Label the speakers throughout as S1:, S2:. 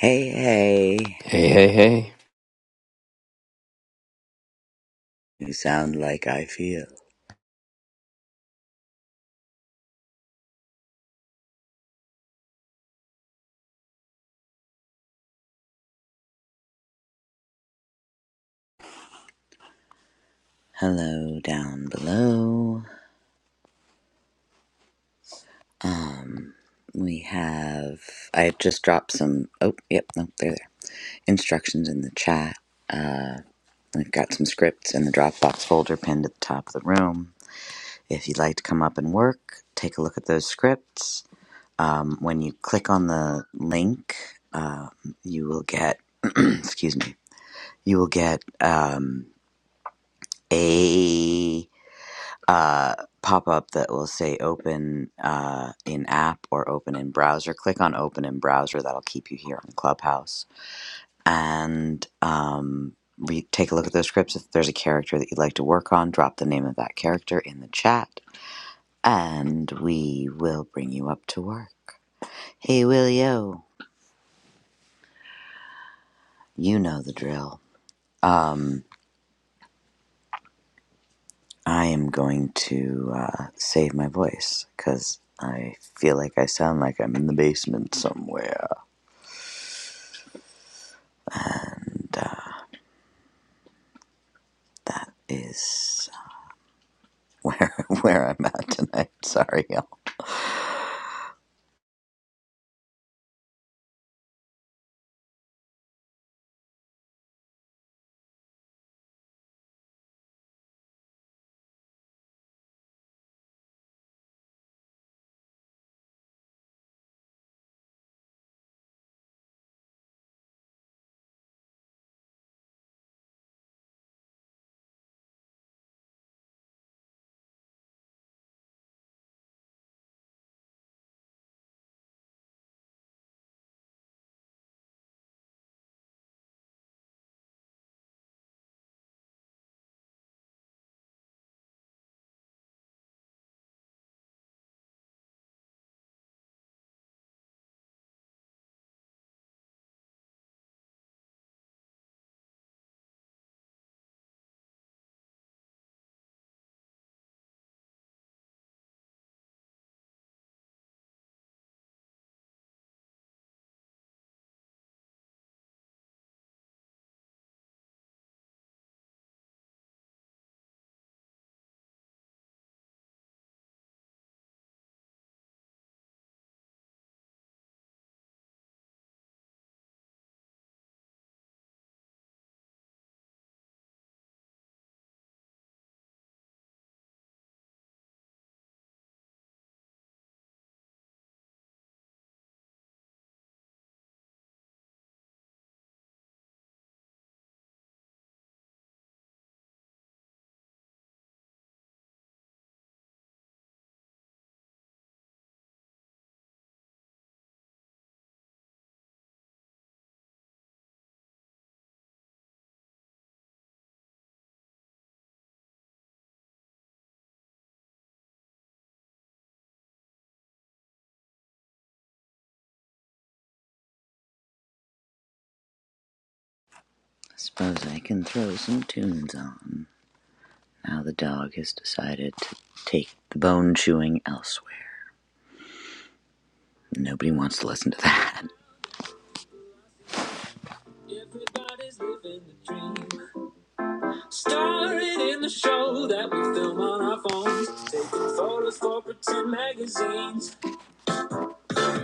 S1: Hey, hey,
S2: Hey, hey, hey.
S1: you sound like I feel. Hello, down below. Um, we have. I just dropped some. Oh, yep, no, they're there. Instructions in the chat. Uh, we've got some scripts in the Dropbox folder pinned at the top of the room. If you'd like to come up and work, take a look at those scripts. Um, when you click on the link, um, you will get. excuse me. You will get um, a uh, pop up that will say open uh, in app or open in browser. Click on open in browser, that'll keep you here on Clubhouse. And um, re- take a look at those scripts. If there's a character that you'd like to work on, drop the name of that character in the chat, and we will bring you up to work. Hey, Willio, you know the drill. Um, I am going to uh, save my voice because I feel like I sound like I'm in the basement somewhere. and uh, that is where where I'm at tonight. Sorry, y'all. I suppose I can throw some tunes on. Now the dog has decided to take the bone chewing elsewhere. Nobody wants to listen to that. Everybody's living the dream. Starring in the show that we film on our phones. Taking photos for pretend magazines.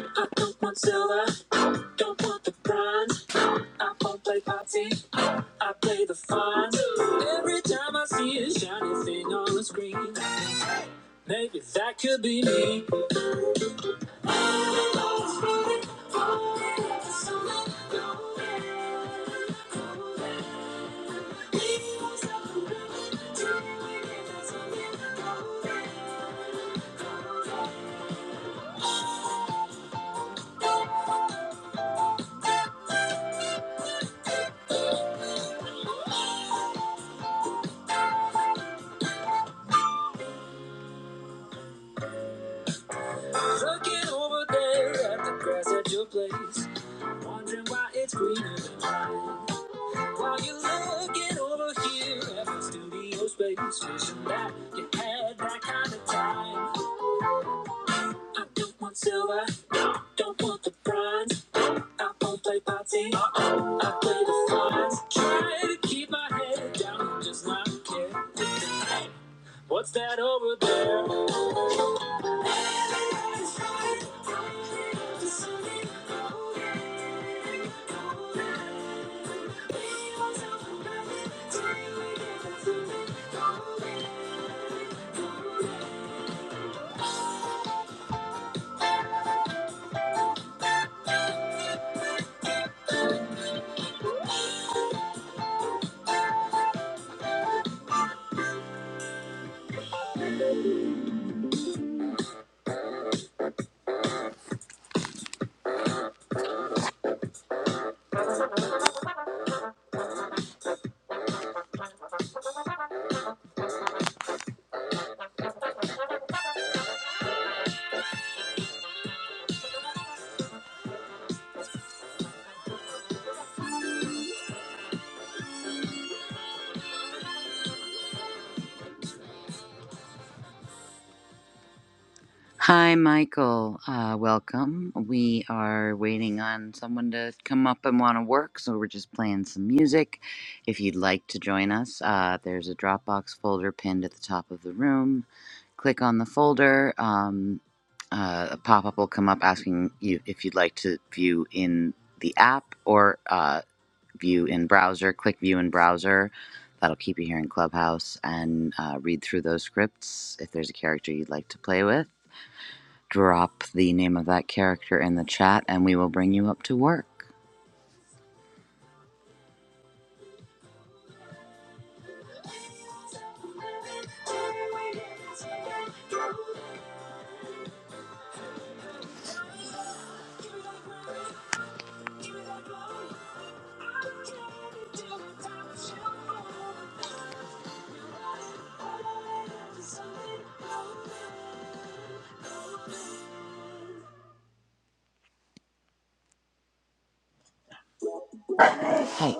S1: I don't want silver. I don't want the bronze. I won't play party. I play the fun every time I see a shiny thing on the screen. Maybe that could be me. Looking over there at the grass at your place. Wondering why it's greener than mine. While you're looking over here at the studio space. Wishing that you had that kind of time. I don't want silver, don't want the bronze. I won't play party. I play the front. Try to keep my head down, just not care. Hey, What's that over there? Hi, Michael. Uh, welcome. We are waiting on someone to come up and want to work, so we're just playing some music. If you'd like to join us, uh, there's a Dropbox folder pinned at the top of the room. click on the folder. Um, uh, a pop up will come up asking you if you'd like to view in the app or uh, view in browser. Click view in browser. That'll keep you here in Clubhouse and uh, read through those scripts if there's a character you'd like to play with. Drop the name of that character in the chat and we will bring you up to work. Hey.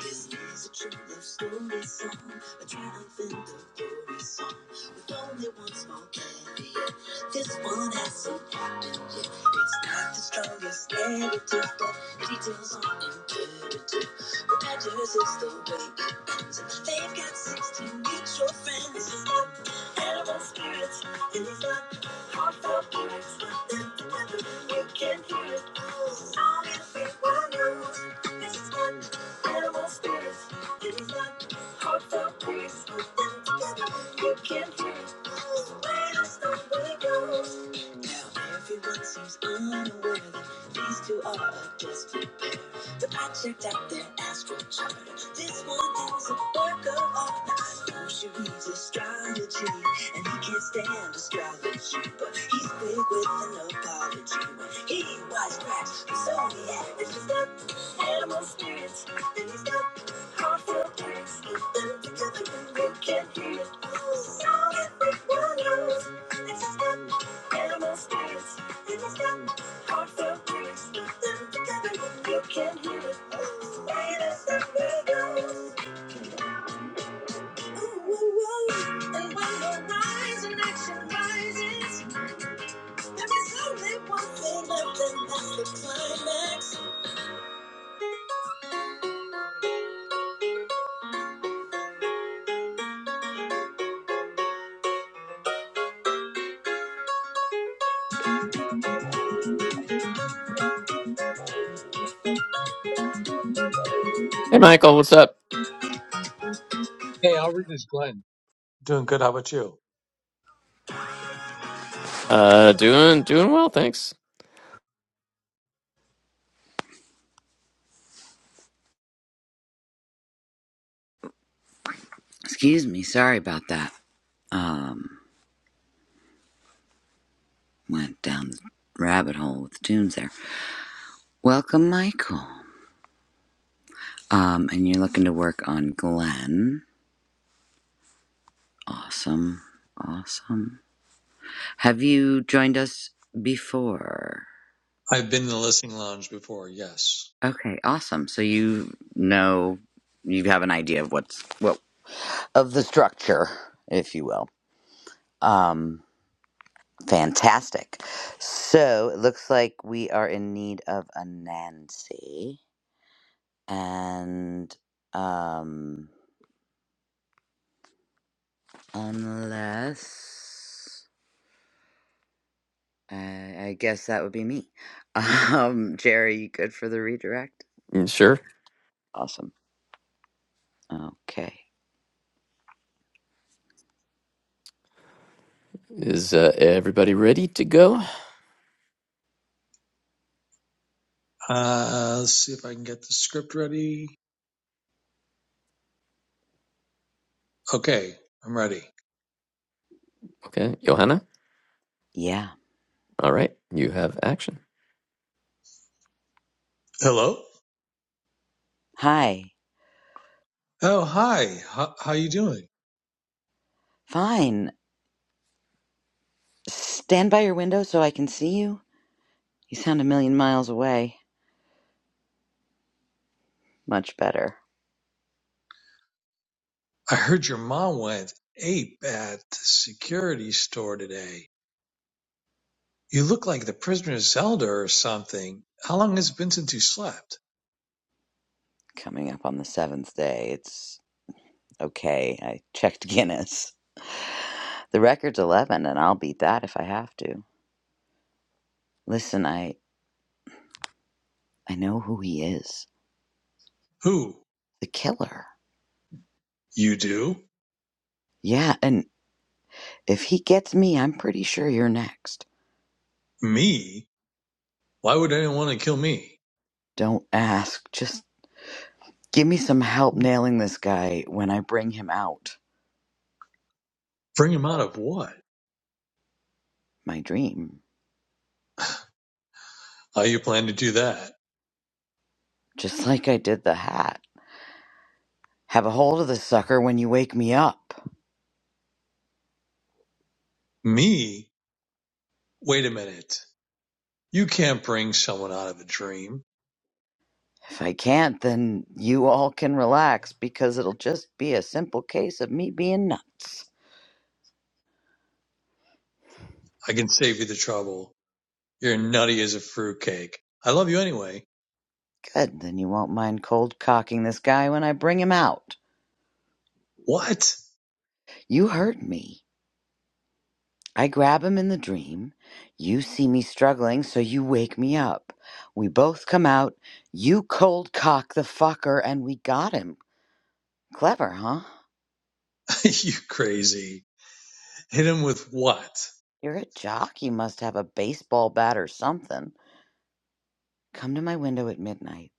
S1: This is a true love story song, a triumph in the glory song, with only one small caveat. Yeah. This one has not happened yet. It's not the strongest narrative, but details are imperative. What matters is the way it ends. They've got 16 mutual friends, animal spirits, and these not heartfelt lyrics. They're together, you can hear it. Song everyone knows. This is not Checked out their astral chart. This one is a work of art. I know she reads astrology, and he can't stand astrology, but he's quick with an apology when he wisecracks the zodiac. It's just that. Animal spirits, things that heartfelt lyrics, get them together and we can hear it. Now everyone knows this is the animal spirits, things that heartfelt lyrics, get them together and we can hear it. Light us up with those. Ooh, ooh, ooh. And when the rise in action rises, there is only one thing left, and that's the climax.
S2: Hey, Michael, what's up?
S3: Hey, Albert, it's Glenn.
S2: Uh, doing, doing well, thanks.
S1: Excuse me, sorry about that. Um. went down the rabbit hole with the tunes there. Welcome, Michael. Um, and you're looking to work on Glenn. Awesome. Awesome. Have you joined us before?
S3: I've been in the listening lounge before, yes.
S1: Okay, awesome. So you know you have an idea of what's what of the structure, if you will. Um fantastic. So it looks like we are in need of a Nancy and um Unless I, I guess that would be me. Um, Jerry, you good for the redirect?
S2: Mm, Sure.
S1: Awesome. Okay.
S2: Is uh, everybody ready to go?
S3: Uh, let's see if I can get the script ready. Okay, I'm ready.
S2: Okay, Johanna.
S1: Yeah.
S2: All right, you have action.
S3: Hello?
S1: Hi.
S3: Oh, hi. How, how you doing?
S1: Fine. Stand by your window so I can see you. You sound a million miles away. Much better.
S3: I heard your mom went ape at the security store today. You look like the prisoner Zelda or something. How long has it been since you slept?
S1: Coming up on the seventh day. It's okay. I checked Guinness. The record's 11, and I'll beat that if I have to. Listen, I, I know who he is.
S3: Who?
S1: The killer.
S3: You do?
S1: Yeah, and If he gets me, I'm pretty sure you're next.
S3: Me? Why would anyone want to kill me?
S1: Don't ask. Just give me some help nailing this guy when I bring him out.
S3: Bring him out of what?
S1: My dream.
S3: How you plan to do that?
S1: Just like I did the hat. Have a hold of the sucker when you wake me up.
S3: Me? Wait a minute. You can't bring someone out of a dream.
S1: If I can't, then you all can relax because it'll just be a simple case of me being nuts.
S3: I can save you the trouble. You're nutty as a fruitcake. I love you anyway.
S1: Good, then you won't mind cold cocking this guy when I bring him out.
S3: What?
S1: You heard me. I grab him in the dream. You see me struggling, so you wake me up. We both come out. You cold cock the fucker, and we got him. Clever, huh?
S3: you crazy. Hit him with what?
S1: You're a jock. You must have a baseball bat or something. Come to my window at midnight.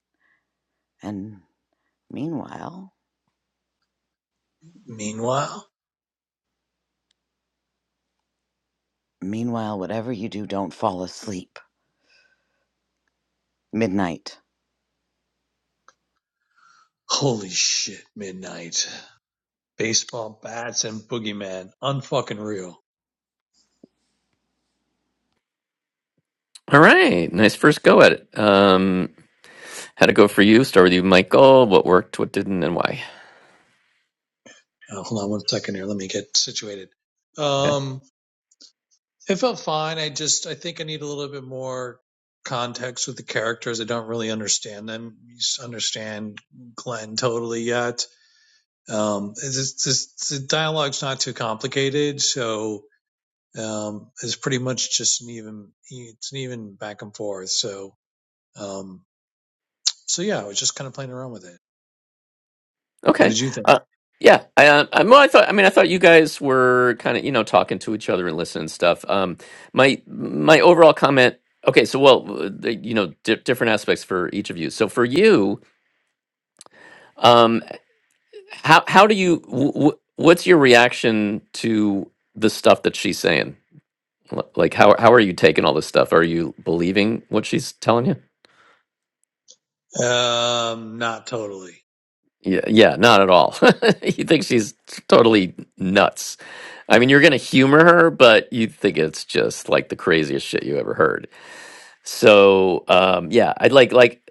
S1: And meanwhile,
S3: Meanwhile,
S1: meanwhile, whatever you do, don't fall asleep. Midnight.
S3: holy shit, midnight. Baseball bats and boogeyman. Unfucking real.
S2: All right, nice first go at it. Um, would it go for you. Start with you, Michael. What worked, what didn't, and why?
S3: Uh, hold on one second here. Let me get situated.
S2: Okay.
S3: Um, it felt fine. I just, I think I need a little bit more context with the characters. I don't really understand them. You understand Glenn totally yet Um, this, this, the dialogue's not too complicated, so um, it's pretty much just an even it's an even back and forth. So um, so yeah, I was just kind of playing around with it. What
S2: Okay.
S3: did you think?
S2: Uh, yeah. I, uh, I, well, I thought. I mean, I thought you guys were kind of, you know, talking to each other and listening and stuff. Um, my my overall comment. Okay, so well, uh, the- you know, di- different aspects for each of you. So for you, Um, how how do you? W- w- what's your reaction to the stuff that she's saying? L- Like, how how are you taking all this stuff? Are you believing what she's telling you?
S3: Um, not totally
S2: Yeah, yeah, not at all. you think she's totally nuts. I mean, you're gonna humor her, but you think it's just like the craziest shit you ever heard. So, um, yeah, I'd like like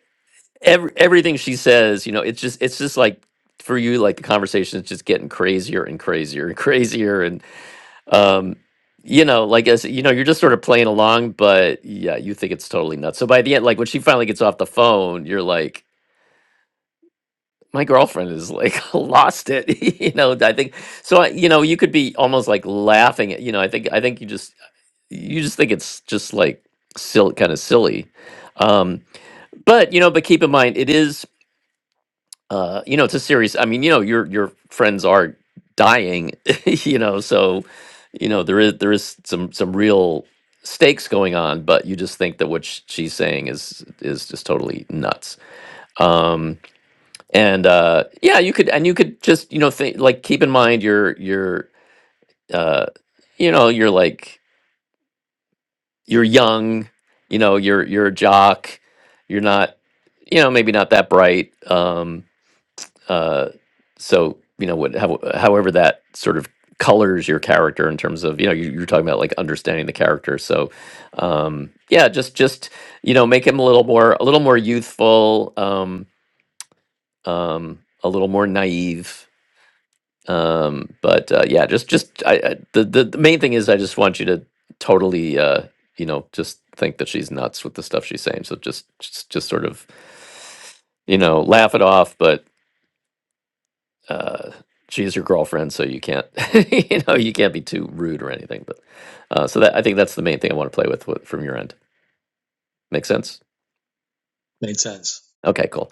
S2: every everything she says. You know, it's just it's just like for you, like the conversation is just getting crazier and crazier and crazier, um you know like as you know you're just sort of playing along but yeah you think it's totally nuts so by the end like when she finally gets off the phone you're like my girlfriend is like lost it you know i think so I- you know you could be almost like laughing at you know i think i think you just you just think it's just like silly kind of silly um but you know but keep in mind it is uh, you know, it's a serious. I mean, you know, your your friends are dying, you know, so you know there is there is some some real stakes going on, but you just think that what sh- she's saying is is just totally nuts. Um, and uh, yeah, you could and you could just you know think like keep in mind you your your uh, you know you're like you're young, you know, you're you're a jock, you're not you know maybe not that bright. Um, Uh, so you know what, how, however that sort of colors your character in terms of you know you, you're talking about like understanding the character. So um, yeah, just just you know make him a little more a little more youthful, um, um, a little more naive. Um, but uh, yeah, just just I, I, the, the the main thing is I just want you to totally uh, you know just think that she's nuts with the stuff she's saying. So just just just sort of you know laugh it off, but uh, she's your girlfriend, so you can't, you know, you can't be too rude or anything. But uh, so that I think that's the main thing I want to play with, with from your end. Make sense?
S3: made sense.
S2: Okay, cool.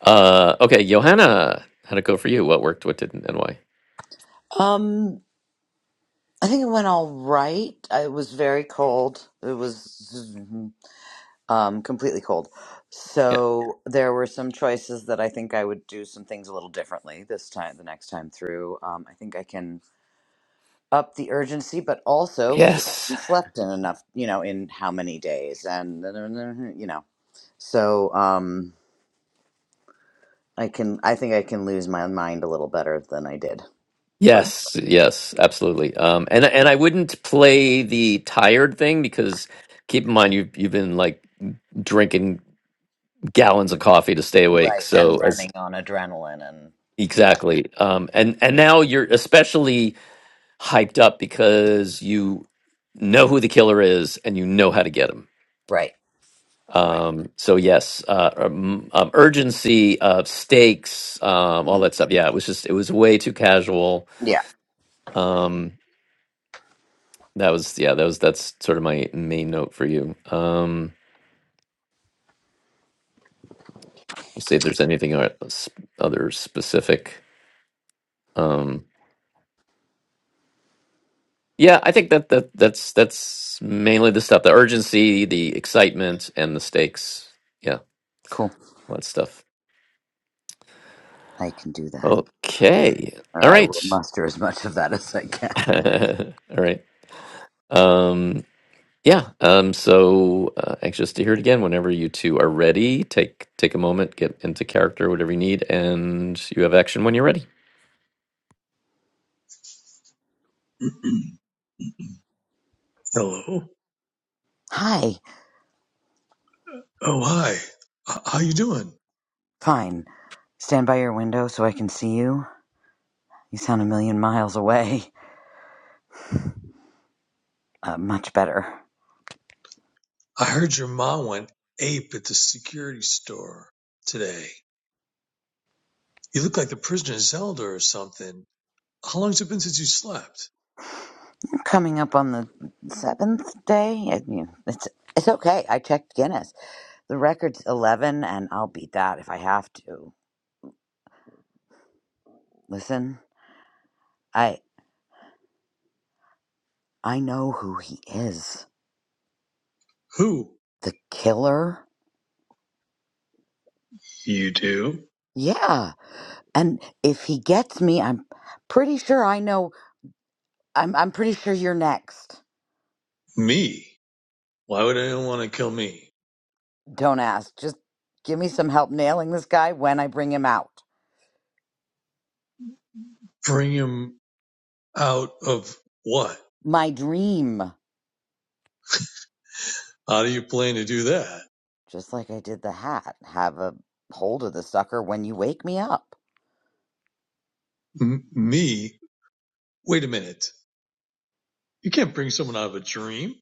S2: Uh, okay, Johanna, how'd it go for you? What worked? What didn't? And why?
S1: Um, I think it went all right. It was very cold. It was. um, completely cold.
S2: Yeah.
S1: So there were some choices that I think I would do some things a little differently this time, the next time through. Um, I think I can up the urgency, but also she
S2: Yes.
S1: hasn't slept in enough, you know, in how many days, and you know, so um, I can, I think I can lose my mind a little better than I did for
S2: Yes. Yes. Absolutely. Um, and and I wouldn't play the tired thing because keep in mind you've you've been like drinking gallons of coffee to stay awake.
S1: right
S2: So
S1: and
S2: as
S1: running on adrenaline and yeah,
S2: exactly. Um, and and now you're especially hyped up because you know who the killer is and you know how to get him.
S1: right, right,
S2: Um, so yes, uh, um, um, urgency of stakes, um, all
S1: Mhm.
S2: that stuff. Yeah, it was just it was way too casual.
S1: yeah,
S2: Um, that was yeah, that was that's sort of my main note for you. Um, let's see if there's anything o- s- other specific. Um, yeah, I think that that that's that's mainly the stuff: the urgency, the excitement, and the stakes. Yeah,
S1: cool.
S2: all that stuff.
S1: I can do that,
S2: Okay.
S1: or
S2: All
S1: I will
S2: right.
S1: muster as much of that as I can.
S2: All right. Um yeah, um so uh, anxious to hear it again whenever you two are ready. Take take a moment, get into character whatever you need and you have action when you're ready.
S3: Hello.
S1: Hi.
S3: Oh hi. H- How you doing?
S1: Fine. Stand by your window so I can see you. You sound a million miles away. Uh, much better.
S3: I heard your mom went ape at the security store today. You look like the prisoner of Zelda or something. How long's it been since you slept?
S1: Coming up on the seventh day. I mean, it's it's okay. I checked Guinness. The record's eleven, and I'll beat that if I have to. Listen, I I know who he is.
S3: Who?
S1: The killer.
S3: You do.
S1: Yeah. And if he gets me, I'm pretty sure I know. I'm I'm pretty sure you're next.
S3: Me. Why would anyone want to kill me?
S1: Don't ask. Just give me some help nailing this guy when I bring him out.
S3: Bring him out of what?
S1: My dream,
S3: How do you plan to do that?
S1: just like I did the hat, have a hold of the sucker when you wake me up.
S3: M- me? Wait a minute. You can't bring someone out of a dream.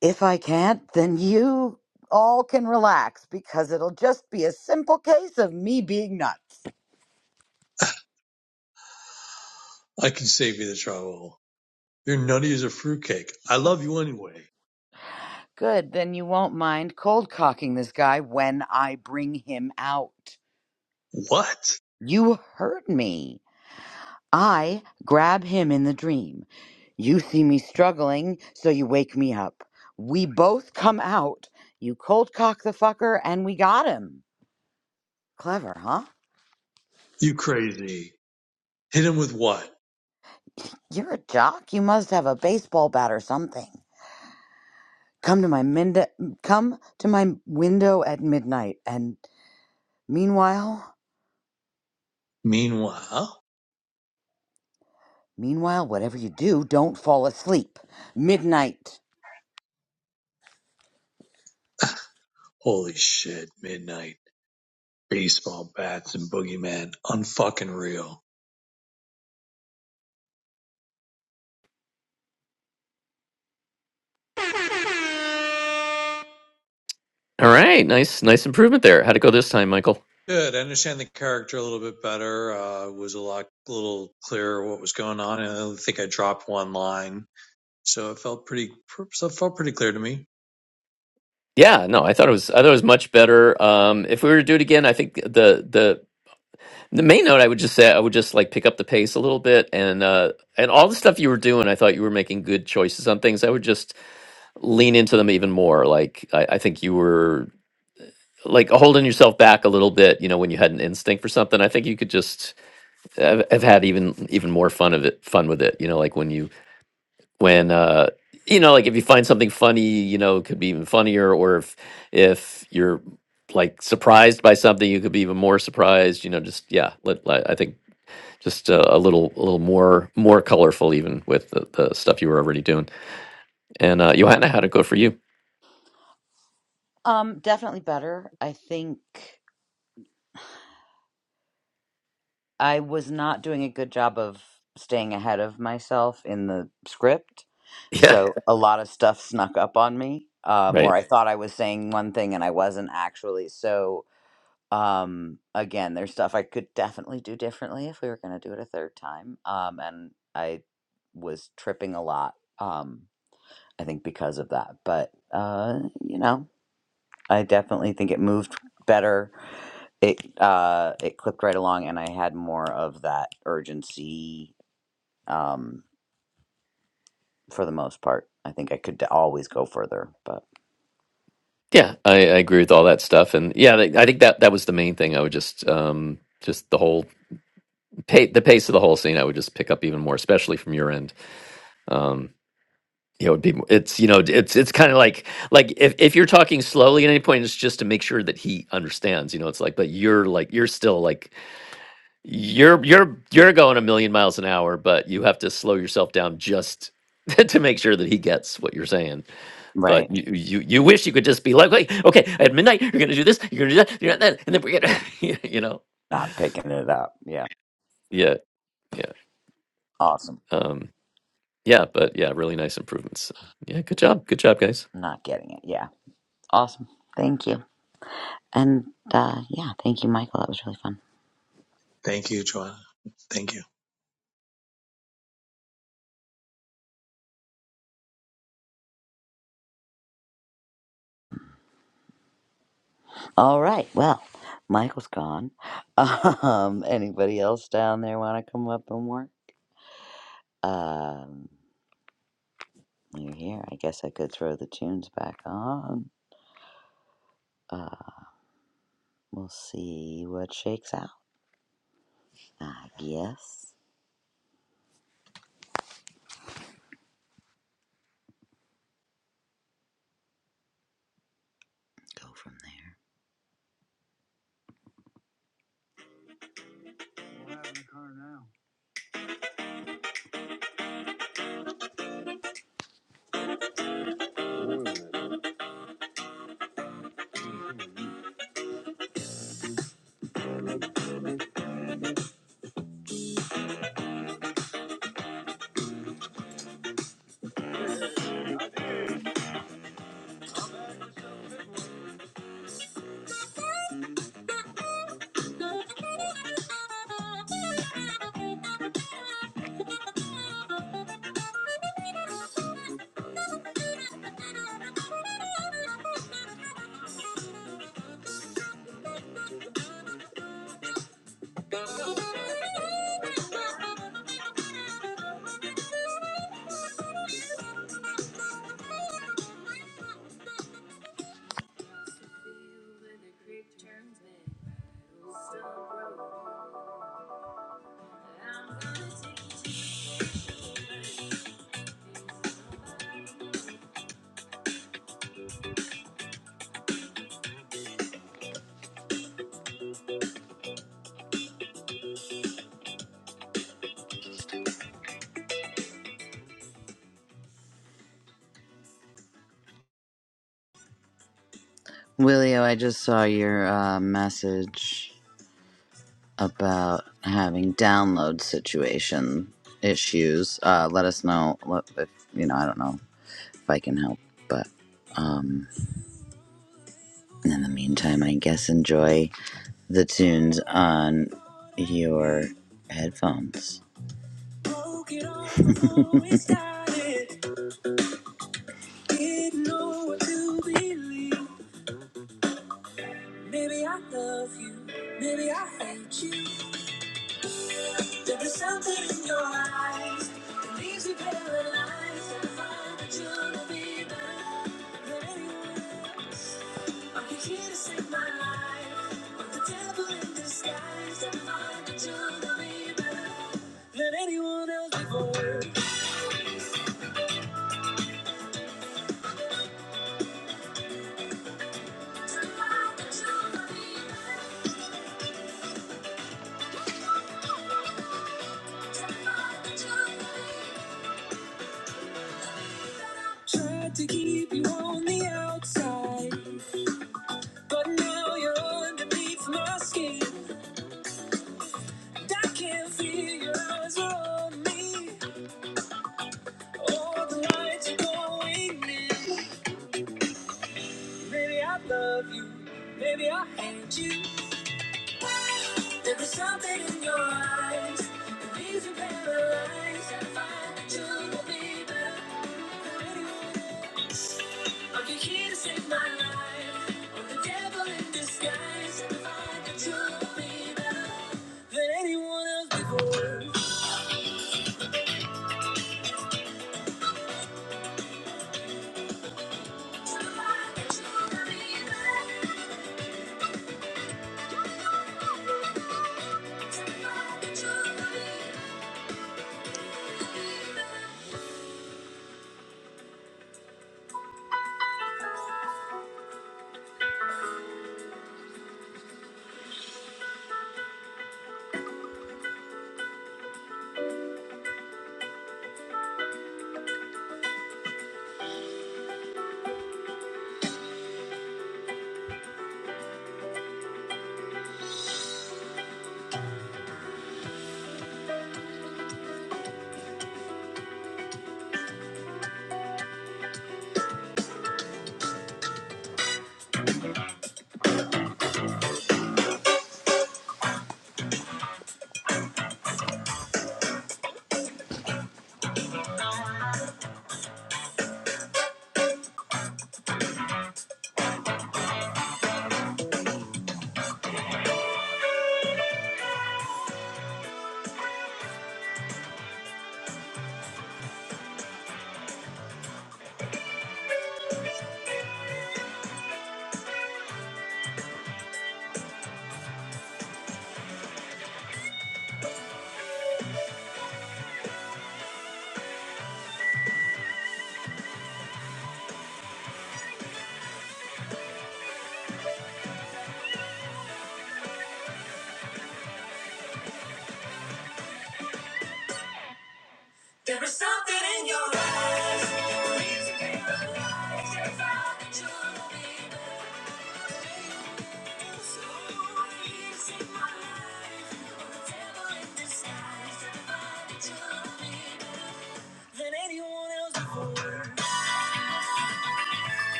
S1: If I can't, then you all can relax because it'll just be a simple case of me being nuts.
S3: I can save you the trouble. You're nutty as a fruitcake. I love you anyway.
S1: Good, then you won't mind cold cocking this guy when I bring him out.
S3: What?
S1: You heard me. I grab him in the dream. You see me struggling, so you wake me up. We both come out. You cold cock the fucker, and we got him. Clever, huh?
S3: You crazy. Hit him with what?
S1: You're a jock. You must have a baseball bat or something. Come to my mind- come to my window at midnight, and meanwhile,
S3: Meanwhile,
S1: meanwhile, whatever you do, don't fall asleep. Midnight.
S3: holy shit, midnight, baseball bats and boogeyman, unfucking real.
S2: All right. Nice nice improvement there. How'd it go this time, Michael?
S3: Good. I understand the character a little bit better. Uh, was a lot, a little clearer what was going on. And I don't think I dropped one line, so it felt pretty, so it felt pretty clear to me.
S2: Yeah, no, I thought it was I thought it was much better. Um if we were to do it again, I think the the the main note I would just say I would just like pick up the pace a little bit and uh and all the stuff you were doing, I thought you were making good choices on things. I would just lean into them even more. Like I, I think you were like holding yourself back a little bit, you know, when you had an instinct for something. I think you could just have, have had even even more fun of it, fun with it. You know, like when you when uh you know, like if you find something funny, you know, it could be even funnier. Or if if you're like surprised by something, you could be even more surprised. You know, just yeah. Let, let- I think just uh, a little a little more more colorful even with the, the stuff you were already doing. And uh, Johanna, how'd it go for you?
S1: Um, definitely better. I think. I was not doing a good job of staying ahead of myself in the script.
S2: Yeah.
S1: So a lot of stuff snuck up on me. Um, or
S2: Right.
S1: I thought I was saying one thing and I wasn't actually. So um, again, there's stuff I could definitely do differently if we were going to do it a third time. Um, and I was tripping a lot. Um, I think because of that. But uh, you know. I definitely think it moved better. It uh, it clipped right along, and I had more of that urgency um, for the most part. I think I could always go further, but
S2: Yeah, I, I agree with all that stuff, and yeah, like, I think that that was the main thing. I would just, um, just the whole pa the pace of the whole scene. I would just pick up even more, especially from your end. Um, yeah, it would be. It's you know, it's it's kind of like like if if you're talking slowly at any point, it's just to make sure that he understands. You know, it's like, but you're like you're still like You're you're you're going a million miles an hour, but you have to slow yourself down just to make sure that he gets what you're saying. But
S1: right,
S2: you you, you wish you could just be like, "Wait, okay, at midnight you're gonna do this, you're gonna do that, you're gonna do that, and then we're gonna, you you know,
S1: not picking it up. Yeah,
S2: yeah, yeah,
S1: awesome.
S2: um, yeah. But yeah, really nice improvements. Yeah, good job, good job, guys.
S1: Not getting it. Yeah, awesome. Thank you. And uh, yeah, thank you, Michael. That was really fun.
S3: Thank you, Joanna. Thank you.
S1: All right. Well, Michael's gone. Um, anybody else down there want to come up and work? Um. You're here. I guess I could throw the tunes back on. Uh, we'll see what shakes out. I guess. Go from there. Willio, I just saw your uh, message about having download situation issues. Uh, let us know what- if you know. I don't know if I can help. But um, in the meantime, I guess enjoy the tunes on your headphones. Tried to keep you on the outside, but now you're underneath my skin. I can feel your eyes are on me. All the lights-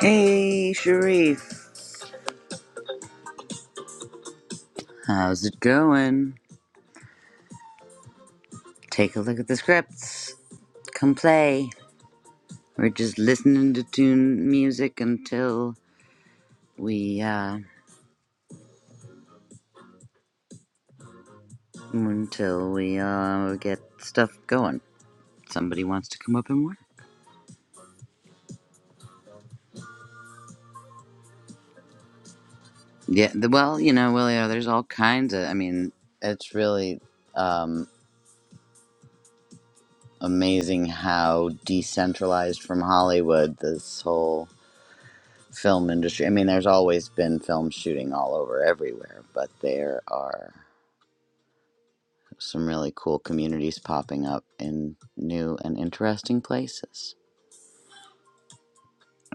S1: Hey, Sharif. How's it going? Take a look at the scripts. Come play. We're just listening to tune music until we uh, until we uh, get stuff going. Somebody wants to come up and work. Yeah, the, well, you know, Willio, there's all kinds of. I mean, it's really um, amazing how decentralized from Hollywood this whole film industry. I mean, there's always been film shooting all over everywhere, but there are some really cool communities popping up in new and interesting places.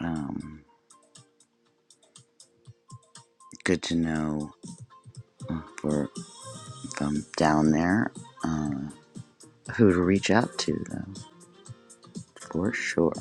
S1: Um, good to know uh, for from down there. Uh, who to reach out to though, for sure.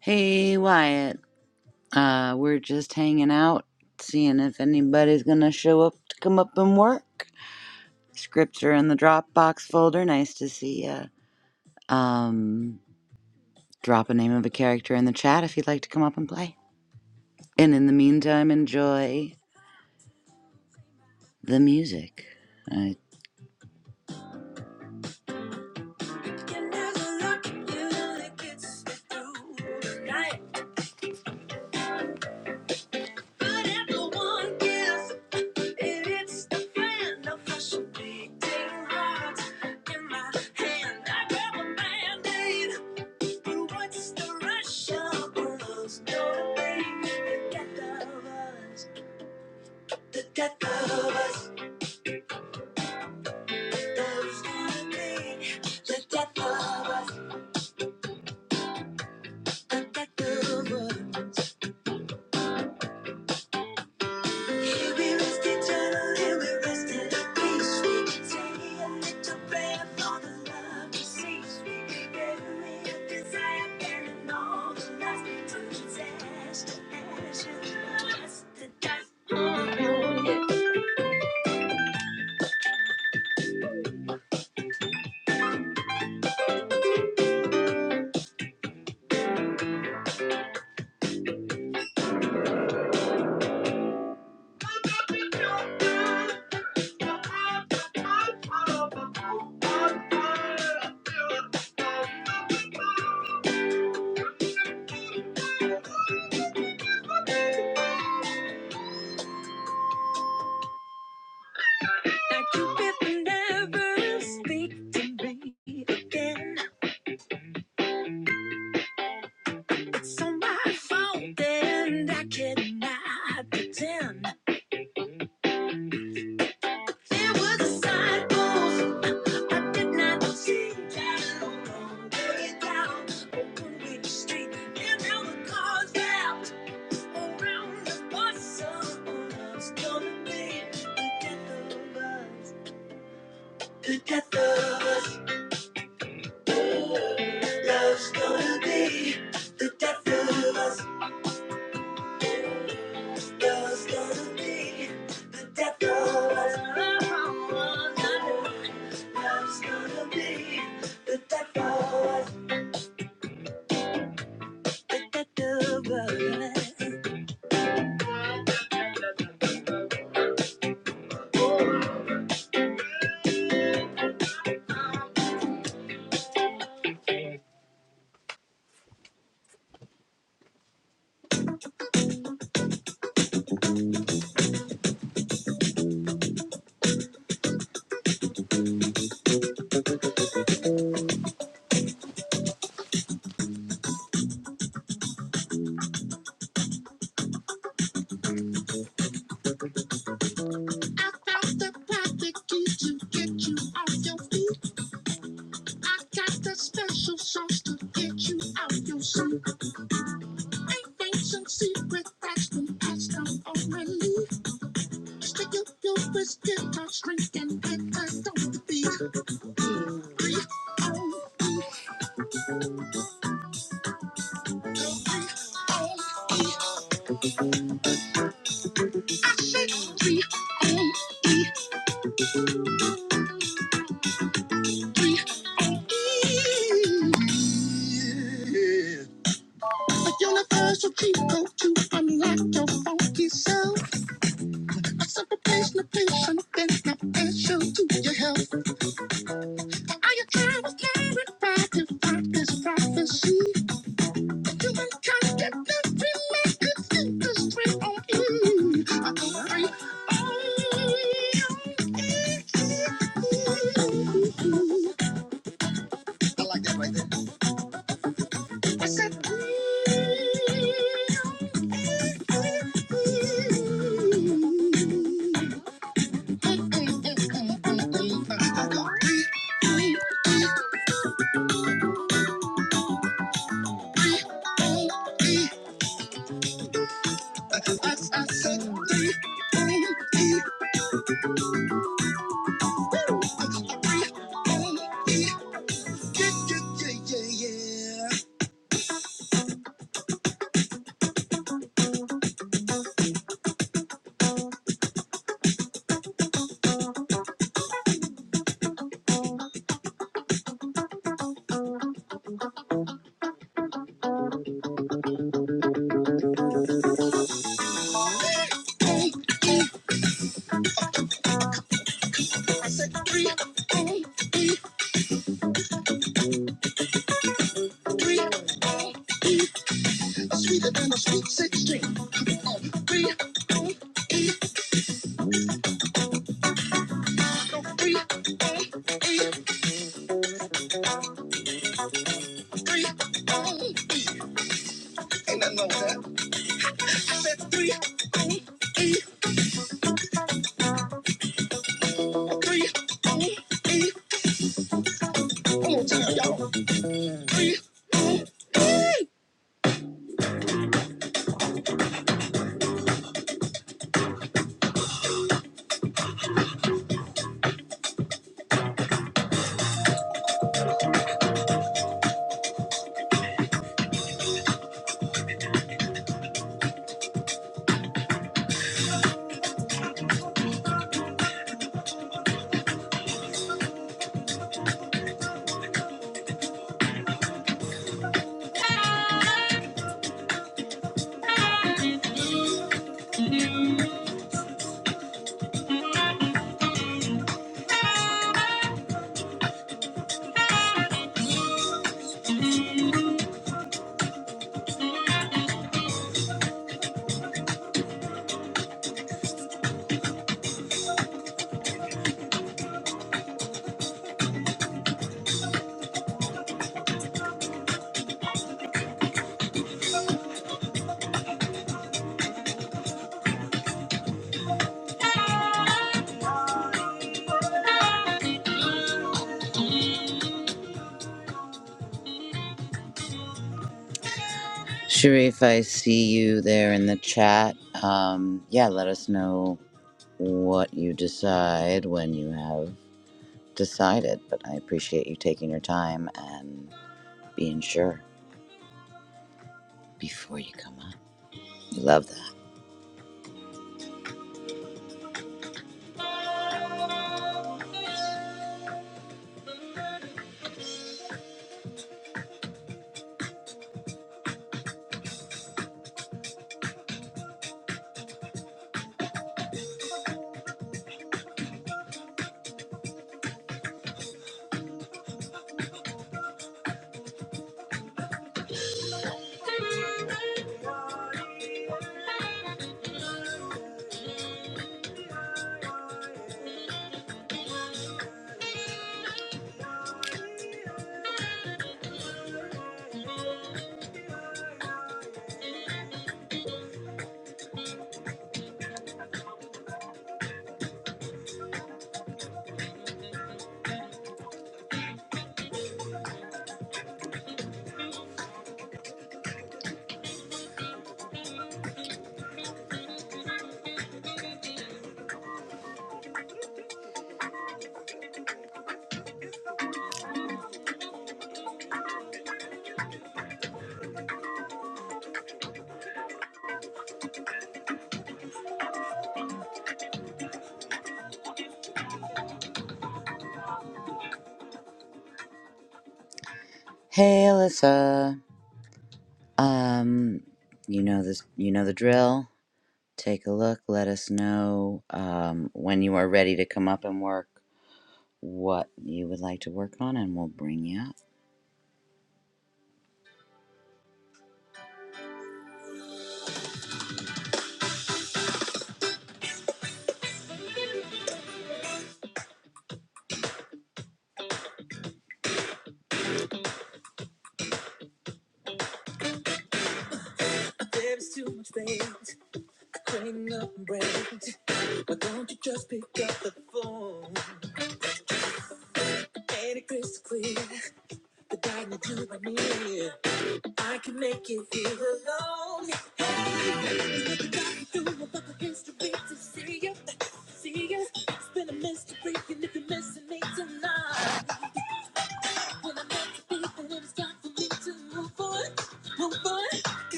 S1: Hey Wyatt, uh, we're just hanging out, seeing if anybody's gonna show up to come up and work. Scripts are in the Dropbox folder. Nice to see ya. Um, drop a name of a character in the chat if you'd like to come up and play. And in the meantime, enjoy the music. I the death of us. It was a side move. I did not see that alone. Lay down, open with the street, and now the car's out. Around the bus, someone gonna be the death of us. The death of us, love's gonna be. The death of us, love's gonna be. The death of us, love's gonna be. The death of us, the death of us. I found the plastic key to get you off your feet. I got the special sauce to get you out your seat. Ancient secret that's been passed down orally. Stick up your whiskey, get my strength, and I don't be three on E, three on E. I said three on E, three on E. A universal cheat code to unlock your funky self. A simple place, no patient, then not essential to your health. I am trying to clarify, divide this prophecy. You ain't got that nothing that could get on you. I don't think- Oh, I like right I said, I said, Sweeter than a sweet 16. Oh, three, oh, E, three, oh, E, three, oh, E. Ain't nothing wrong that. I said three, oh, E, three, oh, E. One more time, y'all. Three. Sharif, I see you there in the chat. Um, yeah, let us know what you decide when you have decided. But I appreciate you taking your time and being sure before you come up. We love that. Hey, Alyssa. Um, you know this. You know the drill. Take a look. Let us know um, when you are ready to come up and work. What you would like to work on, and we'll bring you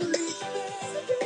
S1: up.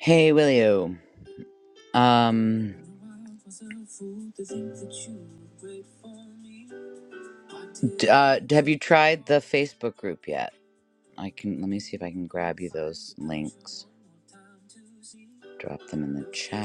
S1: Hey, Willio. Um, d- uh, have you tried the Facebook group yet? I can let me see if I can grab you those links. Drop them in the chat.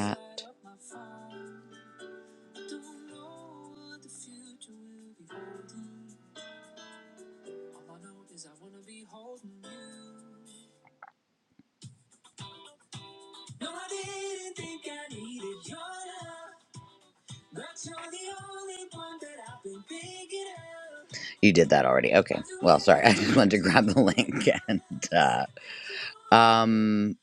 S1: You did that already. Okay. I just wanted to grab the link and uh, um,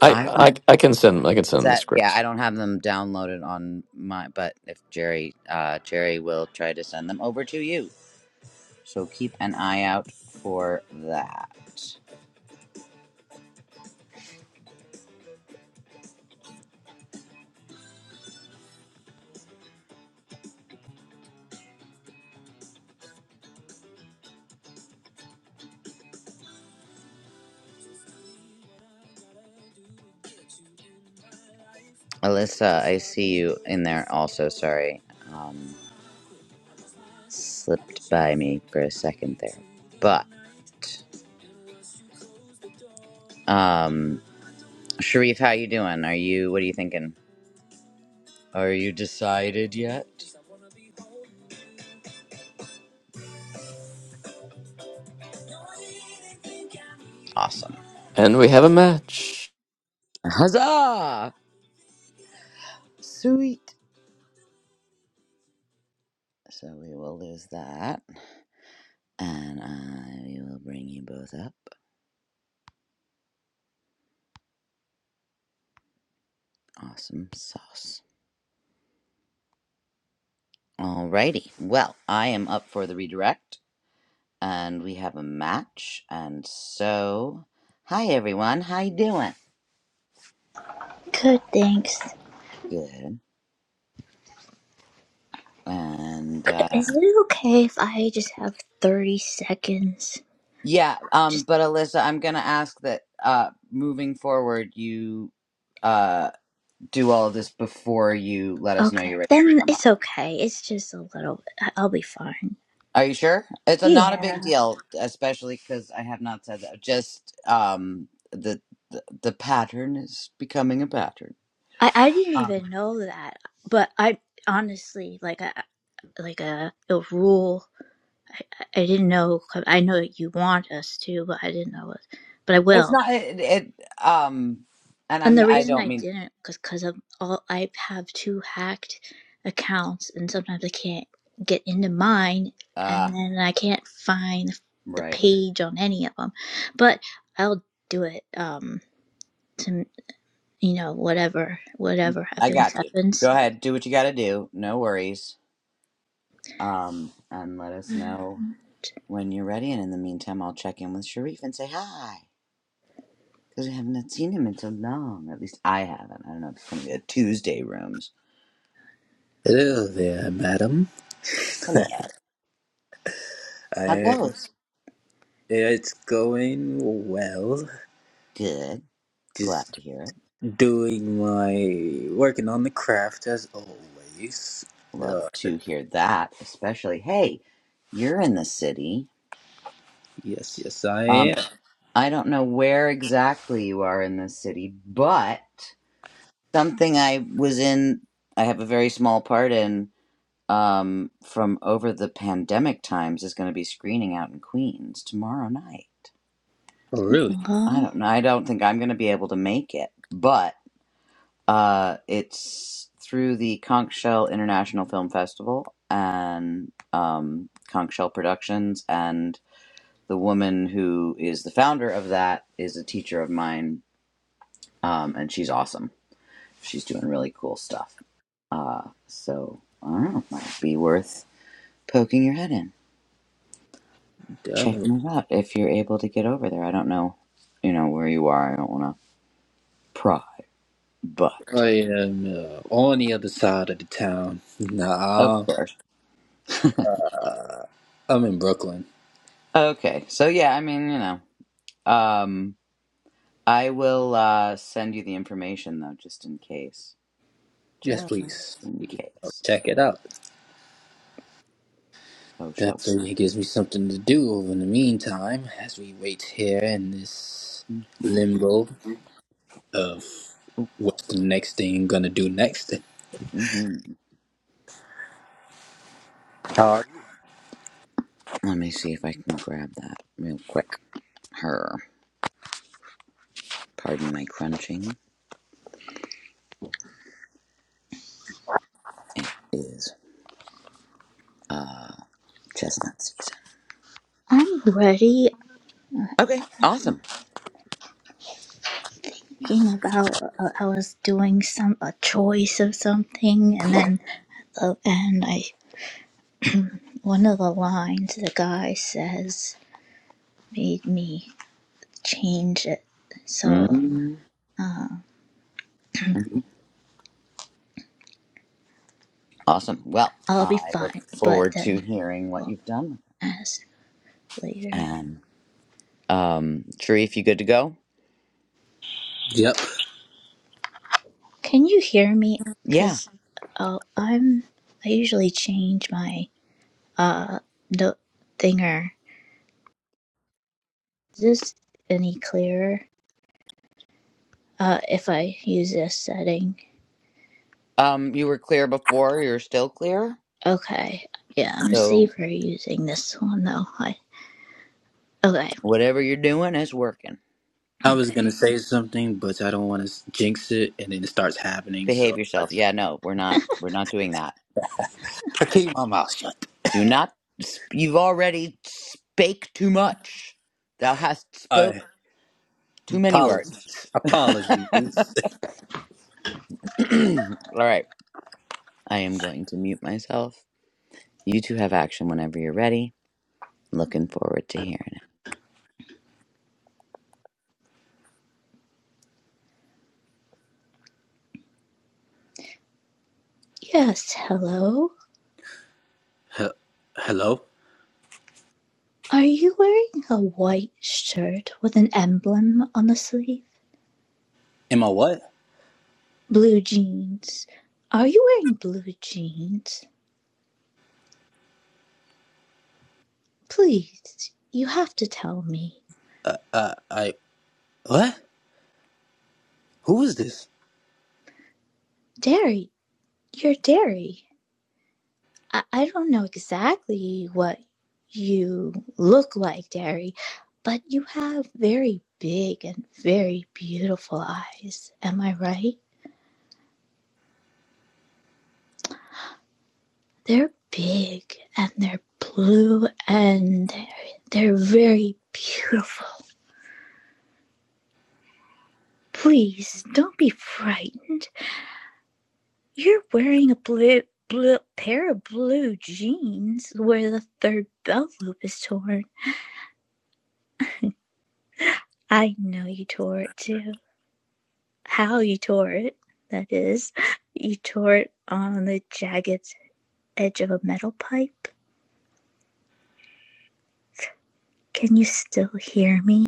S2: I
S1: I don't.
S2: I I can send I can
S1: Is
S2: send the
S1: that yeah? I
S2: scripts,
S1: don't have them downloaded on my. But if Jerry, uh, Jerry will try to send them over to you. So keep an eye out for that. Alyssa, I see you in there also. Sorry. Um, slipped by me for a second there. But um, Sharif, how you doing? Are you what are you thinking? Are you decided yet? Awesome.
S2: and we have a match.
S1: Huzzah! Sweet. So we will lose that. And I will bring you both up. Awesome sauce. Alrighty. Well, I am up for the redirect. and we have a match. And so, hi everyone, how you doing?
S4: Good, thanks.
S1: Good. And uh,
S4: Is it okay if I just have 30 seconds?
S1: yeah, um,
S4: Just
S1: but Alyssa, I'm gonna ask that uh, moving forward, you uh, do all of this before you let us know you're
S4: okay.
S1: ready to
S4: Then
S1: come up.
S4: it's okay. It's just a little bit. I- I'll be fine.
S1: Are you sure? It's a, not a big
S4: Yeah.
S1: deal, especially because I have not said that. Just um, the, the the pattern is becoming a pattern.
S4: I I didn't
S1: Um,
S4: even know that, but I honestly like I like a, a rule. I, I didn't know. I know that you want us to, but I didn't know it. But I
S1: it's
S4: will.
S1: not it, it um, and
S4: And
S1: I'm
S4: the
S1: I
S4: reason
S1: don't
S4: I
S1: mean.
S4: didn't because, because of all I have two hacked accounts, and sometimes I can't get into mine, and
S1: uh,
S4: then I can't find the
S1: Right.
S4: page on any of them. But I'll do it. Um, to you know, whatever, whatever
S1: I
S4: happens,
S1: got you. Go
S4: happens.
S1: ahead. Do what you got to do. No worries. Um, and let us know when you're ready. And in the meantime, I'll check in with Sharif and say hi. Because we haven't seen him in so long. At least I haven't. I don't know if it's going to be a Tuesday rooms.
S5: Hello there, madam.
S1: Hello. How
S5: I,
S1: goes?
S5: it's going well.
S1: Good. Glad
S5: Just
S1: to hear it.
S5: doing my working on the craft as always.
S1: Love
S5: Uh,
S1: to hear that. Especially, hey, you're in the city.
S5: yes, yes, I
S1: Um,
S5: am.
S1: I don't know where exactly you are in the city, but something I was in, I have a very small part in um, from over the pandemic times is going to be screening out in Queens tomorrow night.
S5: Oh, really?
S1: I
S4: Aw,
S1: don't know. I don't think I'm going to be able to make it, but uh, it's through the Conch Shell International Film Festival and um, Conch Shell Productions. And the woman who is the founder of that is a teacher of mine, um, and she's awesome. She's doing really cool stuff. Uh, so I don't know, it might be worth poking your head in,
S5: Definitely.
S1: checking it out if you're able to get over there. I don't know, you know where you are. I don't want to pry, but
S5: I am uh, on the other side of the town.
S1: of
S5: Nah,
S1: course.
S5: uh, I'm in Brooklyn.
S1: Okay, so yeah, I mean, you know, um, I will uh send you the information though, just in case,
S5: Yes,
S1: just
S5: please.
S1: in
S5: Oh,
S1: case.
S5: check it out.
S1: Oh, show.
S5: Definitely gives me something to do over in the meantime as we wait here in this
S1: hmm
S5: limbo of what's the next thing gonna do next.
S1: hmm
S5: How are
S1: Let me see if I can grab that real quick. Her, pardon my crunching, is uh chestnut season.
S4: I'm ready.
S1: Okay, awesome.
S4: Thinking about, uh, I was doing some a choice of something, and then uh, and I one of the lines the guy says. made me change it. So
S1: Mhm,
S4: uh,
S1: mhm. Awesome. Well,
S4: I'll be
S1: I look
S4: fine, but
S1: forward to
S4: then
S1: hearing what
S4: we'll
S1: you've done.
S4: ask later.
S1: And um, Sharif, you good to go?
S5: you? Yep.
S4: Can you hear me?
S1: Yeah.
S4: Because uh, I'm I usually change my uh the thinger. Is this any clearer? Uh, if I use this setting,
S1: Um, you were clear before. You're still clear.
S4: okay. Yeah, I'm
S1: So
S4: safer using this one though. I okay,
S1: whatever you're doing is working.
S5: I was gonna
S4: okay.
S5: say something, but I don't want to jinx it, and then it starts happening.
S1: Behave
S5: So
S1: yourself. Yeah. No, we're not. We're not doing that.
S5: I keep my mouth shut.
S1: Do not. sp- You've already spake too much. Thou hast spoke
S5: I
S1: too many words.
S5: apologies.
S1: All
S5: Apologies.
S1: right. I am going to mute myself. You two have action whenever you're ready. Looking forward to hearing it.
S4: Yes, hello.
S5: He- Hello.
S4: Are you wearing a white shirt with an emblem on the sleeve?
S5: Am I what?
S4: Blue jeans. Are you wearing blue jeans? Please, you have to tell me.
S5: Uh, uh, I what? Who is this?
S4: Derry, you're Derry. I, I don't know exactly what you look like, Derry, but you have very big and very beautiful eyes. Am I right? They're big and they're blue and they're, they're very beautiful. Please don't be frightened. You're wearing a blue, blue pair of blue jeans where the third belt loop is torn. I know you tore it too. How you tore it, that is. You tore it on the jagged edge of a metal pipe. Can you still hear me?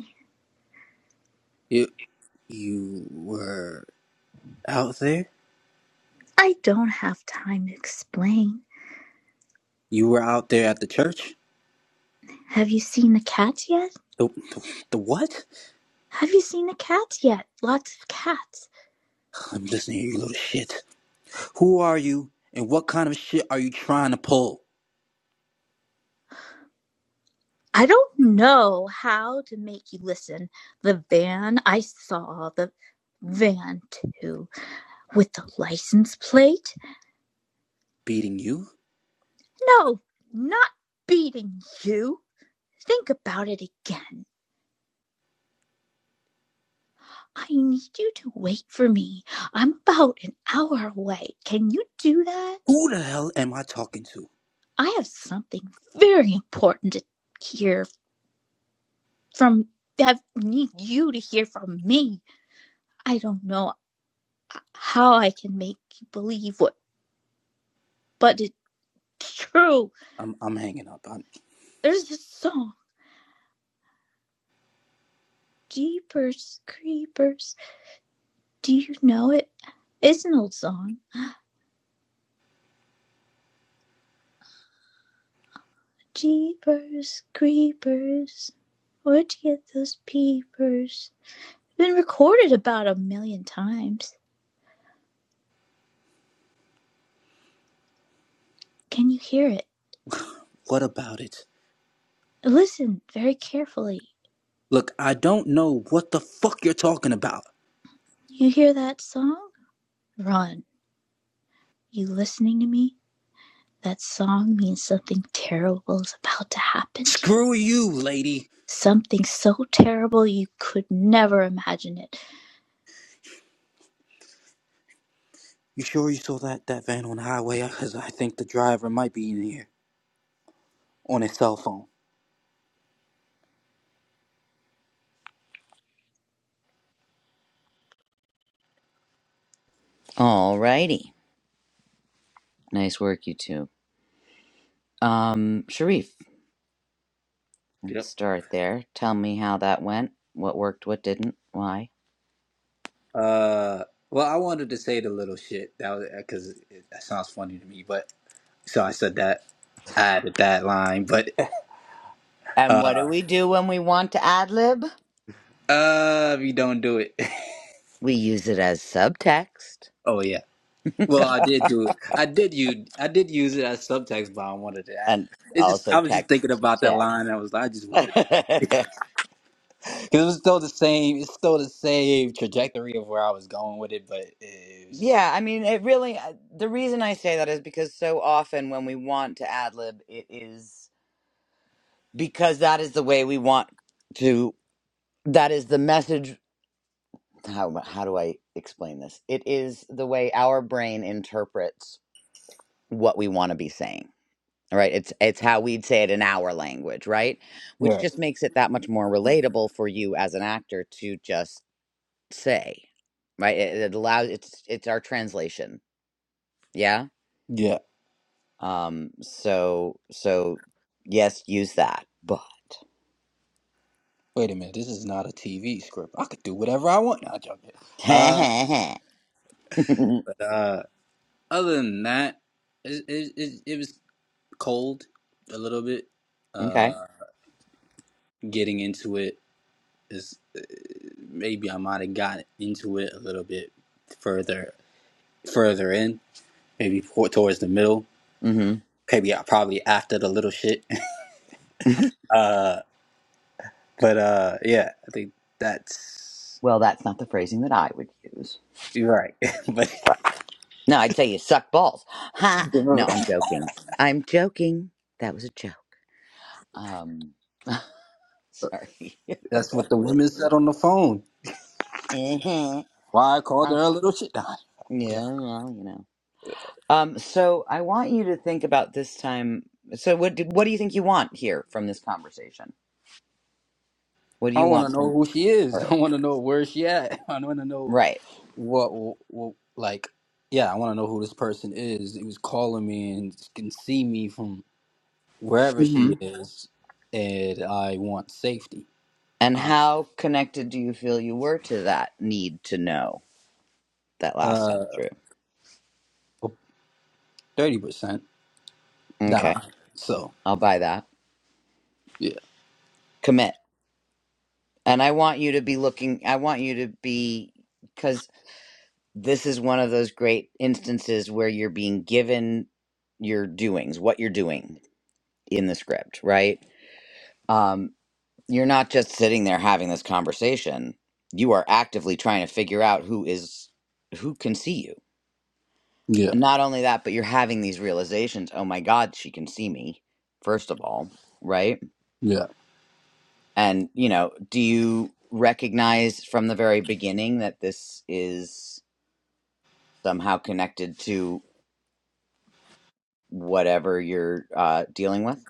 S5: You you were out there.
S4: I don't have time to explain.
S5: You were out there at the church.
S4: Have you seen the cat yet?
S5: The, the, the what?
S4: Have you seen the cat yet? Lots of cats.
S5: I'm listening to you little shit. Who are you? And what kind of shit are you trying to pull?
S4: I don't know how to make you listen. The van I saw, the van too, with the license plate.
S5: beating you?
S4: No, not beating you. Think about it again. I need you to wait for me. I'm about an hour away. Can you do that?
S5: Who the hell am I talking to?
S4: I have something very important to hear from. I need you to hear from me. I don't know how I can make you believe what, but it True.
S5: I'm I'm hanging up. I'm,
S4: There's this song, Jeepers Creepers. Do you know it? It's an old song. Jeepers Creepers. Where'd you get those peepers? It's been recorded about a million times. Can you hear it?
S5: what about it?
S4: Listen very carefully.
S5: Look, I don't know what the fuck you're talking about.
S4: You hear that song? Run. You listening to me? That song means something terrible is about to happen to you.
S5: Screw you, lady.
S4: Something so terrible you could never imagine it.
S5: You sure you saw that that van on the highway? Because I think the driver might be in here on his cell phone.
S1: All righty. Nice work, you two. Um, Sharif, let's
S5: Yep.
S1: start there. Tell me how that went. What worked, what didn't, why.
S5: Uh, well, I wanted to say the little shit that was because that sounds funny to me, but so I said that I added that line, but
S1: And
S5: uh,
S1: what do we do when we want to ad lib?
S5: uh, if you don't do it,
S1: We use it as subtext
S5: oh yeah. Well, I did do it. I did you. I did use it as subtext, but I wanted to add.
S1: and
S5: It's just
S1: also
S5: I was just thinking
S1: text
S5: about that line.
S1: text.
S5: And I was like, I just wanted because it was still the same. It's still the same trajectory of where I was going with it, but it was just
S1: yeah, I mean, it really, uh, the reason I say that is because so often when we want to ad lib, it is because that is the way we want to, that is the message how how do I explain this? It is the way our brain interprets what we want to be saying. All right, It's it's how we'd say it in our language, right? Which
S5: yeah.
S1: just makes it that much more relatable for you as an actor to just say, right? It, it allows it's it's our translation. Yeah?
S5: Yeah.
S1: Um so so yes, use that. But
S5: Wait a minute. This is not a TV script. I could do whatever I want. I'll jump it. Uh,
S1: okay.
S5: but uh, other than that, it, it it it was cold a little bit. Uh, getting into it is. maybe I might have got into it a little bit further further in, maybe for- towards the middle,
S1: Mhm.
S5: maybe I probably after the little shit. Uh, but uh, yeah, I think that's
S1: well, that's not the phrasing that I would use.
S5: you're right. but
S1: No, I'd say you suck balls. Ha!
S5: remember,
S1: No, I'm joking. I'm joking. That was a joke. Um, sorry.
S5: that's what the women said on the phone.
S1: Mhm.
S5: Why I called
S1: Uh,
S5: her a little shit. Nah, nah.
S1: yeah, well, you know. Um, so I want you to think about this time. So what do, what do you think you want here from this conversation? What do
S5: I
S1: you
S5: want to
S1: want
S5: know
S1: from
S5: who she is.
S1: her?
S5: I want to know where she at. I want to know
S1: Right.
S5: what, what like. Yeah, I want to know who this person is. He was calling me and can see me from wherever
S1: hmm
S5: she is, and I want safety.
S1: And
S5: I,
S1: how connected do you feel you were to that need to know that last time
S5: uh,
S1: through?
S5: thirty percent that
S1: Okay.
S5: I. So
S1: I'll buy that.
S5: yeah,
S1: Commit. And I want you to be looking, I want you to be, because this is one of those great instances where you're being given your doings, what you're doing in the script, right? Um, you're not just sitting there having this conversation. You are actively trying to figure out who is, who can see you.
S5: yeah,
S1: And not only that, but you're having these realizations oh my God, she can see me, first of all, right?
S5: yeah,
S1: And, you know, do you recognize from the very beginning that this is. somehow connected to whatever you're uh, dealing with.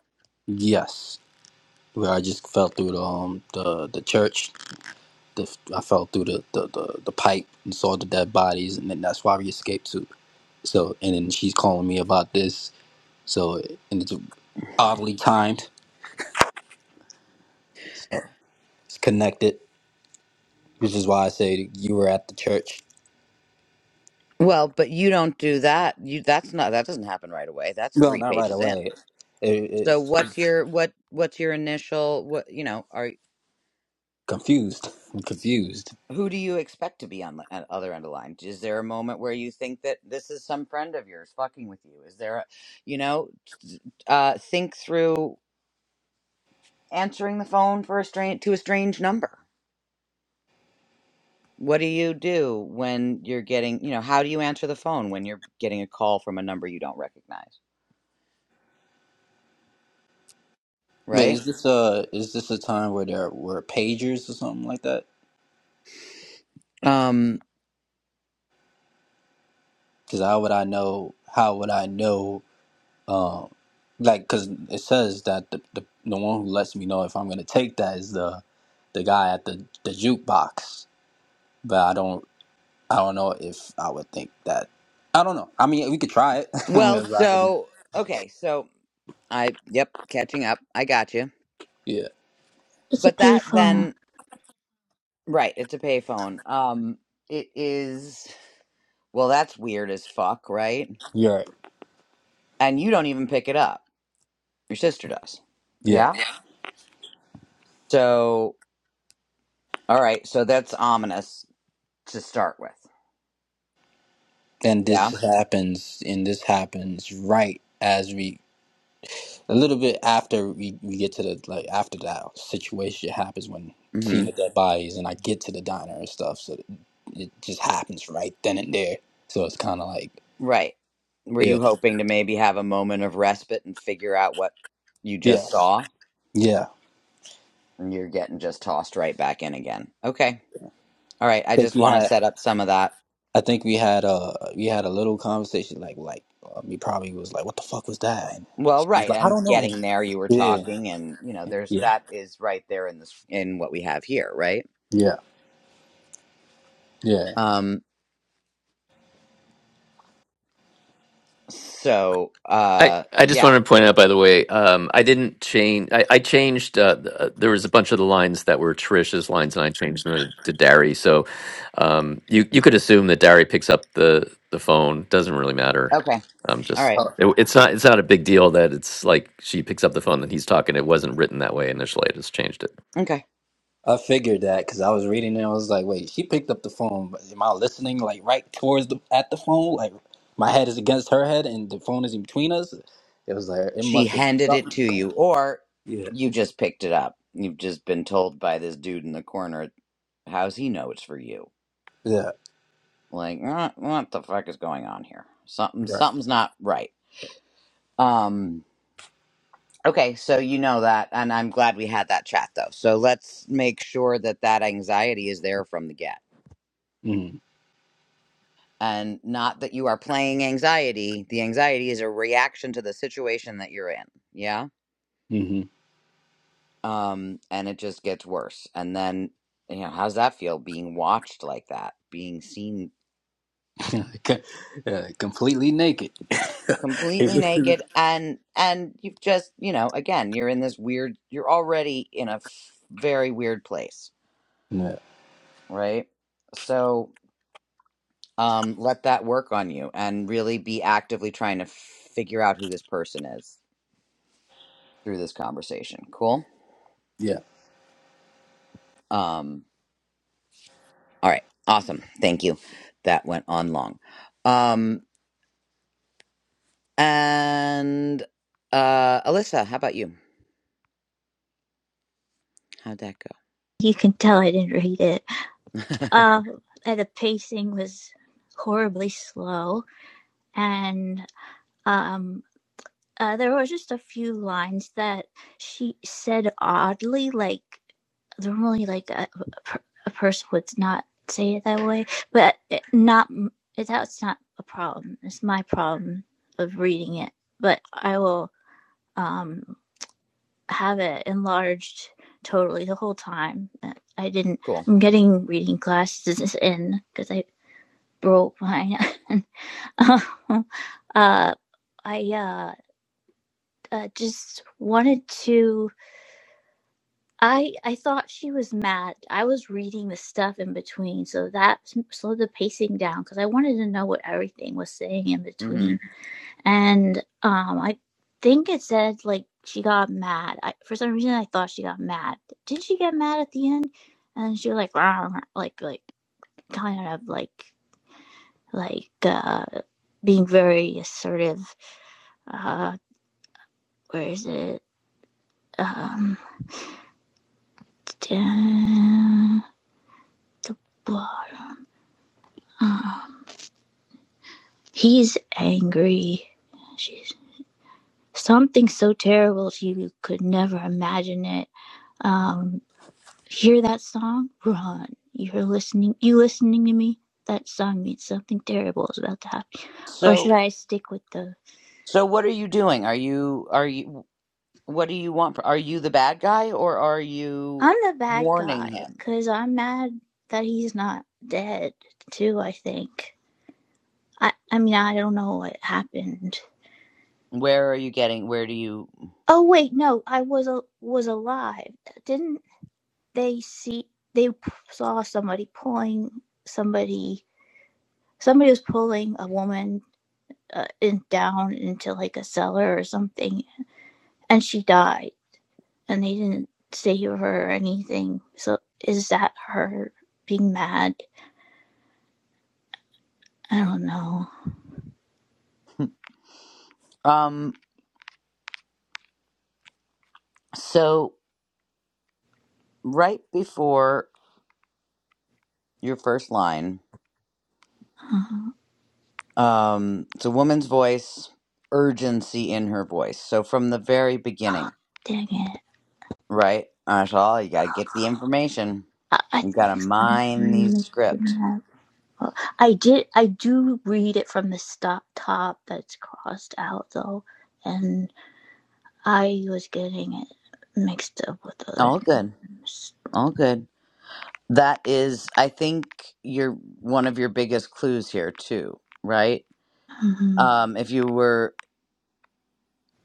S5: yes. Where I just fell through the um the the church. The, I fell through the, the the the pipe and saw the dead bodies, and then that's why we escaped too. So and then she's calling me about this. So and it's oddly timed. So it's connected, which is why I say you were at the church.
S1: Well, but you don't do that. You that's not that doesn't happen right away. That's
S5: Well,
S1: three
S5: not right
S1: pages in.
S5: away.
S1: So
S5: It,
S1: what's your what what's your initial what you know are
S5: Confused. I'm confused.
S1: who do you expect to be on the at other end of the line? Is there a moment where you think that this is some friend of yours fucking with you? Is there a you know uh, think through answering the phone for a strange to a strange number? What do you do when you're getting, you know, how do you answer the phone when you're getting a call from a number you don't recognize,
S5: Wait,
S1: right?
S5: is this uh is this a time where there were pagers or something like that?
S1: Um,
S5: Because how would I know? How would I know? Um, like, because it says that the, the the one who lets me know if I'm gonna take that is the the guy at the the jukebox. But I don't I don't know if I would think that. I don't know. I mean, we could try it. I'm
S1: well,
S5: gonna ride with it.
S1: so okay, so I yep, catching up. I got you.
S5: Yeah.
S4: It's a
S1: But that
S4: payphone.
S1: then right, it's a payphone. Um, it is well, that's weird as fuck, right?
S5: You're right.
S1: And you don't even pick it up. Your sister does.
S5: Yeah.
S1: Yeah? So, all right, so that's ominous to start with.
S5: And
S1: Yeah.
S5: this happens, and this happens right as we a little bit after we, we get to the like after that situation happens when
S1: Mm-hmm.
S5: seeing the dead bodies and I get to the diner and stuff, so it just happens right then and there. So it's kind of like
S1: Right. Were
S5: yeah,
S1: you hoping to maybe have a moment of respite and figure out what you
S5: yeah,
S1: just saw?
S5: yeah.
S1: And you're getting just tossed right back in again. Okay. All right.
S5: I
S1: I
S5: think
S1: just
S5: we
S1: want to
S5: had
S1: set up some of that.
S5: I think we had uh we had a little conversation like like um, he probably was like what the fuck was that? And
S1: Well,
S5: he's
S1: right.
S5: like I
S1: And
S5: don't know. And
S1: getting there, you were
S5: yeah,
S1: talking, and you know, there's
S5: yeah,
S1: that is right there in this in what we have here, right?
S5: yeah,
S1: Um. So,
S2: I,
S1: uh,
S2: I just
S1: yeah.
S2: wanted to point out, by the way, um, I didn't change. I, I changed. Uh, th- uh, there was a bunch of the lines that were Trish's lines, and I changed them to, to
S5: yeah.
S2: Dari. So um, you you could assume that Dari picks up the the phone. Doesn't really matter.
S1: Okay.
S2: Um,
S1: All
S2: just
S1: right.
S2: it, it's not it's not a big deal that it's like she picks up the phone and he's talking. It wasn't written that way initially. I just changed it.
S1: Okay.
S5: I figured that because I was reading it, I was like, wait, she picked up the phone. But am I listening like right towards the at the phone? Like my head is against her head and the phone is in between us. It was like it
S1: She
S5: must have
S1: handed it
S5: something
S1: to
S5: going.
S1: you, or
S5: Yeah,
S1: you just picked it up. You've just been told by this dude in the corner. How's he know it's for you?
S5: yeah,
S1: like "Uh, what the fuck is going on here something
S5: yeah.
S1: something's not right um okay so you know that and i'm glad we had that chat though so let's make sure that that anxiety is there from the get and not that you are playing anxiety the anxiety is a reaction to the situation that you're in yeah
S5: Mm-hmm. mm-hmm.
S1: um and it just gets worse and then you know how's that feel being watched like that being seen
S5: yeah completely naked.
S1: completely
S5: yeah,
S1: naked and and you've just you know again you're in this weird you're already in a f- very weird place right so um let that work on you and really be actively trying to figure out who this person is through this conversation cool
S5: yeah.
S1: um all right awesome thank you that went on long um and uh alyssa how about you how'd that go
S4: You can tell I didn't read it. Uh, the pacing was horribly slow, and um, uh, there were just a few lines that she said oddly, like normally, like a, a a person would not say it that way, but it not that's not a problem. It's my problem of reading it, but I will um have it enlarged totally the whole time. Uh, I didn't.
S1: cool
S4: I'm getting reading glasses in because I broke mine. uh, I uh, uh, just wanted to. I I thought she was mad. I was reading the stuff in between, so that slowed the pacing down because I wanted to know what everything was saying in
S1: mm-hmm
S4: between and um, I think it said like she got mad. I, for some reason, I thought she got mad. Did she get mad at the end? And she was like, "Rah, rah," like, like kind of like, like uh, being very assertive. Uh, where is it? Um, down the bottom. Uh, he's angry. She's something so terrible she could never imagine it. Um, Hear that song? Run. You're listening. You listening to me? That song means something terrible is about to happen. Or
S1: so
S4: should I stick with the?
S1: So what are you doing? Are you are you what do you want? Are you the bad guy or are you
S4: I'm the bad
S1: warning
S4: guy
S1: him?
S4: because I'm mad that he's not dead too. I think. I. I mean, I don't know what happened.
S1: Where are you getting where do you
S4: Oh wait, no, I was a was alive. Didn't they see? They saw somebody pulling somebody. Somebody was pulling a woman uh, in, down into like a cellar or something and she died and they didn't save her or anything so is that her being mad i don't know
S1: um so right before your first line,
S4: oh,
S1: um it's a woman's voice, urgency in her voice. So from the very beginning,
S4: dang it
S1: right? That's all you gotta get the information.
S4: i, I
S1: You
S4: think
S1: gotta
S4: it's
S1: mine these
S4: mine
S1: script.
S4: Oh, i did i do read it from the stop top that's crossed out though and i was getting it mixed up with other
S1: All good.
S4: names
S1: All good. That is, I think, your one of your biggest clues here too, right?
S4: hmm
S1: Um, if you were,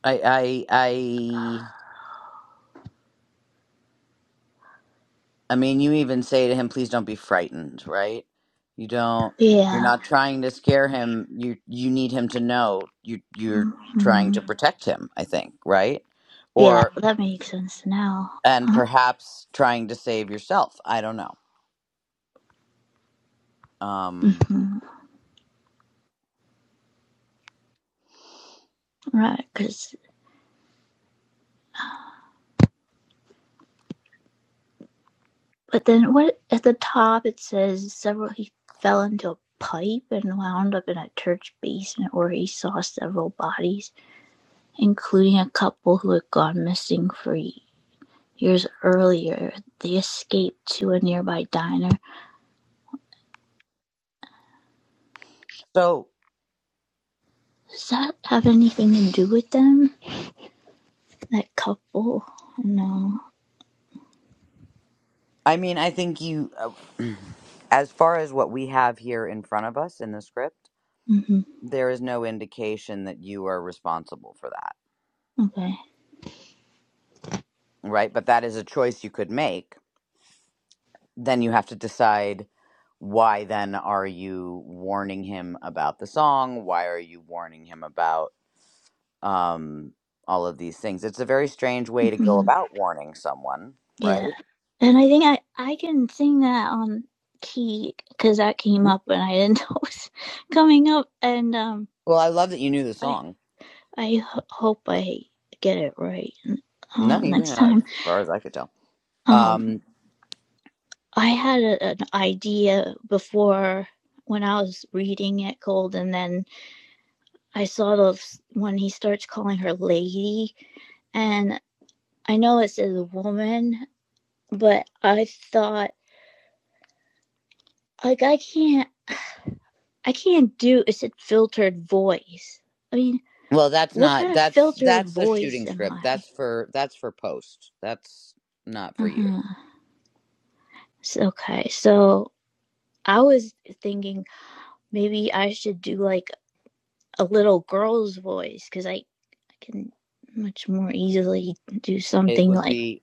S1: I, I, I, I mean, you even say to him, "Please don't be frightened," right? You don't. You're
S4: yeah
S1: not trying to scare him. You you need him to know you you're trying
S4: hmm
S1: to protect him. I think, right?
S4: yeah
S1: Or
S4: that makes sense now
S1: and perhaps trying to save yourself. I don't know. Um,
S4: hmm right because But then what at the top it says several he fell into a pipe and wound up in a church basement where he saw several bodies, including a couple who had gone missing for years earlier. They escaped to a nearby diner.
S1: so.
S4: Does that have anything to do with them? That couple? No.
S1: I mean, I think you, uh, as far as what we have here in front of us in the script,
S4: hmm
S1: there is no indication that you are responsible for that,
S4: Okay.
S1: right? But that is a choice you could make. Then you have to decide why then are you warning him about the song? Why are you warning him about um, all of these things? It's a very strange way to go
S4: hmm
S1: about warning someone, right?
S4: Yeah. And I think I, I can sing that on key because that came up and I didn't know it was coming up. And um,
S1: Well, I love that you knew the
S4: I
S1: song.
S4: I ho- hope I get it right
S1: No,
S4: uh,
S1: you
S4: next
S1: didn't, as
S4: time.
S1: far as I could tell.
S4: Um,
S1: Um,
S4: I had a, an idea before when I was reading it cold, and then I saw the when he starts calling her lady, and I know it says woman, but I thought like I can't I can't do it's a filtered voice. I mean,
S1: Well, that's
S4: what
S1: not
S4: kind of
S1: that's
S4: filtered
S1: that's a
S4: voice
S1: shooting
S4: am
S1: script.
S4: I?
S1: That's for that's for post. That's not for you.
S4: Uh-huh. It's okay, so I was thinking Maybe I should do like a little girl's voice because I, I can much more easily do
S1: It
S4: something
S1: would
S4: like,
S1: be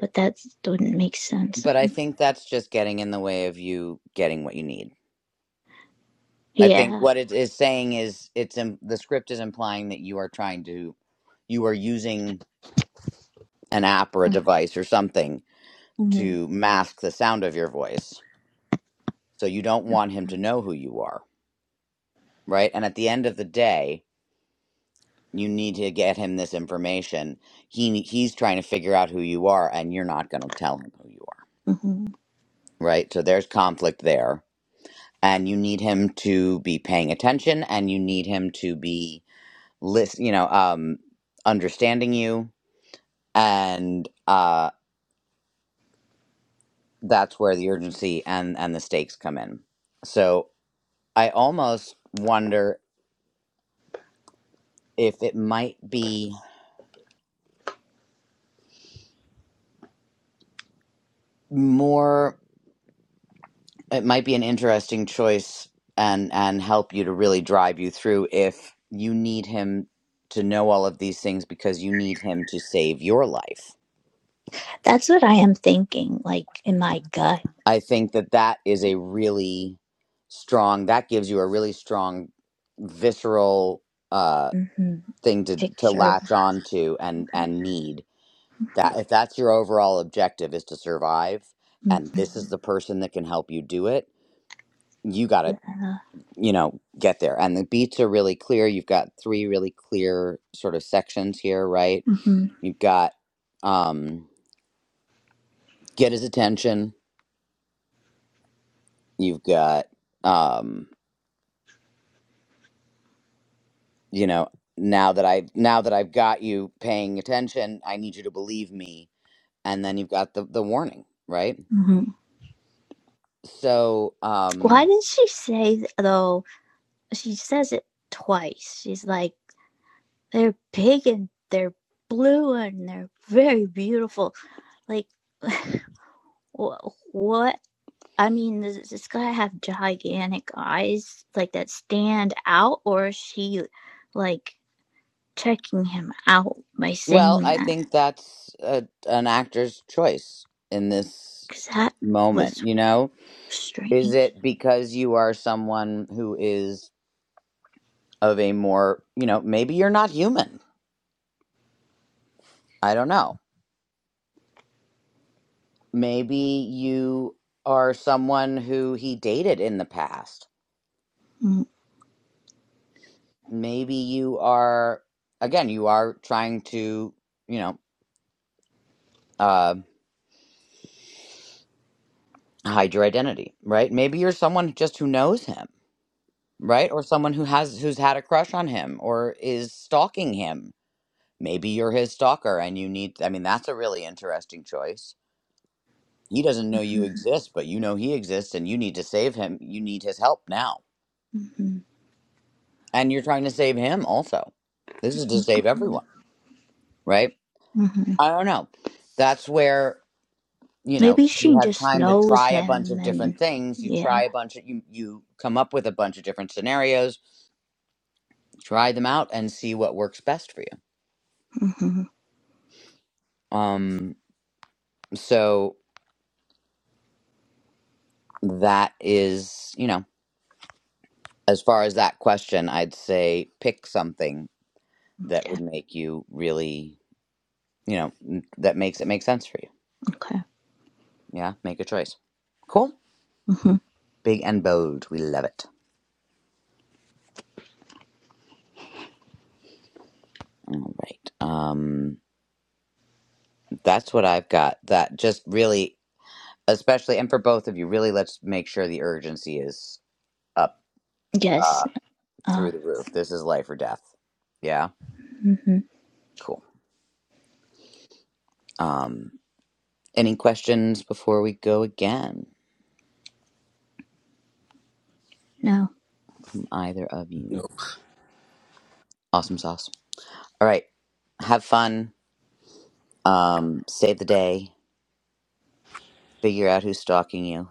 S4: but that wouldn't make sense.
S1: but I
S4: And
S1: think that's just getting in the way of you getting what you need. I think
S4: yeah.
S1: what it is saying is it's in, the script is implying that you are trying to you are using an app or a device or something
S4: hmm
S1: to mask the sound of your voice. So you don't want him to know who you are, right? And at the end of the day, You need to get him this information. He he's trying to figure out who you are, and you're not going to tell him who you are,
S4: hmm
S1: right? So there's conflict there, and you need him to be paying attention, and you need him to be listen, you know, um, understanding you, and uh, that's where the urgency and and the stakes come in. So I almost wonder if it might be more. it might be an interesting choice and and help you to really drive you through if you need him to know all of these things because you need him to save your life
S4: That's what I am thinking, like in my gut.
S1: i think that that is a really strong that gives you a really strong visceral uh
S4: hmm
S1: thing to to
S4: Picture.
S1: latch on to and and need that if that's your overall objective is to survive
S4: hmm
S1: and this is the person that can help you do it you got to
S4: Yeah.
S1: you know, get there. And the beats are really clear. You've got three really clear sort of sections here, right?
S4: hmm
S1: You've got um get his attention. You've got um, you know, now that I now that I've got you paying attention, I need you to believe me. And then you've got the the warning, right?
S4: hmm
S1: So,
S4: Why
S1: um
S4: did she say though? She says it twice. She's like, they're big and they're blue and they're very beautiful. Like, What? what? I mean, does this guy have gigantic eyes like that stand out, or is she like checking him out by
S1: well,
S4: saying
S1: I
S4: that?
S1: think that's a, an actor's choice in this
S4: Because that
S1: moment,
S4: was
S1: you know?
S4: strange.
S1: Is it because you are someone who is of a more, you know, maybe you're not human. I don't know. Maybe you are someone who he dated in the past.
S4: Mm-hmm.
S1: Maybe you are, again, you are trying to, you know, uh, hide your identity, right? Maybe you're someone just who knows him, right? Or someone who has, who's had a crush on him or is stalking him. Maybe you're his stalker and you need, I mean, that's a really interesting choice. He doesn't know you exist, but you know he exists and you need to save him. You need his help now
S4: Mm-hmm.
S1: and you're trying to save him also. This is to save everyone, right?
S4: Mm-hmm.
S1: I don't know. That's where you know
S4: Maybe
S1: if you
S4: she
S1: have
S4: just
S1: time to
S4: knows
S1: try a bunch
S4: him,
S1: of different
S4: and
S1: things, you
S4: yeah.
S1: try a bunch of you you come up with a bunch of different scenarios, try them out, and see what works best for you.
S4: hmm
S1: Um, so that is you know as far as that question, I'd say pick something that would make you really you know m- that makes it make sense for you.
S4: Okay.
S1: Yeah, make a choice. Cool.
S4: hmm
S1: Big and bold. We love it. All right. Um, that's what I've got. That just really, especially, and for both of you, really, let's make sure the urgency is up
S4: Yes.
S1: uh, through
S4: Um.
S1: the roof. This is life or death. Yeah.
S4: hmm
S1: Cool. Um, any questions before we go again?
S4: No.
S1: Either of you?
S5: No.
S1: Awesome sauce. All right. Have fun. Um, save the day. Figure out who's stalking you.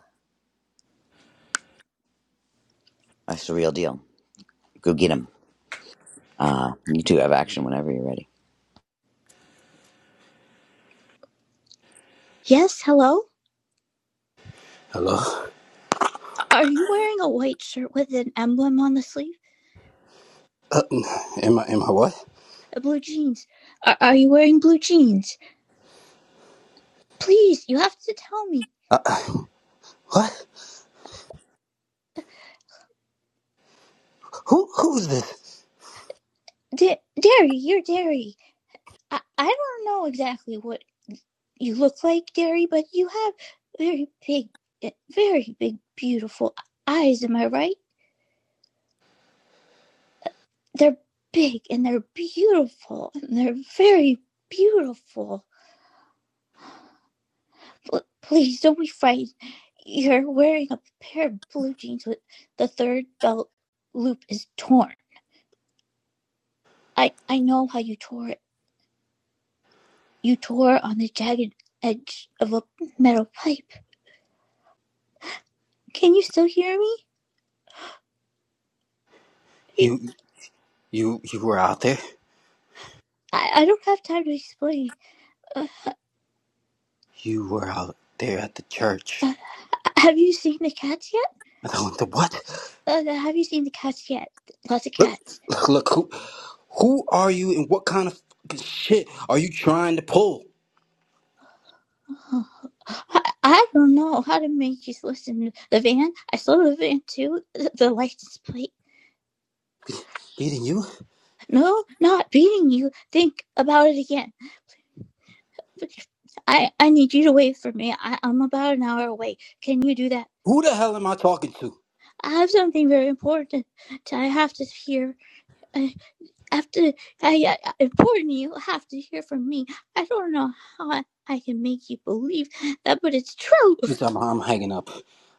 S1: That's the real deal. Go get him. Uh, you two have action whenever you're ready.
S4: Yes. Hello.
S5: Hello.
S4: Are you wearing a white shirt with an emblem on the sleeve?
S5: Uh, am I? Am I what?
S4: uh, blue jeans. Are, are you wearing blue jeans? Please, you have to tell me.
S5: Uh, uh, what? Who? Who's this?
S4: Da- Derry, you're Derry. I, I don't know exactly what you look like, Derry, but you have very big, uh, very big, beautiful eyes. Am I right? They're big and they're beautiful and they're very beautiful. Pl- please don't be frightened. You're wearing a pair of blue jeans with the third belt loop is torn. I, I know how you tore it. You tore on the jagged edge of a metal pipe. Can you still hear me?
S5: You? You? You were out there.
S4: I, I don't have time to explain.
S5: You were out there at the church.
S4: Uh, have you seen the cats
S5: I went to what?
S4: yet? Uh, have you seen the cats yet? Lots of cats.
S5: Look, look who, who are you and what kind of fucking shit are you trying to pull?
S4: Oh, I, I don't know how to make you listen. The van, I saw the van too. The, the license plate.
S5: Beating you?
S4: No, not beating you. Think about it again. I, I need you to wait for me. I, I'm about an hour away. Can you do that?
S5: Who the hell am I talking to?
S4: I have something very important I have to hear I- after I, I important you have to hear from me. I don't know how I, I can make you believe that, but it's true.
S5: Miss, I'm, I'm hanging up.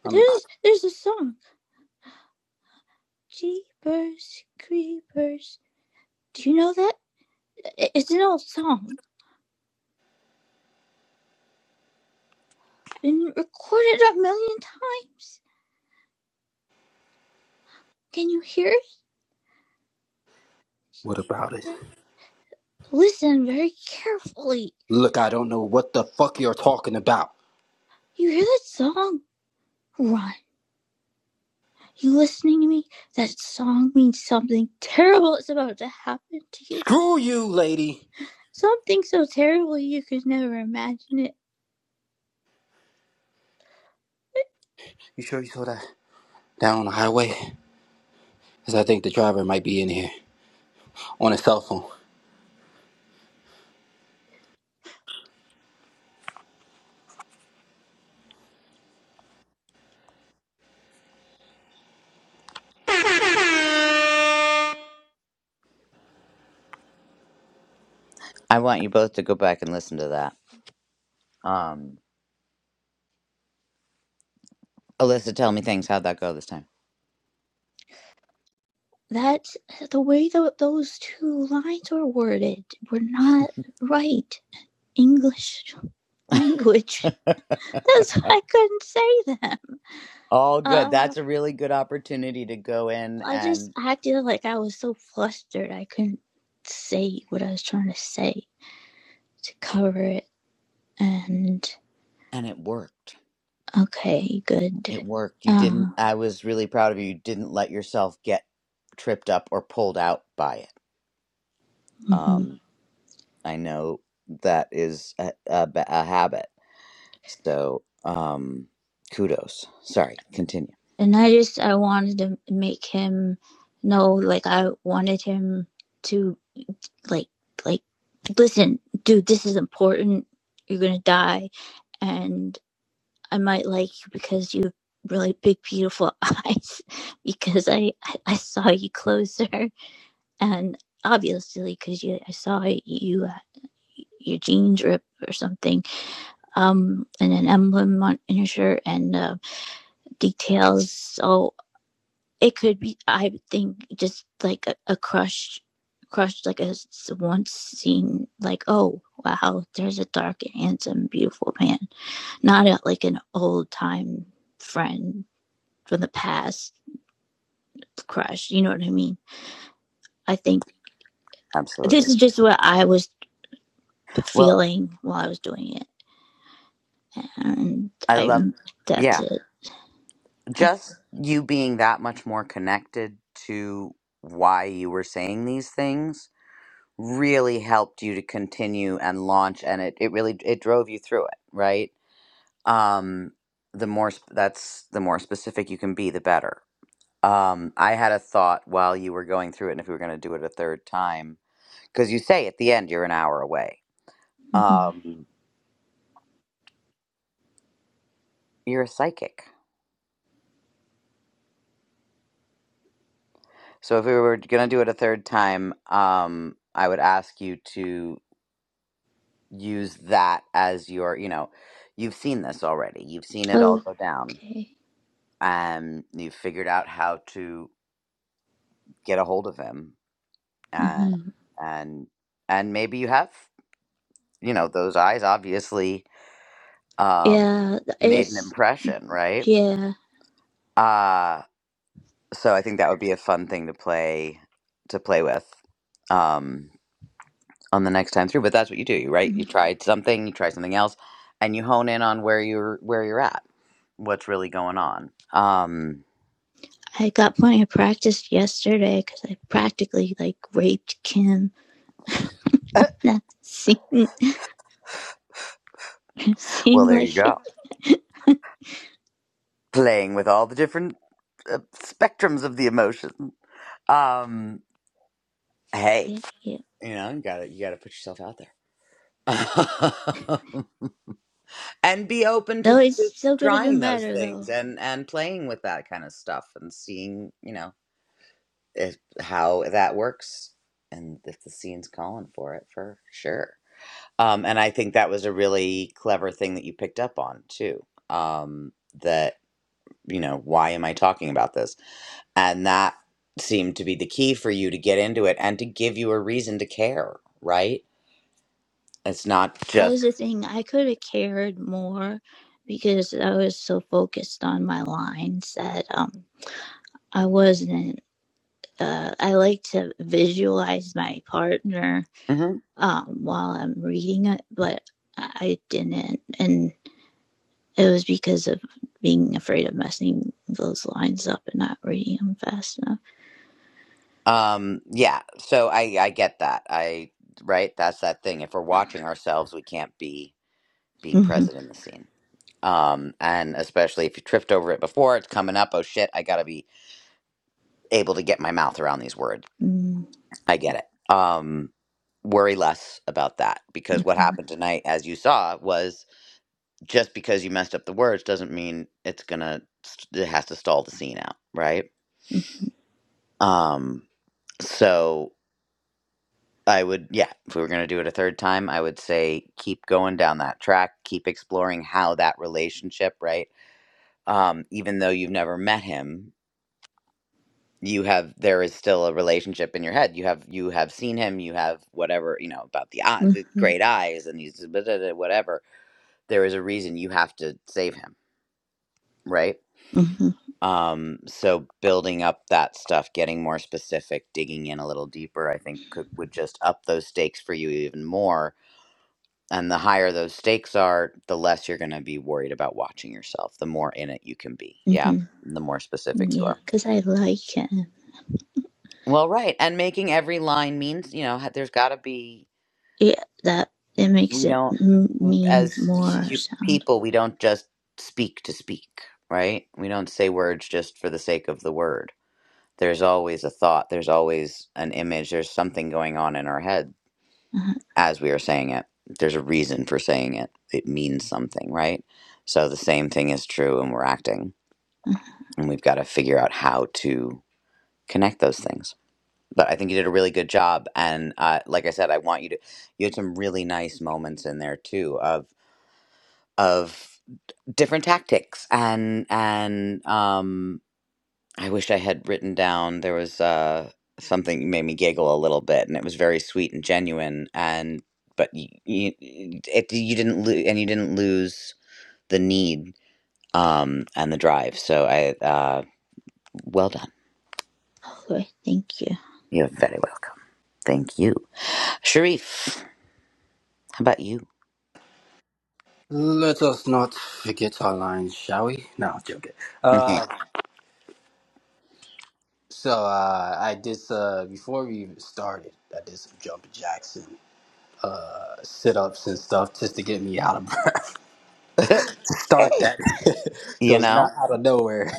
S5: I'm,
S4: There's there's a song, Jeepers Creepers. Do you know that? It's an old song, been recorded a million times. Can you hear
S5: what about it?
S4: it? Listen very carefully.
S5: Look, I don't know what the fuck you're talking about.
S4: You hear that song? Run. You listening to me? That song means something terrible is about to happen to you
S5: Screw you, lady.
S4: Something so terrible you could never imagine it.
S5: You sure you saw that down on the highway? Because I think the driver might be in here on his cell phone.
S1: I want you both to go back and listen to that. Um. Alyssa, tell me things. How'd that go this time?
S4: That's the way that those two lines were worded were not right. English language. That's why I couldn't say them.
S1: All good.
S4: Uh,
S1: That's a really good opportunity to go in
S4: I just
S1: and
S4: acted like I was so flustered I couldn't say what I was trying to say to cover it. And
S1: and it worked.
S4: okay, good.
S1: It worked. You didn't.
S4: Um,
S1: I was really proud of you. You didn't let yourself get tripped up or pulled out by it.
S4: mhm.
S1: Um, I know that is a, a, ba- a habit. So um, kudos. Sorry. Continue.
S4: and I just I wanted to make him know like I wanted him to like like listen, dude, this is important. You're gonna die, and I might like you because you have really big beautiful eyes because I I, I saw you closer and obviously because you I saw you. Uh, your jeans rip or something, um, and an emblem on in your shirt, and uh, details. all it could be i think just like a, a crush crushed like a once seen like oh wow there's a dark handsome beautiful man not a, like an old time friend from the past crush you know what i mean i think this
S1: Absolutely.
S4: is just what i was
S1: Well,
S4: feeling while i was doing it and
S1: I
S4: i
S1: love.
S4: that's
S1: Yeah,
S4: it I,
S1: just you being that much more connected to why you were saying these things really helped you to continue and launch and it, it really it drove you through it right um the more sp- that's the more specific you can be the better um i had a thought while you were going through it and if we were going to do it a third time because you say at the end you're an hour away
S4: mhm.
S1: um you're a psychic so if we were going to do it a third time um i would ask you to use that as your you know you've seen this already you've seen it all go down
S4: okay
S1: um, you figured out how to get a hold of him, uh,
S4: hmm
S1: and and maybe you have, you know, those eyes obviously um,
S4: yeah
S1: made an
S4: it's
S1: impression, right?
S4: yeah
S1: Uh, so I think that would be a fun thing to play to play with um, on the next time through. But that's what you do, you- right?
S4: Mm-hmm.
S1: You tried something, you try something else, and you hone in on where you're where you're at, what's really going on. Um,
S4: I got plenty of practice yesterday because I practically like raped Kim. That seemed,
S1: well,
S4: seemed
S1: there
S4: like
S1: you go.
S4: it.
S1: playing with all the different uh, spectrums of the emotion. Um, hey,
S4: Yeah, yeah.
S1: you know, you gotta you gotta put yourself out there and be open to,
S4: Though it
S1: to
S4: still could have
S1: trying
S4: been
S1: those
S4: better though.
S1: things and and playing with that kind of stuff and seeing you know if, how that works and if the scene's calling for it for sure. Um, and I think that was a really clever thing that you picked up on too. Um, that you know, why am I talking about this? And that seemed to be the key for you to get into it and to give you a reason to care, right? It's not
S4: That
S1: just
S4: was the thing. I could have cared more because I was so focused on my lines that um I wasn't. Uh, I like to visualize my partner
S1: Mhm.
S4: um, while I'm reading it, but I I didn't. And It was because of being afraid of messing those lines up and not reading them fast enough.
S1: um yeah, so I I get that. I right, that's that thing. If we're watching ourselves, we can't be being
S4: hmm
S1: present in the scene. Um and especially if you tripped over it before, it's coming up, oh shit, I got to be able to get my mouth around these words.
S4: hmm
S1: I get it. Um worry less about that because what
S4: hmm
S1: happened tonight as you saw was just because you messed up the words doesn't mean it's gonna it has to stall the scene out right um so i would yeah if we were gonna do it a third time i would say keep going down that track keep exploring how that relationship right um even though you've never met him you have there is still a relationship in your head you have you have seen him you have whatever you know about the eye the
S4: hmm
S1: great eyes and these blah, blah, blah, whatever there is a reason you have to save him right
S4: hmm
S1: Um, so building up that stuff, getting more specific, digging in a little deeper, I think could, would just up those stakes for you even more. And the higher those stakes are, the less you're going to be worried about watching yourself, the more in it you can be. Yeah.
S4: hmm
S1: Mhm. The more specific you
S4: Yeah,
S1: are.
S4: because I like it.
S1: Well, right. And making every line means, you know, ha- there's got to be,
S4: Yeah, that it makes
S1: we
S4: it
S1: don't,
S4: m-
S1: w-
S4: mean
S1: as
S4: more
S1: hu-
S4: sound.
S1: people, we don't just speak to speak, right? We don't say words just for the sake of the word There's always a thought, there's always an image, there's something going on in our head
S4: Uh-huh.
S1: as we are saying it. There's a reason for saying it, it means something, right? So the same thing is true when we're acting,
S4: uh-huh.
S1: and we've got to figure out how to connect those things. But I think you did a really good job, and uh, like I said, I want you to. You had some really nice moments in there too of of different tactics and and um I wish I had written down there was uh, something that made me giggle a little bit, and it was very sweet and genuine. And but you, you, it, you didn't lose, and you didn't lose the need um, and the drive. So I, uh, well done.
S4: Okay, thank you.
S1: You're very welcome. Thank you, Sharif. How about you?
S5: Let us not forget our lines, shall we? No, I'm joking. Uh, so uh, I did uh, before we even started. I did some jumping jacks uh, sit ups and stuff just to get me out of start
S1: hey,
S5: that. so
S1: you
S5: it's not
S1: know,
S5: out of nowhere.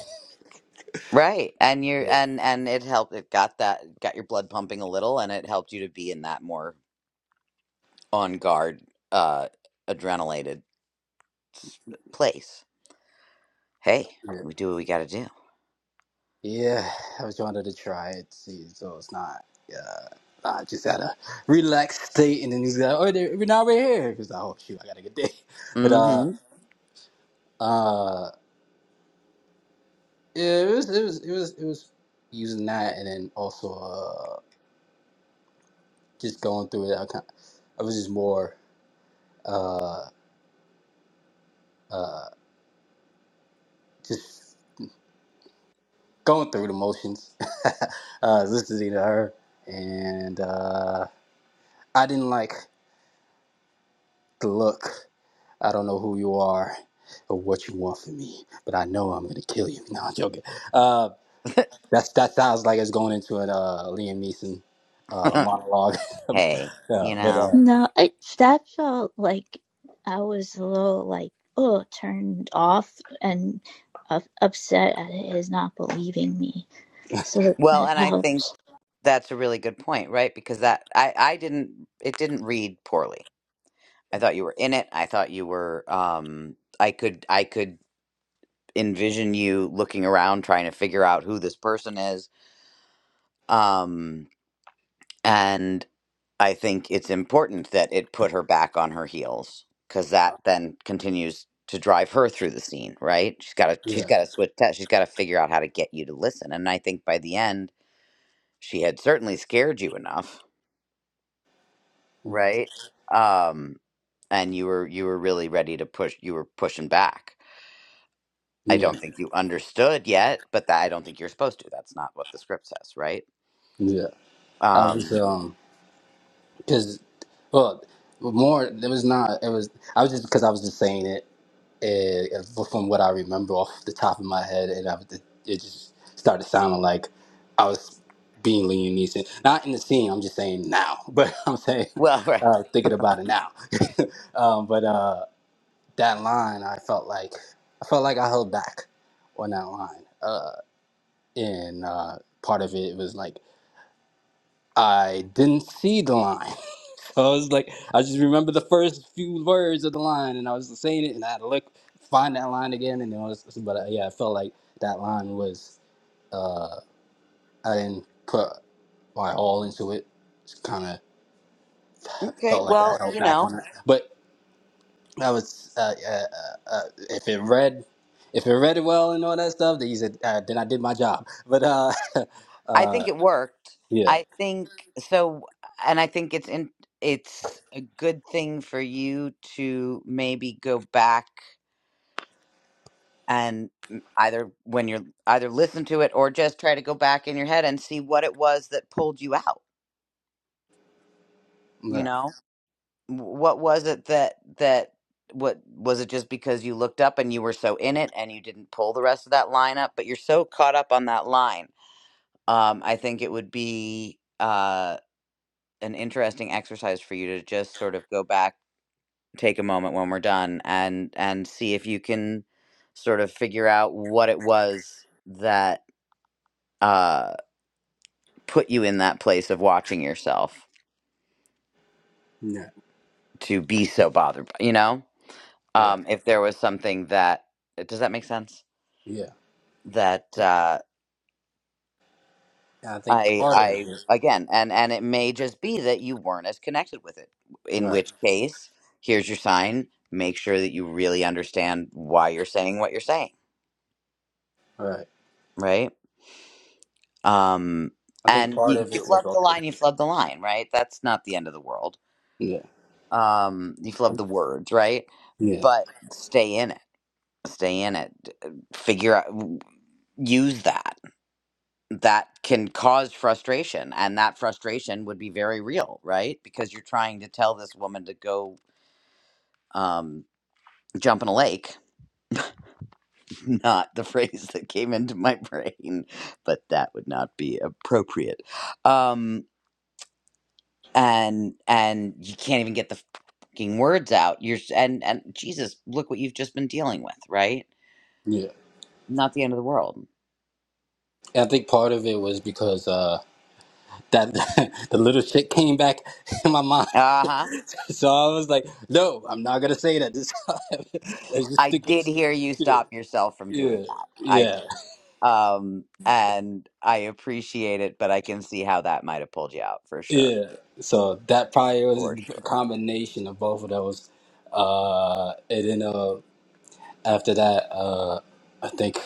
S1: right? And you're
S5: Yeah,
S1: and and it helped. It got that got your blood pumping a little, and it helped you to be in that more on guard, uh, adrenalated place. Hey,
S5: yeah.
S1: we do what we got to
S5: Yeah, I was wanted to try it. See, so it's not. Uh, I just had a relaxed state, and then he's like, "Oh, they- we're now we're here." Because I hope shoot, I gotta get there.
S1: do.
S5: But uh,
S1: Mm-hmm.
S5: uh, yeah, it was it was it was it was using that, and then also uh, just going through it. I kind, I was just more uh uh just going through the motions. uh, listening to her, and uh, I didn't like the look. I don't know who you are or what you want from me, but I know I'm gonna kill you. No, I'm joking. Uh, that's that sounds like it's going into an uh, Liam Neeson uh, monologue.
S1: hey,
S5: yeah,
S1: you
S5: but
S1: know.
S5: uh,
S4: No, it, that felt like I was a little like oh turned off and uh, upset at his not believing me. So
S1: Well,
S4: that
S1: and I think
S4: helped.
S1: that's a really good point, right? Because that I I didn't it didn't read poorly. I thought you were in it. I thought you were. Um, I could I could envision you looking around trying to figure out who this person is. Um, And I think it's important that it put her back on her heels because that then continues to drive her through the scene, right? She's got to she's
S5: yeah,
S1: got to switch ta- she's got to figure out how to get you to listen. And I think by the end, she had certainly scared you enough, right? Um and you were you were really ready to push you were pushing back. I
S5: yeah,
S1: don't think you understood yet, but that I don't think you're supposed to. That's not what the script says, right?
S5: yeah. I was
S1: Um
S5: um, cause well, more it was not. It was I was just because I was just saying it eh, from what I remember off the top of my head, and I, it just started sounding like I was being Liam Neeson. Not in the scene, I'm just saying now, but I'm saying
S1: well, right.
S5: uh, thinking about it now. um, but uh, that line, I felt like I felt like I held back on that line, uh, and uh, part of it was like. I didn't see the line. So I was like, I just remember the first few words of the line, and I was saying it, and I had to look, find that line again, and it was. But uh, yeah, I felt like that line was. Uh, I didn't put my all into it. Just kind of
S1: Okay.
S5: felt like I
S1: Well,
S5: held
S1: you
S5: back
S1: know,
S5: on it. But I was, uh, yeah, uh, uh, if it read, if it read well and all that stuff, then, you said, uh, then I did my job. But uh,
S1: I think
S5: uh,
S1: it worked.
S5: yeah,
S1: I think so, and I think it's in, it's a good thing for you to maybe go back and m- either when you're either listen to it or just try to go back in your head and see what it was that pulled you out. You
S5: yeah,
S1: know, W- what was it that that what was it just because you looked up and you were so in it and you didn't pull the rest of that line up, but you're so caught up on that line. Um, I think it would be. Uh, an interesting exercise for you to just sort of go back, take a moment when we're done and and see if you can sort of figure out what it was that uh put you in that place of watching yourself
S5: yeah,
S1: to be so bothered, by, you know?
S5: yeah.
S1: Um if there was something that uh, does that make sense?
S5: yeah.
S1: That uh
S5: I think
S1: I
S5: Carter.
S1: I again and and it may just be that you weren't as connected with it. In
S5: Right,
S1: which case, here's your sign, make sure that you really understand why you're saying what you're saying
S5: right.
S1: right? Um,
S5: I think
S1: and
S5: part
S1: you,
S5: of
S1: you
S5: it was
S1: flub the
S5: also
S1: line, you flub the line, right? That's not the end of the world.
S5: yeah,
S1: Um, you flub the words, right?
S5: yeah,
S1: But stay in it, stay in it, d- uh, figure out, w- use that. That can cause frustration, and that frustration would be very real, right? Because you're trying to tell this woman to go um, jump in a lake, not the phrase that came into my brain, but that would not be appropriate. Um, and and you can't even get the fucking words out. You're s- and and Jesus, look what you've just been dealing with, right?
S5: yeah.
S1: Not the end of the world.
S5: And I think part of it was because uh that the little shit came back in my mind.
S1: Uh huh.
S5: So I was like, no, I'm not gonna say that this time. Let's just
S1: I
S5: stick with the
S1: did
S5: script.
S1: hear you
S5: Yeah,
S1: stop yourself from doing
S5: yeah,
S1: that. I
S5: yeah,
S1: did. Um, and I appreciate it, but I can see how that might have pulled you out for sure,
S5: yeah. So that probably was
S1: for
S5: a
S1: sure.
S5: combination of both of those. Uh, and then uh, after that, uh, I think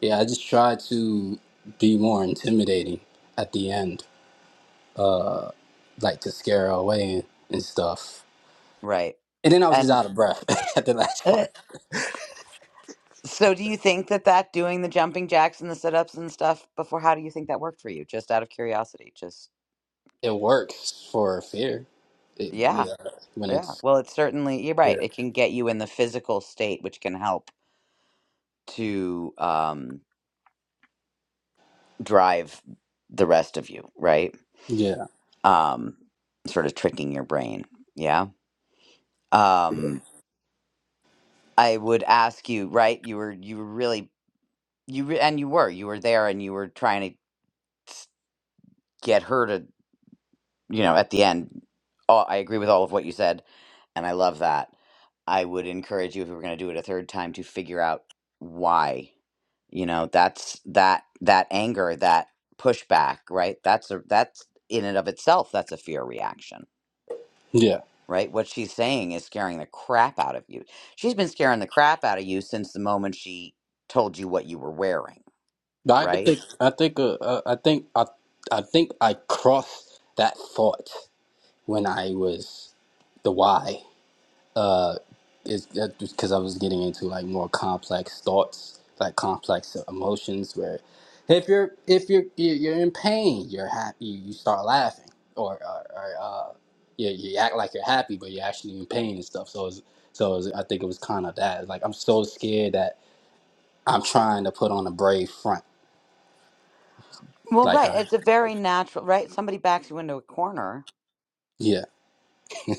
S5: yeah, I just tried to be more intimidating at the end uh like to scare her away and, and stuff.
S1: Right.
S5: And then I was just
S1: And
S5: out of breath at the last
S1: uh,
S5: part.
S1: so, do you think that that doing the jumping jacks and the sit ups and stuff before, how do you think that worked for you? Just out of curiosity, just
S5: It works for fear. It,
S1: yeah.
S5: yeah, when
S1: Yeah,
S5: it's
S1: well, it's certainly, you're
S5: yeah,
S1: right. It can get you in the physical state, which can help to um, drive the rest of you, right?
S5: yeah,
S1: Um, sort of tricking your brain. Yeah. Um, I would ask you, right? You were, you were really, you re and you were, you were there, and you were trying to s- get her to you know, at the end, all, I agree with all of what you said, and I love that. I would encourage you if we were going to do it a third time to figure out why. You know, that's that that anger, that pushback, right? That's a that's in and of itself that's a fear reaction,
S5: yeah.
S1: right? What she's saying is scaring the crap out of you. She's been scaring the crap out of you since the moment she told you what you were wearing,
S5: But I could
S1: right?
S5: think. I think. Uh, uh, I think. I. I think I crossed that thought when I was the why. uh it's that because I was getting into like more complex thoughts, like complex emotions. Where if you're if you're you're you're in pain, you're happy, you start laughing, or or, or uh, you, you act like you're happy, but you're actually in pain and stuff. So it's so it's I think it was kind of that. Like I'm so scared that I'm trying to put on a brave front.
S1: Well,
S5: Like
S1: right.
S5: I,
S1: It's a very natural, right? Somebody backs you into a corner
S5: yeah,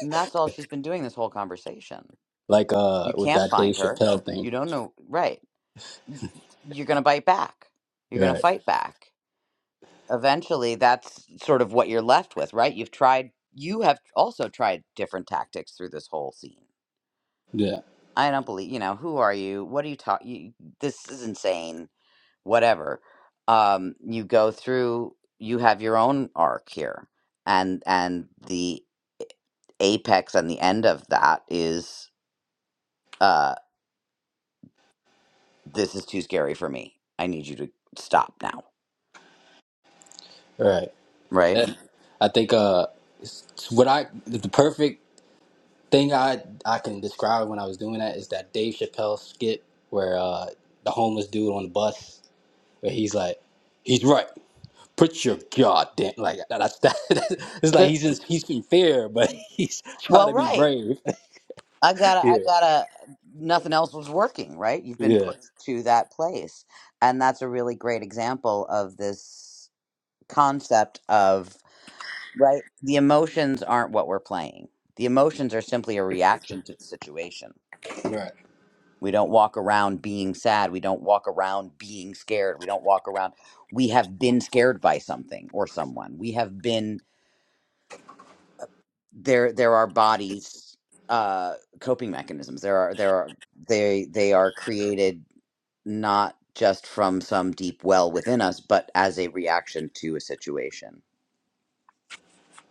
S1: And that's all she's been doing this whole conversation.
S5: like uh
S1: You
S5: with
S1: can't
S5: that Dave
S1: find her.
S5: Chappelle thing.
S1: You don't know. Right. Y- You're going to bite back. You're going to
S5: Right.
S1: fight back. Eventually, that's sort of what you're left with, right? You've tried, you have also tried different tactics through this whole scene.
S5: Yeah.
S1: I don't believe, you know, who are you? What are you talking? This is insane. Whatever. Um, you go through, you have your own arc here. And, and the apex and the end of that is uh, this is too scary for me. I need you to stop now.
S5: Right.
S1: Right?
S5: And I think uh it's what I the perfect thing I I can describe when I was doing that is that Dave Chappelle skit where uh, the homeless dude on the bus where he's like, he's right. Put your goddamn like that- that's that. It's like
S1: But,
S5: he's just, he's in fear, but he's trying
S1: well,
S5: to be
S1: right.
S5: brave.
S1: I gotta, I
S5: Yeah,
S1: gotta, nothing else was working, right? You've been
S5: yeah,
S1: pushed to that place. And that's a really great example of this concept of right? The emotions aren't what we're playing. The emotions are simply a reaction to the situation.
S5: right,
S1: We don't walk around being sad. We don't walk around being scared. We don't walk around. We have been scared by something or someone. We have been there. There are bodies, uh, coping mechanisms. There are there are they they are created not just from some deep well within us, but as a reaction to a situation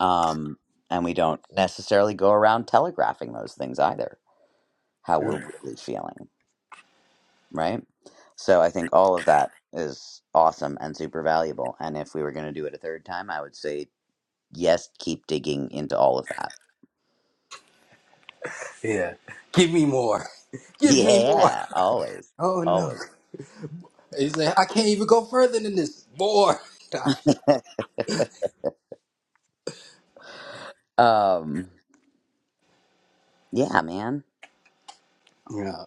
S1: Um, and we don't necessarily go around telegraphing those things either, how we're
S5: right,
S1: really feeling, right? So I think all of that is awesome and super valuable. And if we were going to do it a third time, I would say yes, keep digging into all of that.
S5: yeah. Give me more. Give me more.
S1: Yeah, always,
S5: Oh no.
S1: always.
S5: He's like, I can't even go further than this. More.
S1: Um, yeah, man.
S5: yeah.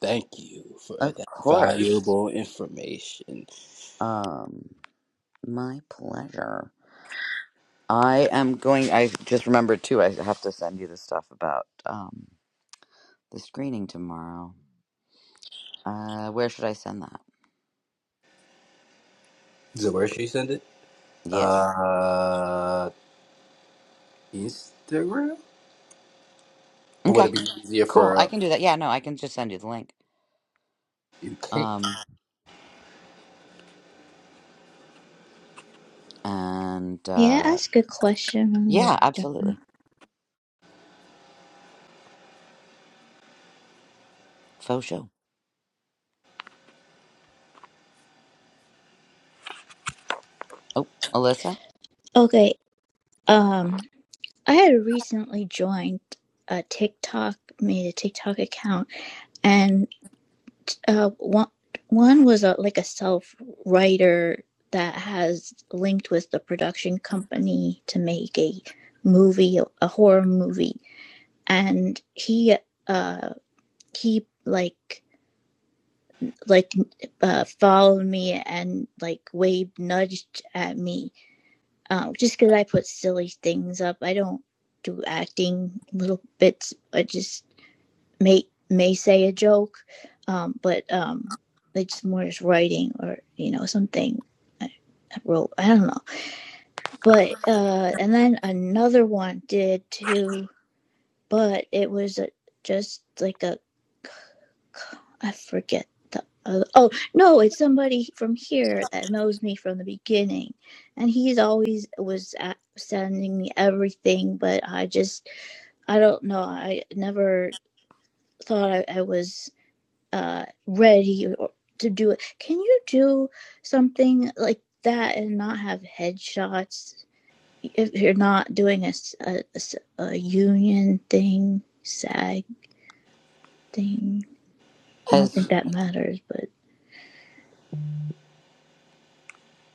S5: Thank you for
S1: Of
S5: that
S1: course.
S5: valuable information.
S1: Um, my pleasure. I am going I just remembered too, I have to send you the stuff about um the screening tomorrow. Uh, where should I send that?
S5: Is it where should you send it?
S1: Yes.
S5: Uh, Instagram? Or would it
S1: Okay.
S5: be easier
S1: Cool.
S5: for
S1: I
S5: uh,
S1: can do that. Yeah. No, I can just send you the link.
S5: UK?
S1: Um, and
S4: May I
S1: uh,
S4: ask a question when you're
S1: yeah,
S4: done?
S1: absolutely. Faux show. Oh, Alyssa,
S4: Okay. Um, I had recently joined a TikTok, made a TikTok account, and uh, one one was a, like a self writer that has linked with the production company to make a movie, a horror movie, and he uh he like like uh followed me and like waved nudged at me Um, just because I put silly things up, I don't do acting little bits. I just may may say a joke, um, but um, it's more just writing or you know something I, wrote. I don't know, but uh, and then another one did too but it was a, just like a I forget the other. Oh no, it's somebody from here that knows me from the beginning, and he's always was at, sending me everything. But I just I don't know. I never thought I, I was uh, ready or, to do it. Can you do something like that and not have headshots if you're not doing a a a union thing? SAG thing. I don't think
S1: has
S4: that matters, but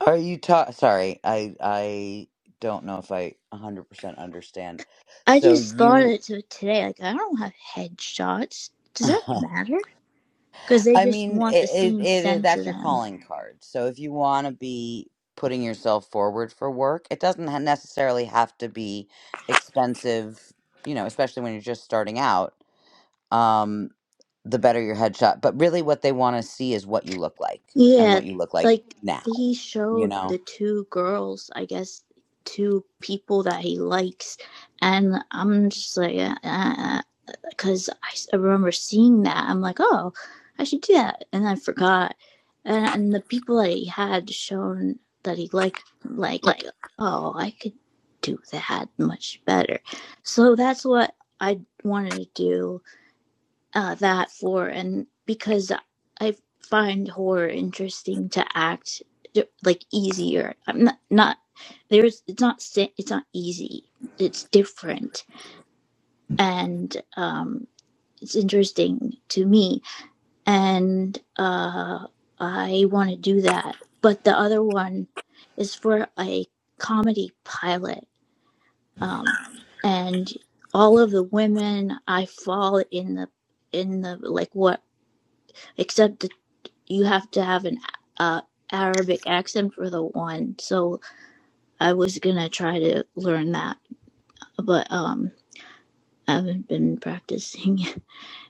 S1: are you ta- Sorry, I I don't know if I 100% understand.
S4: I
S1: So
S4: just thought
S1: you.
S4: it to today. Like, I don't have headshots. Does that matter? Because they
S1: I
S4: just
S1: mean,
S4: want the
S1: it,
S4: scene
S1: it, it
S4: sent to
S1: that's your
S4: them.
S1: calling card. So if you want to be putting yourself forward for work, it doesn't ha- necessarily have to be expensive, you know, especially when you're just starting out. Um, the better your headshot, but really what they want to see is what you look like and
S4: Yeah,
S1: what you look like
S4: like
S1: now,
S4: he
S1: you
S4: showed
S1: know?
S4: the two girls, I guess, two people that he likes, and I'm just like, uh, uh, uh, because I remember seeing that. I'm like, oh, I should do that, and I forgot. And and the people that he had shown that he liked, like, oh, I could do that much better. So that's what I wanted to do uh, that for, and because I find horror interesting to act like easier. I'm not not there's it's not si- it's not easy. It's different and um it's interesting to me, and uh, I want to do that. But the other one is for a comedy pilot, um, and all of the women I fall in the in the like what except that you have to have an uh, Arabic accent for the one. So I was gonna try to learn that, but um, I haven't been practicing,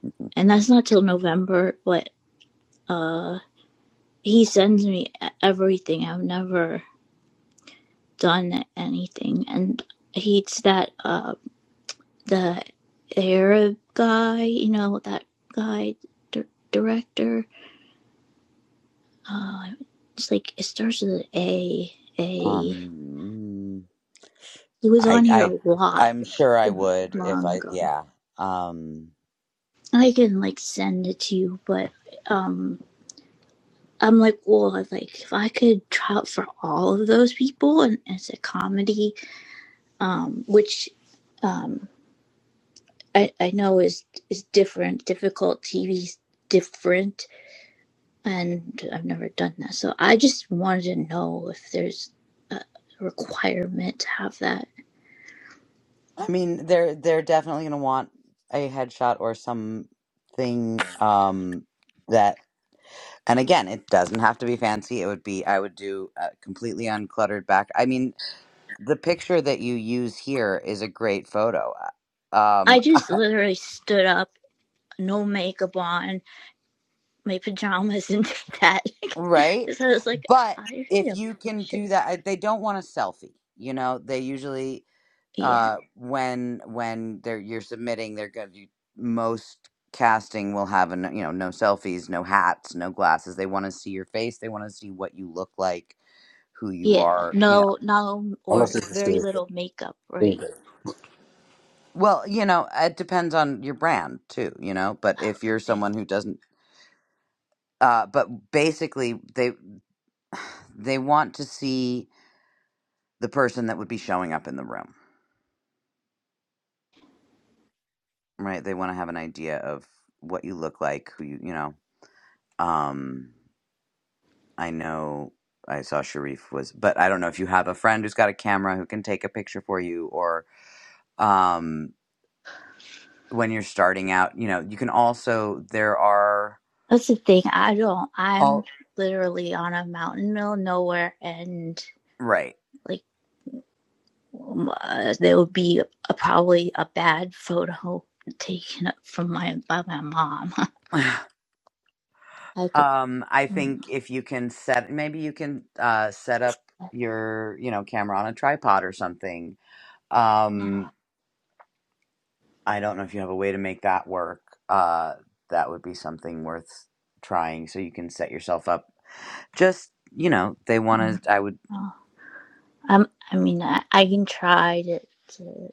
S1: Mhm.
S4: and that's not till November. But uh. he sends me e- everything. I've never done anything, and he's that uh the Arab guy, you know that guy dir- director. Uh, it's like it starts with an A. A.
S1: Um,
S4: He was
S1: I,
S4: on here
S1: I,
S4: a lot
S1: I'm sure I would if
S4: long
S1: I,
S4: ago.
S1: yeah. Um,
S4: I can like send it to you, but um, I'm like, well, like if I could try out for all of those people and it's a comedy, um, which um. I, I know is is different, difficult. TV's different, and I've never done that. So I just wanted to know if there's a requirement to have that.
S1: I mean, they're they're definitely going to want a headshot or something um that and again, it doesn't have to be fancy. It would be I would do a completely uncluttered back. I mean, the picture that you use here is a great photo. uh, Um
S4: I just literally stood up, no makeup on, my pajamas, and did that.
S1: right?
S4: so I was like,
S1: But
S4: I need
S1: if
S4: a
S1: you can do
S4: picture.
S1: that, I- they don't want a selfie. You know, they usually
S4: Yeah,
S1: uh when when they're you're submitting they're going to most casting will have an you know no selfies no hats no glasses they want to see your face they want to see what you look like who you
S4: yeah.
S1: are you know
S4: No, no, or
S5: Unless it's just
S4: very
S5: a
S4: little makeup.
S5: there you
S4: Right.
S5: go.
S1: well you know it depends on your brand too you know but if you're
S4: Okay.
S1: someone who doesn't uh but basically they they want to see the person that would be showing up in the room right they want to have an idea of what you look like who you you know um I know I saw Sharif was, but I don't know if you have a friend who's got a camera who can take a picture for you, or um, when you're starting out, you know, you can also there are
S4: That's the thing. I don't. I'm
S1: all
S4: literally on a mountain, middle of nowhere, and
S1: right.
S4: like um, uh, there would be a, probably a bad photo taken up from my by my mom. I could.
S1: um, I think if you can set, maybe you can uh, set up your you know camera on a tripod or something. Um, I don't know if you have a way to make that work. Uh, that would be something worth trying, so you can set yourself up just you know they want to i would
S4: uh, I'm, I mean, I, I can try to, to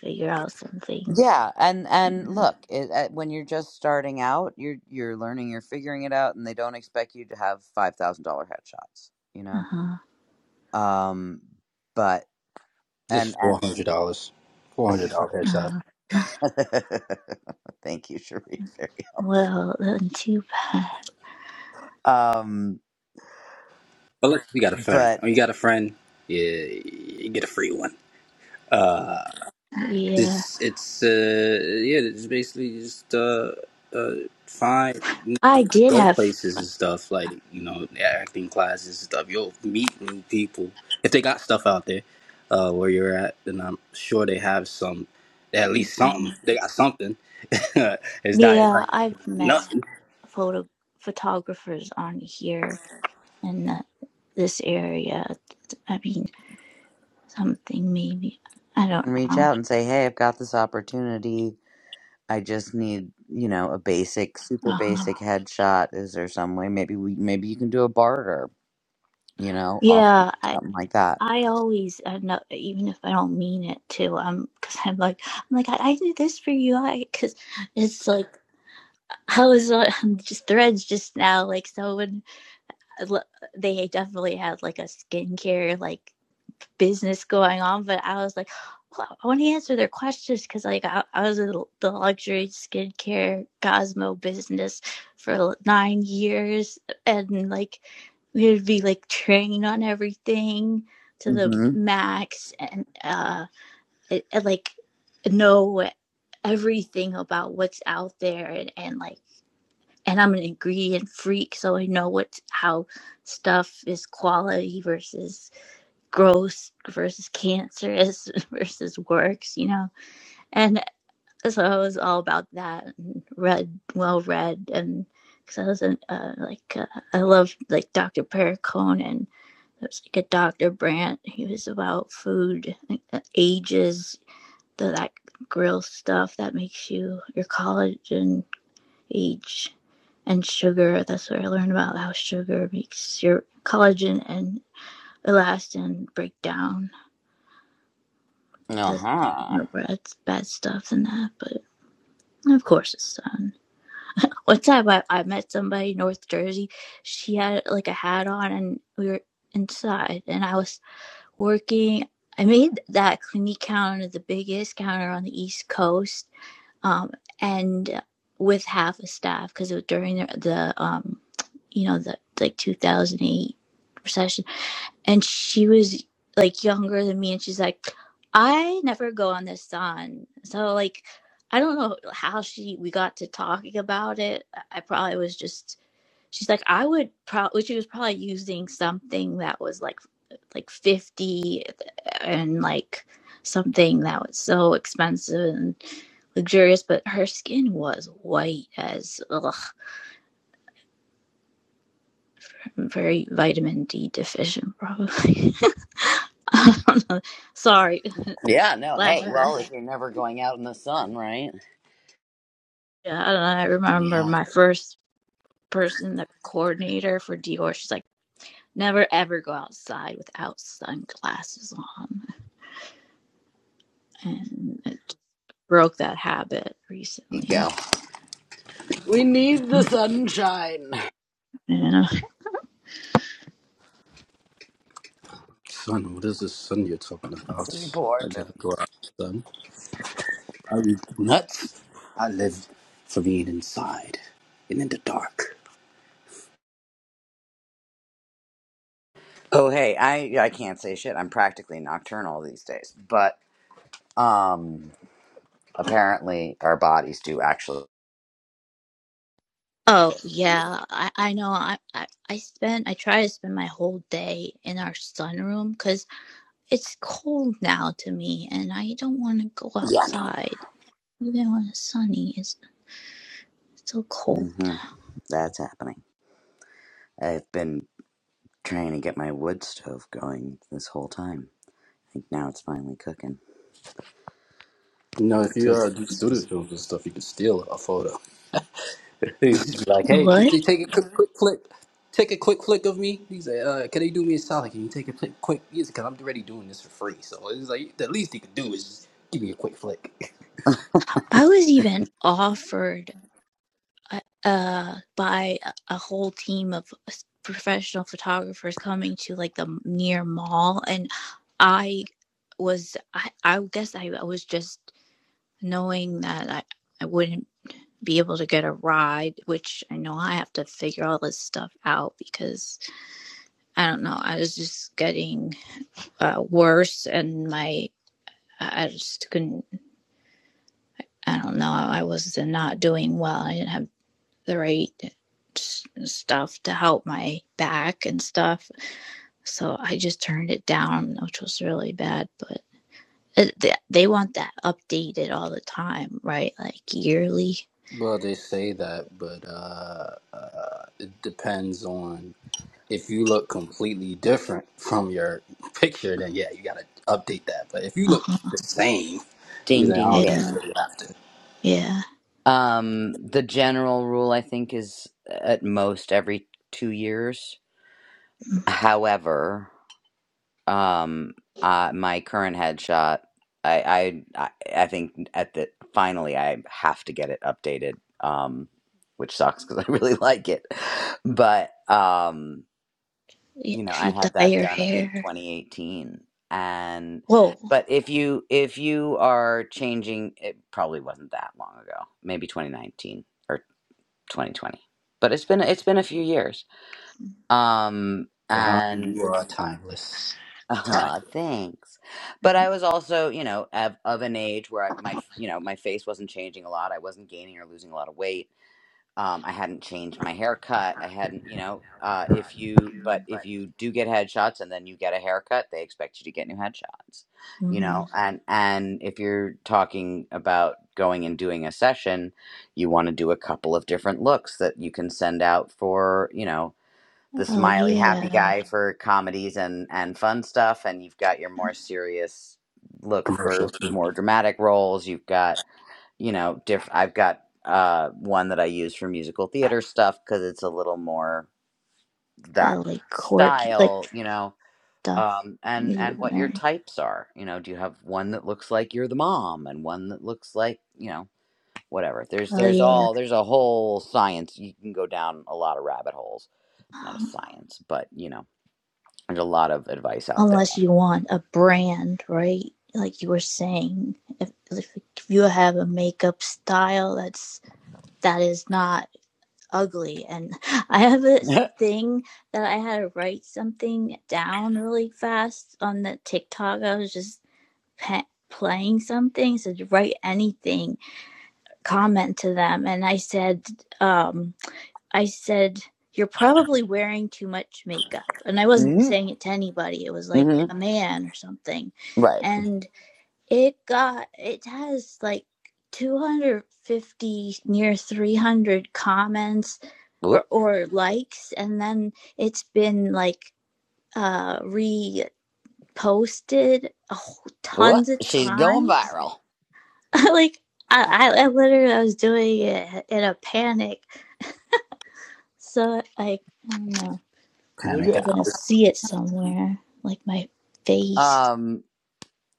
S4: figure out something.
S1: Yeah, and and
S4: Mm-hmm.
S1: look, it, uh, when you're just starting out, you're you're learning, you're figuring it out, and they don't expect you to have five thousand dollar headshots, you know.
S4: Uh-huh.
S1: Um, but and
S5: Just four
S1: and
S5: hundred dollars, four hundred dollars hairstyle.
S4: Uh,
S1: thank you, Sharif, very helpful.
S4: well, then too bad.
S1: Um,
S5: But look, you got a friend.
S1: but
S5: Oh, you got a friend. Yeah, you get a free one. Uh,
S4: Yeah,
S5: it's it's uh yeah, it's basically just uh uh fine.
S4: I did
S5: go
S4: have.
S5: places and stuff like you know acting classes and stuff you'll meet new people if they got stuff out there uh where you're at then i'm sure they have some at least something they got something it's not it's
S4: Yeah,
S5: like
S4: I've met
S5: nothing
S4: photo photographers on here in the, this area. I mean, something maybe i don't
S1: reach
S4: know
S1: out and say, hey, I've got this opportunity. I just need you know a basic, super
S4: uh,
S1: basic headshot. Is there some way? Maybe we maybe you can do a barter, you know, offer
S4: yeah i
S1: something like that
S4: i always i know even if i don't mean it to um because i'm like i'm like i, I did this for you i because it's like i was on just threads just now like someone I lo- they definitely had like a skincare like business going on, but I was like, well, I want to answer their questions because like I, I was in the luxury skincare Cosmo business for nine years, and like we would be like trained on everything to the
S1: Mm-hmm.
S4: max, and uh, and, and, like know everything about what's out there, and, and like and I'm an ingredient freak, so I know what's how stuff is quality versus gross versus cancerous versus works, you know. And so I was all about that and read, well read, and because I was in, uh, like, uh, I loved like Dr. Pericone and there was like a Dr. Brandt. He was about food, like, uh, ages, the, that grill stuff that makes you your collagen age. And sugar, that's what I learned about how sugar makes your collagen and elastin break down
S1: Uh
S4: Just
S1: huh.
S4: remember it's bad stuff and that, but of course it's done. One time I, I met somebody in North Jersey. She had like a hat on and we were inside and I was working. I made that clinique counter the biggest counter on the East Coast um, and with half a staff because it was during the, the um, you know, the like 2008 recession and she was like younger than me and she's like i never go on this sun so like i don't know how she we got to talking about it i probably was just she's like i would probably she was probably using something that was like like 50 and like something that was so expensive and luxurious but her skin was white as ugh, very vitamin d deficient probably I don't know. Sorry,
S1: Yeah. No. Hey. Well,
S4: flashback.
S1: if you're never going out in the sun, right?
S4: Yeah, I don't know. I remember
S1: Yeah.
S4: my first person, the coordinator for Dior. She's like, never ever go outside without sunglasses on, and it broke that habit
S1: There you
S4: recently.
S1: go. We need the
S4: Mm-hmm,
S1: sunshine.
S4: Yeah.
S5: son what is this son you're talking
S1: It's
S5: about i
S1: important.
S5: never go out son are you nuts i live for being inside and in the dark
S1: Oh, hey. I I can't say shit. I'm practically nocturnal these days, but um, apparently our bodies do actually.
S4: Oh yeah, I, I know. I, I I spend I try to spend my whole day in our sunroom because it's cold now to me, and I don't want to go
S1: Yeah.
S4: outside even when it's sunny. It's so cold.
S1: No. That's happening. I've been trying to get my wood stove going this whole time. I think now it's finally cooking.
S5: You know, if you uh, do
S1: this is-
S5: student films and stuff, you can steal a photo. He's just be like, hey, did
S4: What?
S5: they take a quick, quick click? Take a quick click of me. He's like, uh, can they do me a solid? Can you take a quick, quick? Because I'm already doing this for free. So it's like, the least he can do is just give me a quick flick.
S4: I was even offered uh, uh, by a- whole team of professional photographers coming to like the near mall, and I was I, I guess I, was just knowing that I, I wouldn't be able to get a ride, which I know I have to figure all this stuff out because I don't know. I was just getting uh, worse, and my I just couldn't. I don't know. I was not doing well. I didn't have the right stuff to help my back and stuff. So I just turned it down, which was really bad. But it, they, want that updated all the time, right? Like yearly.
S5: Well, they say that, but uh, uh, it depends on if you look completely different from your picture, then yeah, you gotta update that. But if you
S4: Uh
S5: look
S4: huh.
S5: the same, he's
S1: Ding,
S5: like, I
S1: ding,
S5: don't think you
S4: Yeah.
S1: ding.
S5: really have to.
S4: Yeah.
S1: Um, the general rule I think is at most every two years.
S4: Mhm.
S1: However, um, uh, my current headshot, I, I, I I think at the finally I have to get it updated. Um, which sucks because I really like it, but um.
S4: Yeah,
S1: you know,
S4: If
S1: I
S4: you
S1: had
S4: dye
S1: that
S4: your
S1: done, I think
S4: hair.
S1: 2018. And
S4: Whoa.
S1: but if you if you are changing, it probably wasn't that long ago, maybe 2019 or 2020. But it's been it's been a few years. Um
S5: God,
S1: and
S5: you are timeless. Time
S1: uh, thanks. But I was also, you know, of, of an age where I, my, you know, my face wasn't changing a lot. I wasn't gaining or losing a lot of weight um, I hadn't changed my haircut. I hadn't, you know, uh, if you, but if you do get headshots and then you get a haircut, they expect you to get new headshots, you
S4: hmm
S1: know, Mhm. and, and if you're talking about going and doing a session, you want to do a couple of different looks that you can send out for, you know, the
S4: Oh,
S1: smiley happy
S4: yeah.
S1: guy for comedies and, and fun stuff. And you've got your more serious look for
S5: commercials too.
S1: more dramatic roles. You've got, you know, diff- I've got uh, one that I use for musical theater stuff because it's a little more that
S4: Uh, like quirky, like
S1: style, you know,
S4: stuff
S1: um, and
S4: you
S1: and what your
S4: learn.
S1: types are. You know, do you have one that looks like you're the mom and one that looks like you know whatever? There's
S4: Oh,
S1: there's
S4: yeah.
S1: all there's a whole science. You can go down a lot of rabbit holes. Not a science, but you know, there's a lot of advice out there.
S4: unless you want a brand, right? Like you were saying, if, if you have a makeup style that's that is not ugly, and I have this thing that I had to write something down really fast on the TikTok. I was just pe- playing something, so write anything, comment to them, and I said, um, I said, You're probably wearing too much makeup. And I wasn't
S1: hmm
S4: saying it to anybody, it was like
S1: hmm
S4: a man or something.
S1: right.
S4: And it got, it has like 250, near 300 comments
S1: Whoop.
S4: or, or likes. And then it's been like uh, reposted a
S1: Whoop.
S4: tons of
S1: She's going
S4: times.
S1: viral.
S4: like, I, I, I literally I was doing it in a panic. So, like, I don't know.
S5: Kind of.
S1: Look
S4: Probably
S1: out.
S4: gonna see it somewhere, like my face.
S1: Um.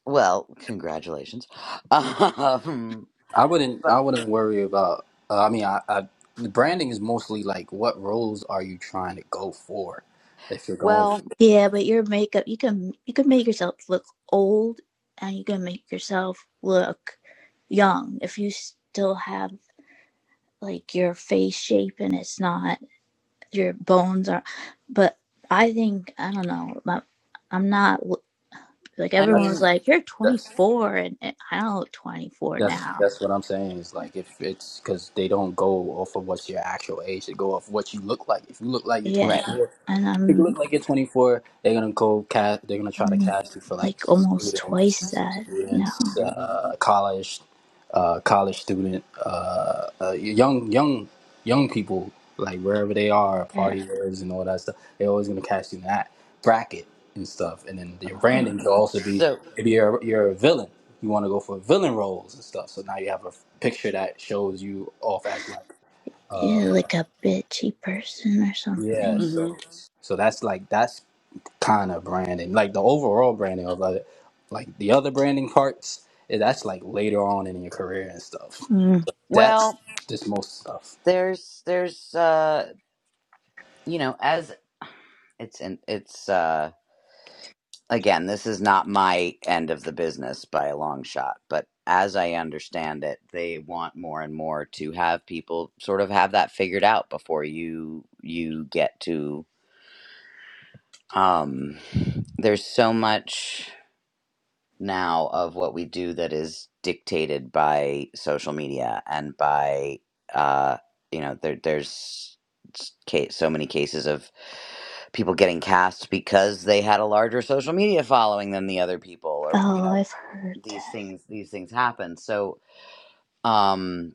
S1: Well, congratulations. Um,
S5: I wouldn't.
S1: but
S5: I wouldn't worry about. Uh, I mean, I, I. The branding is mostly like, what roles are you trying to go for? If you're going, for,
S1: well,
S4: Yeah, but your makeup, you can you can make yourself look old, and you can make yourself look young if you still have like your face shape and it's not your bones are. But I think I don't know. My, I'm not like
S1: I
S4: everyone was
S1: mean,
S5: that's
S4: like you're
S5: that's
S4: 24, and, and I don't look 24
S5: that's
S4: now.
S5: that's what I'm saying. Is like if it's because they don't go off of what's your actual age. They go off what you look like. If you look like you're
S4: Yeah,
S5: 24.
S4: and
S5: If you look
S4: I'm
S5: like you're 24, they're gonna go cast. They're gonna try to
S4: I'm
S5: cast you for like
S4: like almost
S5: students,
S4: twice that
S5: students,
S4: now.
S1: mhm.
S5: uh, college, uh, college student, uh, uh, young, young, young people, like wherever they are,
S4: Yeah.
S5: partyers and all that stuff. They're always gonna cast you in that bracket and stuff. And then your
S4: Oh,
S5: branding could also be
S1: so
S5: maybe you're you're a villain. You want to go for villain roles and stuff. So now you have a picture that shows you off as like. uh,
S4: yeah, like a bitchy person or
S5: yeah,
S4: something.
S1: hmm
S5: so so that's like that's kind of branding, like the overall branding of other, like the other branding parts. eh, That's like later on in your career and stuff.
S4: Mm.
S5: That's
S1: well,
S5: just most stuff.
S1: there's there's uh, you know, as it's in it's uh again, this is not my end of the business by a long shot, but as I understand it, they want more and more to have people sort of have that figured out before you you get to um there's so much now of what we do that is dictated by social media and by uh you know there there's s- ca- so many cases of people getting cast because they had a larger social media following than the other people or you
S4: Oh,
S1: know
S4: I've heard
S1: these
S4: that.
S1: things these things happen so um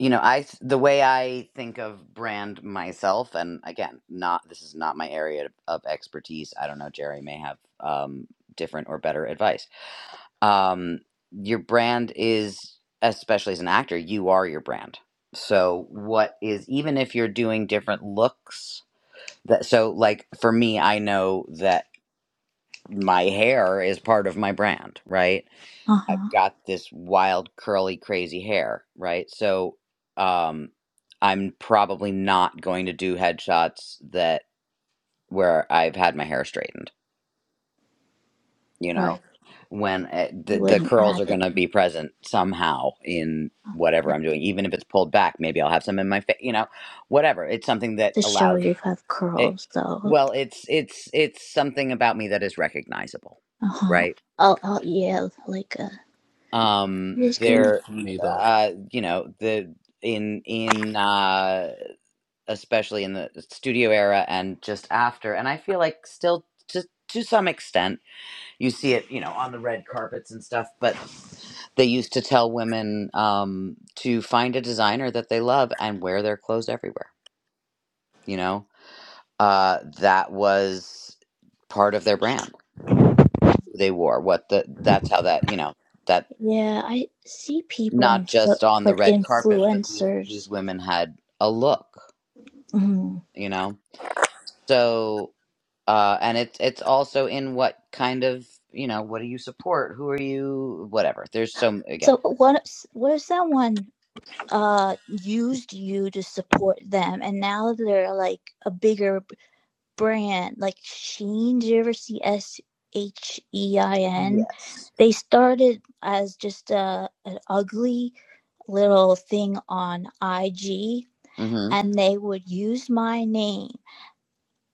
S1: you know i th- the way i think of brand myself and again not this is not my area of expertise i don't know jerry may have um different or better advice um, your brand is especially as an actor you are your brand so what is even if you're doing different looks that so like for me i know that my hair is part of my brand right
S4: Uh
S1: i've
S4: huh.
S1: got this wild curly crazy hair right so um i'm probably not going to do headshots that where i've had my hair straightened you know
S4: Right.
S1: when uh the,
S4: You
S1: the
S4: wouldn't
S1: curls
S4: add
S1: are going
S4: it
S1: to be present somehow in whatever I'm doing, even if it's pulled back. Maybe I'll have some in my face, you know, whatever. It's something that
S4: to show
S1: allows
S4: you have
S1: it.
S4: curls, though.
S1: Well, it's it's it's something about me that is recognizable,
S4: Uh huh.
S1: right?
S4: Oh, oh, yeah, like uh,
S1: Um,
S4: this
S5: It is
S4: curly.
S1: there,
S5: funny though.
S1: uh, you know, the in in uh especially in the studio era and just after, and I feel like still to to some extent You see it, you know, on the red carpets and stuff, but they used to tell women um, to find a designer that they love and wear their clothes everywhere. You know, uh, that was part of their brand. They wore what the that's how that you know that
S4: Yeah, I see people
S1: not
S4: on so
S1: just on the
S4: like
S1: red carpet, but these these
S4: influencers.
S1: women had a look.
S4: Mm.
S1: You know, so uh, and it's it's also in what kind of you know what do you support? Who are you? Whatever. There's so again.
S4: So what? What if someone uh used you to support them, and now they're like a bigger brand like Shein. Did you ever see S H E I N?
S1: Yes.
S4: They started as just a an ugly little thing on IG,
S1: Mm-hmm.
S4: and they would use my name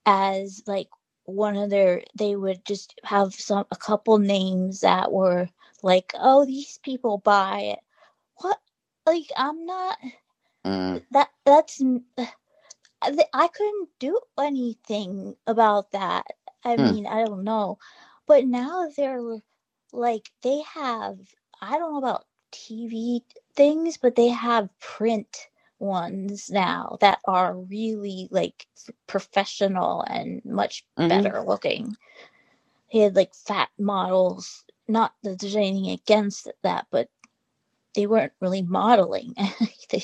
S4: as like one of their. They would just have some a couple names that were like, oh, these people buy it. What? Like I'm not
S1: Mm-hmm.
S4: that. That's I couldn't do anything about that. I mean, I don't know. But now they're like, they have, I don't know about TV things, but they have print ones now that are really like professional and much
S1: hmm
S4: better looking. They had like fat models. Not that there's anything against that, but they weren't really modeling anything.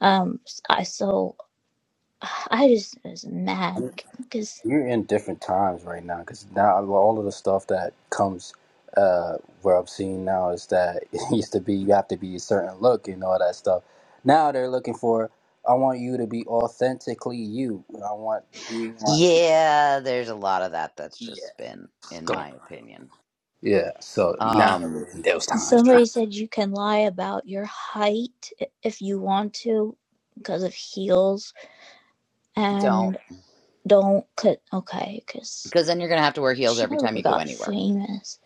S4: Um, I so I just was mad because
S5: You're in different times right now because now well, all of the stuff that comes uh, where I'm seeing now is that it used to be you have to be a certain look and all that stuff. Now they're looking for I want you to be authentically you. I want you want
S1: Yeah, there's a lot of that that's
S5: yes,
S1: just spin, in
S5: go on.
S1: my opinion.
S5: Yeah, so not
S1: Um,
S5: in those times.
S4: somebody said you can lie about your height if you want to because of heels
S1: don't,
S4: and don't cut. Okay, because
S1: because then you're gonna have to wear heels
S4: she
S1: every
S4: never
S1: time you go
S4: got
S1: anywhere.
S4: famous.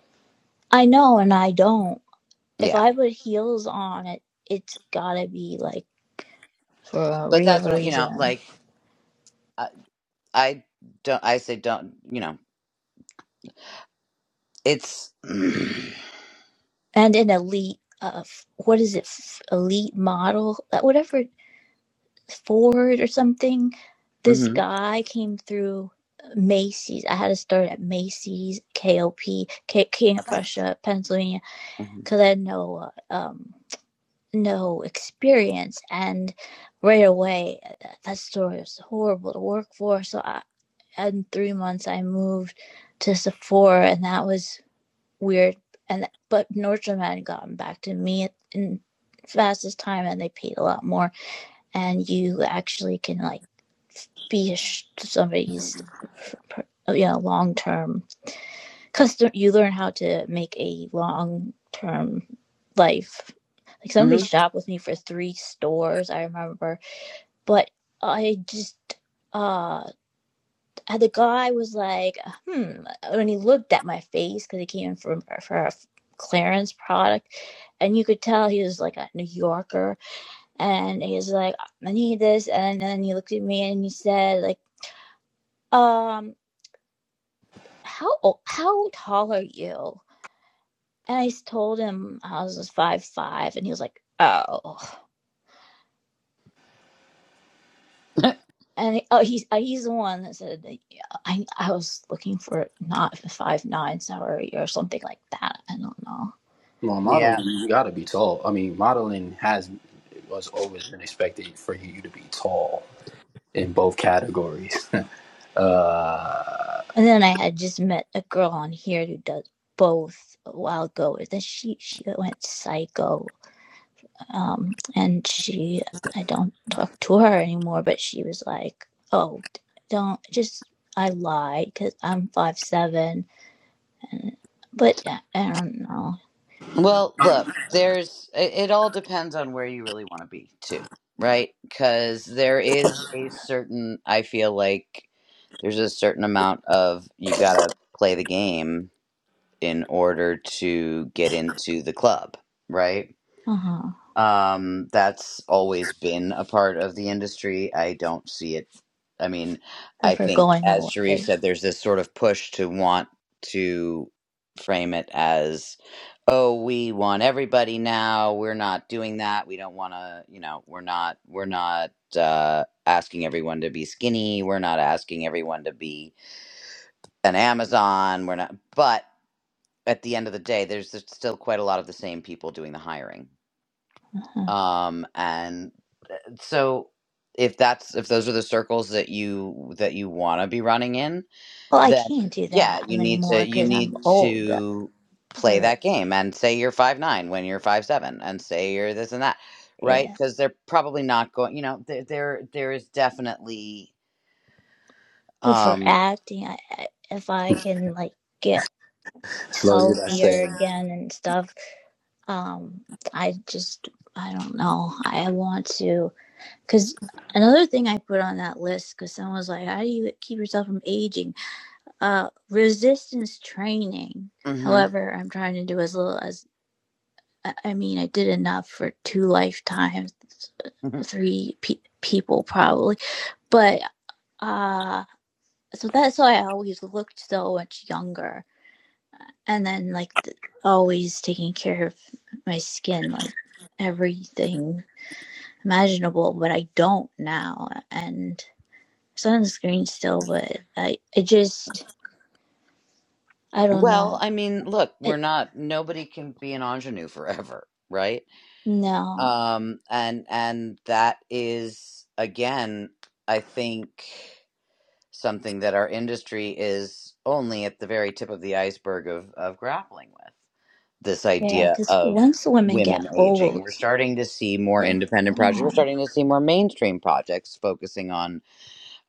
S4: I know, and I don't. If
S1: Yeah,
S4: I put heels on it, it's gotta be like for a
S1: but
S4: real
S1: that's what I- you know.
S4: reason
S1: Like, I, I don't. I say don't. You know, it's. mm-hmm.
S4: and an elite. Uh, what is it? elite model, Uh, whatever Ford or something, this guy came through Macy's. I had to start at Macy's, KOP, King of Prussia, Pennsylvania,
S1: Mm-hmm.
S4: because I had no uh, um, no experience. And right away, that, that store was horrible to work for. So I, in three months, I moved to Sephora, and that was weird. And but Nordstrom had gotten back to me in fastest time, and they paid a lot more. And you actually can like be somebody's uh, you know long term because you learn how to make a long term life like somebody
S1: hmm
S4: shopped with me for three stores i remember but i just uh and the guy was like hmm when he looked at my face because he came in for, for a clearance product and you could tell he was like a new yorker and he was like i need this and then he looked at me and he said like um how how tall are you? And I told him I was five five, and he was like, oh. And oh, he's uh, he's the one that said that, yeah, I I was looking for not five nine salary or something like that. I don't know.
S5: Well, modeling,
S1: Yeah.
S5: you gotta be tall. I mean, modeling has was always been expected for you to be tall in both categories. Uh,
S4: And then I had just met a girl on here who does both a while ago. Then she she went psycho um, and she i don't talk to her anymore but she was like oh don't just i lied because i'm five seven and but i don't know
S1: Well, look, there's it, it all depends on where you really want to be too, right? Because there is a certain I feel like there's a certain amount of you gotta play the game in order to get into the club, right?
S4: uh-huh
S1: Um, that's always been a part of the industry. I don't see it. I mean, I
S4: ever
S1: think,
S4: going
S1: as Sharif
S4: away
S1: said, there's this sort of push to want to frame it as, oh, we want everybody now. We're not doing that. We don't want to, you know, we're not, we're not uh, asking everyone to be skinny. We're not asking everyone to be an Amazon. We're not, but at the end of the day, there's just still quite a lot of the same people doing the hiring
S4: uh-huh.
S1: um, and so if that's if those are the circles that you that you want to be running in
S4: well i
S1: then
S4: can't do
S1: yeah
S4: that
S1: you need to
S4: anymore
S1: you
S4: because
S1: need
S4: i'm old
S1: to play
S4: for
S1: that game and say you're five nine when you're five seven and say you're this and that right
S4: yeah
S1: because they're probably not going you know there there, there is definitely
S4: but for
S1: um
S4: acting I, I, if i can like get
S5: slow you that
S4: healthier
S5: saying,
S4: again and stuff um i just i don't know i want to Because another thing I put on that list, because someone was like, "How do you keep yourself from aging?" Uh, resistance training.
S1: mhm,
S4: However, I'm trying to do as little as I mean, I did enough for two lifetimes,
S1: mhm.
S4: three pe- people probably, but uh so that's why I always looked so much younger, and then like th- always taking care of my skin, like everything imaginable, but I don't now, and. sunscreen still, but I, I just, I don't
S1: well
S4: know.
S1: i mean look we're
S4: It,
S1: not nobody can be an ingenue forever right
S4: no.
S1: um and and that is again i think something that our industry is only at the very tip of the iceberg of, of grappling with this
S4: Yeah,
S1: idea
S4: because
S1: of
S4: once women get
S1: women aging.
S4: old,
S1: We're starting to see more
S4: they're
S1: independent projects. We're
S4: gone.
S1: starting to see more mainstream projects focusing on,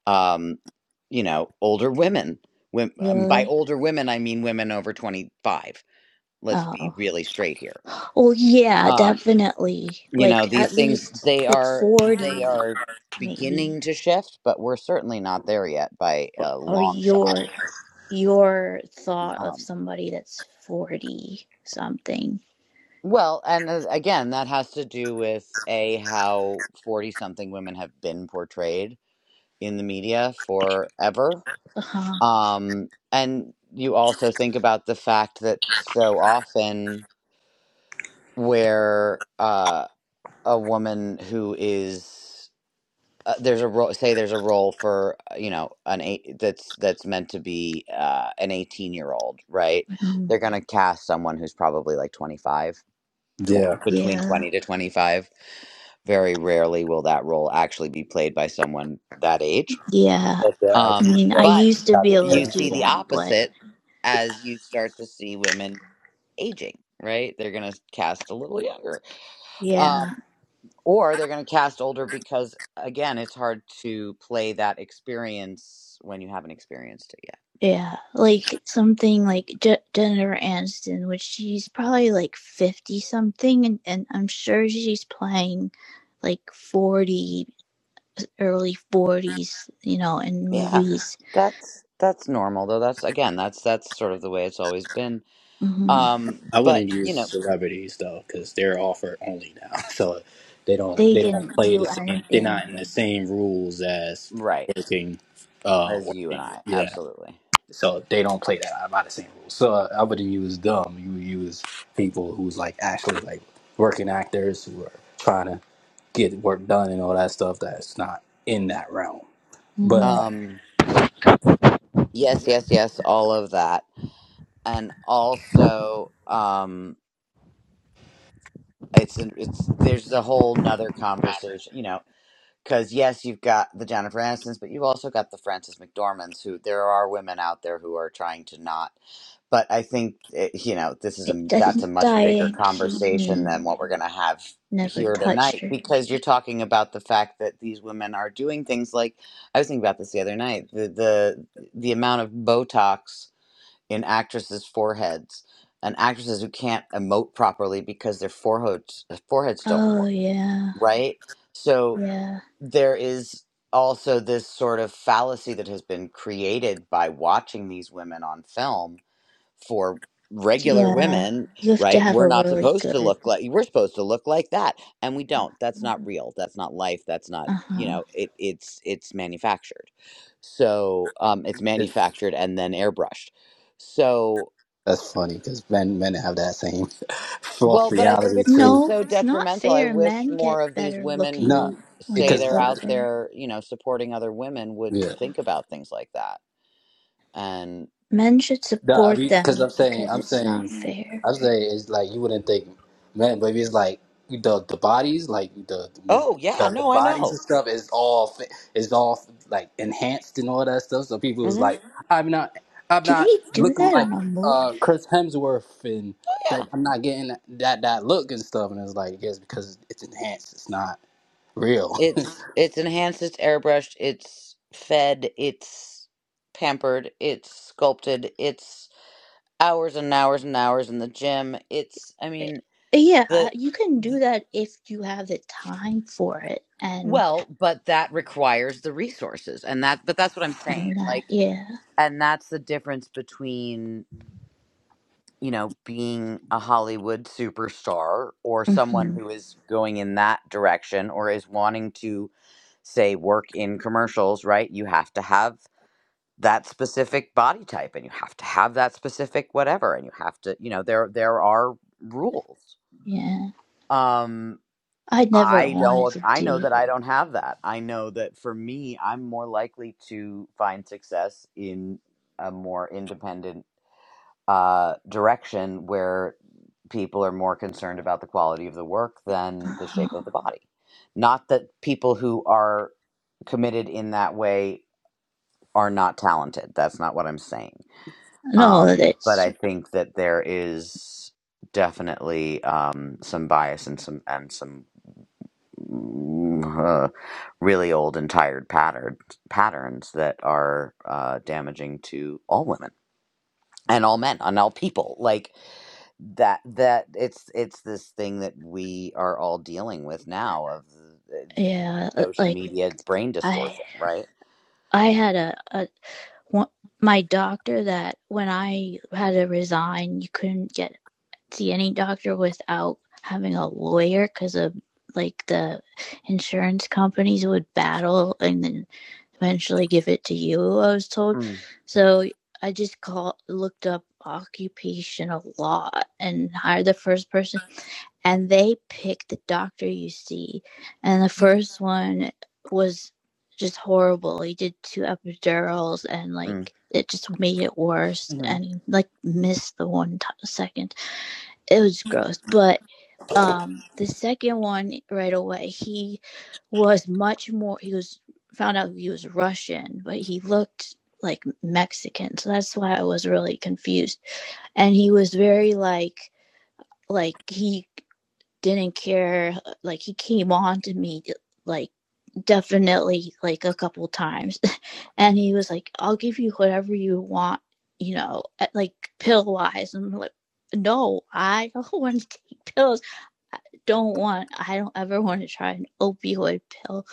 S1: um, you know, older women. Wom- um, By
S4: Really?
S1: older women, I mean women over 25. Let's be
S4: Oh.
S1: really straight here.
S4: Well, yeah,
S1: Um,
S4: definitely.
S1: you know,
S4: Like
S1: these
S4: at
S1: things,
S4: least
S1: they
S4: like
S1: are, they
S4: 40,
S1: are
S4: maybe.
S1: beginning to shift, but we're certainly not there yet by a
S4: Or
S1: long shot.
S4: your your thought of
S1: Um.
S4: somebody that's 40 something.
S1: Well, and uh, again, that has to do with A, how 40 something women have been portrayed in the media forever.
S4: Uh-huh.
S1: Um, and you also think about the fact that so often where uh, a woman who is uh, there's a role say there's a role for uh, you know an eight that's that's meant to be uh, an 18 year old right
S4: Mhm.
S1: they're gonna cast someone who's probably like 25 tw-
S5: yeah,
S1: between
S4: Yeah.
S1: 20 to 25. Very rarely will that role actually be played by someone that age.
S4: Yeah.
S5: if they're
S4: I
S5: actually
S1: Um,
S4: mean, I
S5: uh,
S1: but
S4: used to
S5: have
S4: be
S5: your
S4: able to
S1: you
S5: parents.
S1: see
S4: do
S1: the
S4: that, but
S1: opposite as you start to see women aging, right? They're going to cast a little younger.
S4: yeah.
S1: Um, or they're going to cast older because, again, it's hard to play that experience when you haven't experienced it
S4: Yeah, like something like Je- Jennifer Aniston, which she's probably like 50 something, and, and I'm sure she's playing like 40, early 40s, you know, in
S1: yet. Yeah.
S4: movies.
S1: That's that's normal though. That's again, that's that's sort of the way it's always been.
S4: hmm
S1: Um,
S5: I
S1: but
S5: wouldn't
S1: you
S5: use
S1: know,
S5: celebrities though, because they're offered only now, so they don't
S4: They
S5: they don't
S4: can
S5: play the
S4: do
S5: same. They're
S4: anything.
S5: not in the same rules as
S1: right.
S5: working, uh,
S1: as you and
S5: working.
S1: I.
S5: Yeah.
S1: Absolutely.
S5: So they don't play that out by the same rules. So uh, I wouldn't use them. You would use people who's like actually like working actors who are trying to get work done and all that stuff that's not in that realm. But
S4: hmm
S5: uh,
S1: Um yes, yes, yes, all of that. And also um it's it's there's a whole nother conversation, you know, cuz yes, you've got the Jennifer Anistons, but you've also got the Frances McDormands who there are women out there who are trying to not but I think it, you know this is
S4: It
S1: a that's a
S4: doesn't
S1: much bigger
S4: Diane
S1: conversation
S4: Keaton
S1: than what we're going to have
S4: never
S1: here
S4: touched
S1: tonight
S4: her.
S1: because you're talking about the fact that these women are doing things like I was thinking about this the other night the the the amount of Botox in actresses' foreheads and actresses who can't emote properly because their foreheads foreheads don't
S4: Oh,
S1: work
S4: yeah,
S1: right so
S4: yeah,
S1: there is also this sort of fallacy that has been created by watching these women on film for regular
S4: yeah.
S1: women,
S4: You have to
S1: right?
S4: have
S1: We're
S4: a
S1: not
S4: really
S1: supposed to
S4: good.
S1: look like we're supposed to look like that, and we don't. That's not real. That's not life. That's not
S4: Uh huh.
S1: you know. It it's it's manufactured. So um, it's
S5: it,
S1: manufactured and then airbrushed. So
S5: that's funny because men men have that same false
S1: well, but I think
S5: reality
S1: it's it's
S5: too.
S4: No,
S1: so
S4: it's not
S1: detrimental. I
S4: fair.
S1: wish
S4: Men
S1: more
S4: get
S1: of these
S4: better
S1: women
S5: Not
S4: looking
S1: who
S4: when
S1: say
S4: they're
S1: they're
S5: because
S1: out
S4: older.
S1: there, you know, supporting other women would think about things like that. And
S4: Men should
S5: No, I
S4: support
S5: mean, because
S4: them
S5: I'm saying,
S4: because
S5: I'm
S4: it's not
S5: saying,
S4: fair.
S5: I'm saying, it's like you wouldn't think, man, but it's like the the bodies, like the when
S1: oh yeah,
S5: the, the
S1: no, I
S5: bodies
S1: know.
S5: and stuff is all fi- is all like enhanced and all that stuff. So people is
S1: hmm
S5: like, I'm not, I'm
S4: Do they
S5: not
S4: do
S5: looking
S4: that
S5: like
S4: on a
S5: uh
S4: movie?
S5: Chris Hemsworth and like I'm not getting that that, that look and stuff. And it's like, yes, because it's enhanced, it's not real.
S1: It's it's enhanced, it's airbrushed, it's fed, it's pampered, it's sculpted, it's hours and hours and hours in the gym. It's I mean
S4: Yeah,
S1: the
S4: you can do that if you have the time for it and
S1: well, but that requires the resources and that but that's what I'm saying.
S4: and that.
S1: Like
S4: Yeah,
S1: and that's the difference between, you know, being a Hollywood superstar or someone
S4: hmm
S1: who is going in that direction or is wanting to say work in commercials, right? You have to have that specific body type and you have to have that specific whatever and you have to you know there there are rules
S4: yeah.
S1: um
S4: I never
S1: i
S4: wanted
S1: don't
S4: to
S1: i know
S4: do.
S1: that i don't have that i know that for me i'm more likely to find success in a more independent uh direction where people are more concerned about the quality of the work than the shape
S4: uh
S1: of the body not that people who are committed in that way are not talented that's not what i'm saying
S4: No,
S1: Um, but
S4: it's
S1: I think that there is definitely um, some bias and some and some mm, uh, really old and tired pattern, patterns that are uh, damaging to all women and all men and all people. Like that that it's it's this thing that we are all dealing with now of the,
S4: yeah.
S1: social
S4: Like
S1: media brain
S4: I
S1: distortion, right?
S4: I had a a one- my doctor that when I had to resign, you couldn't get see any doctor without having a lawyer because of like the insurance companies would battle and then eventually give it to you. I was told,
S1: Mm,
S4: so I just called, looked up occupational law and hired the first person, and they picked the doctor you see, and the first one was just horrible. He did two epidurals and
S1: mm,
S4: like. It just made it worse
S1: mhm,
S4: and like missed the one t- second it was gross. But um, the second one right away, he was much more. He was found out he was Russian, but he looked like Mexican, so that's why I was really confused. And he was very like like he didn't care. Like he came on to me like definitely like a couple times and he was like i'll give you whatever you want you know like pill wise and i'm like no i don't want to take pills don't want I don't ever want to try an opioid pill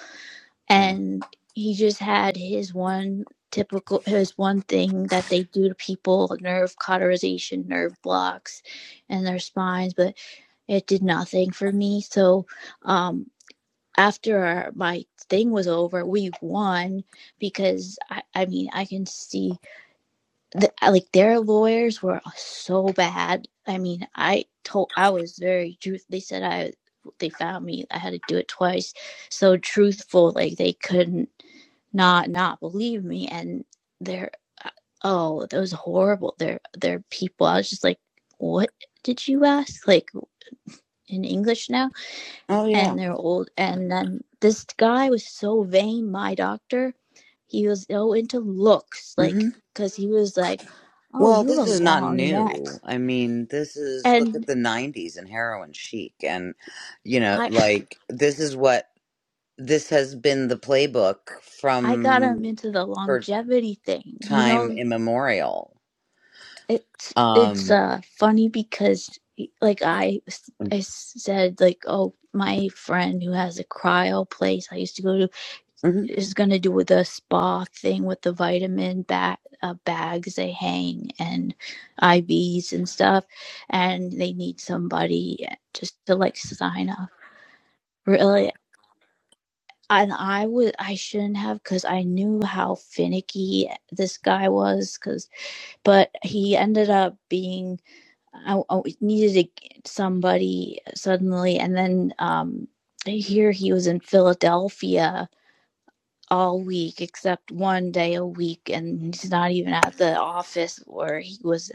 S1: mm.
S4: and he just had his one typical his one thing that they do to people nerve cauterization nerve blocks and their spines but it did nothing for me so um after our, my thing was over we won because I, I mean i can see th- like their lawyers were so bad. I mean, I told I was very truth. They said I they found me. I had to do it twice. So truthful, like they couldn't not not believe me. And they're uh, oh, that was horrible. They're they're people. I was just like, what did you ask? Like in English now?
S1: Oh yeah.
S4: and they're old. And then this guy was so vain, my doctor. He was so into looks, like, because he was like, oh,
S1: Well,
S4: you have a
S1: this is not
S4: long neck.
S1: new. I mean, this is look at
S4: And
S1: the 90s and heroin chic and you know,
S4: I,
S1: like this is what this has been the playbook
S4: I got him
S1: from
S4: into the
S1: for
S4: longevity thing. You
S1: time
S4: know,
S1: immemorial.
S4: it's it's
S1: Um
S4: uh funny because like I I said like oh my friend who has a cryo place I used to go to
S1: mhm.
S4: is going to do with the spa thing with the vitamin ba- uh, bags they hang and IVs and stuff, and they need somebody just to like sign up. Really, and I would I shouldn't have because I knew how finicky this guy was. Because but he ended up being I, I needed to somebody suddenly, and then um here he was in Philadelphia all week except one day a week and he's not even at the office where he was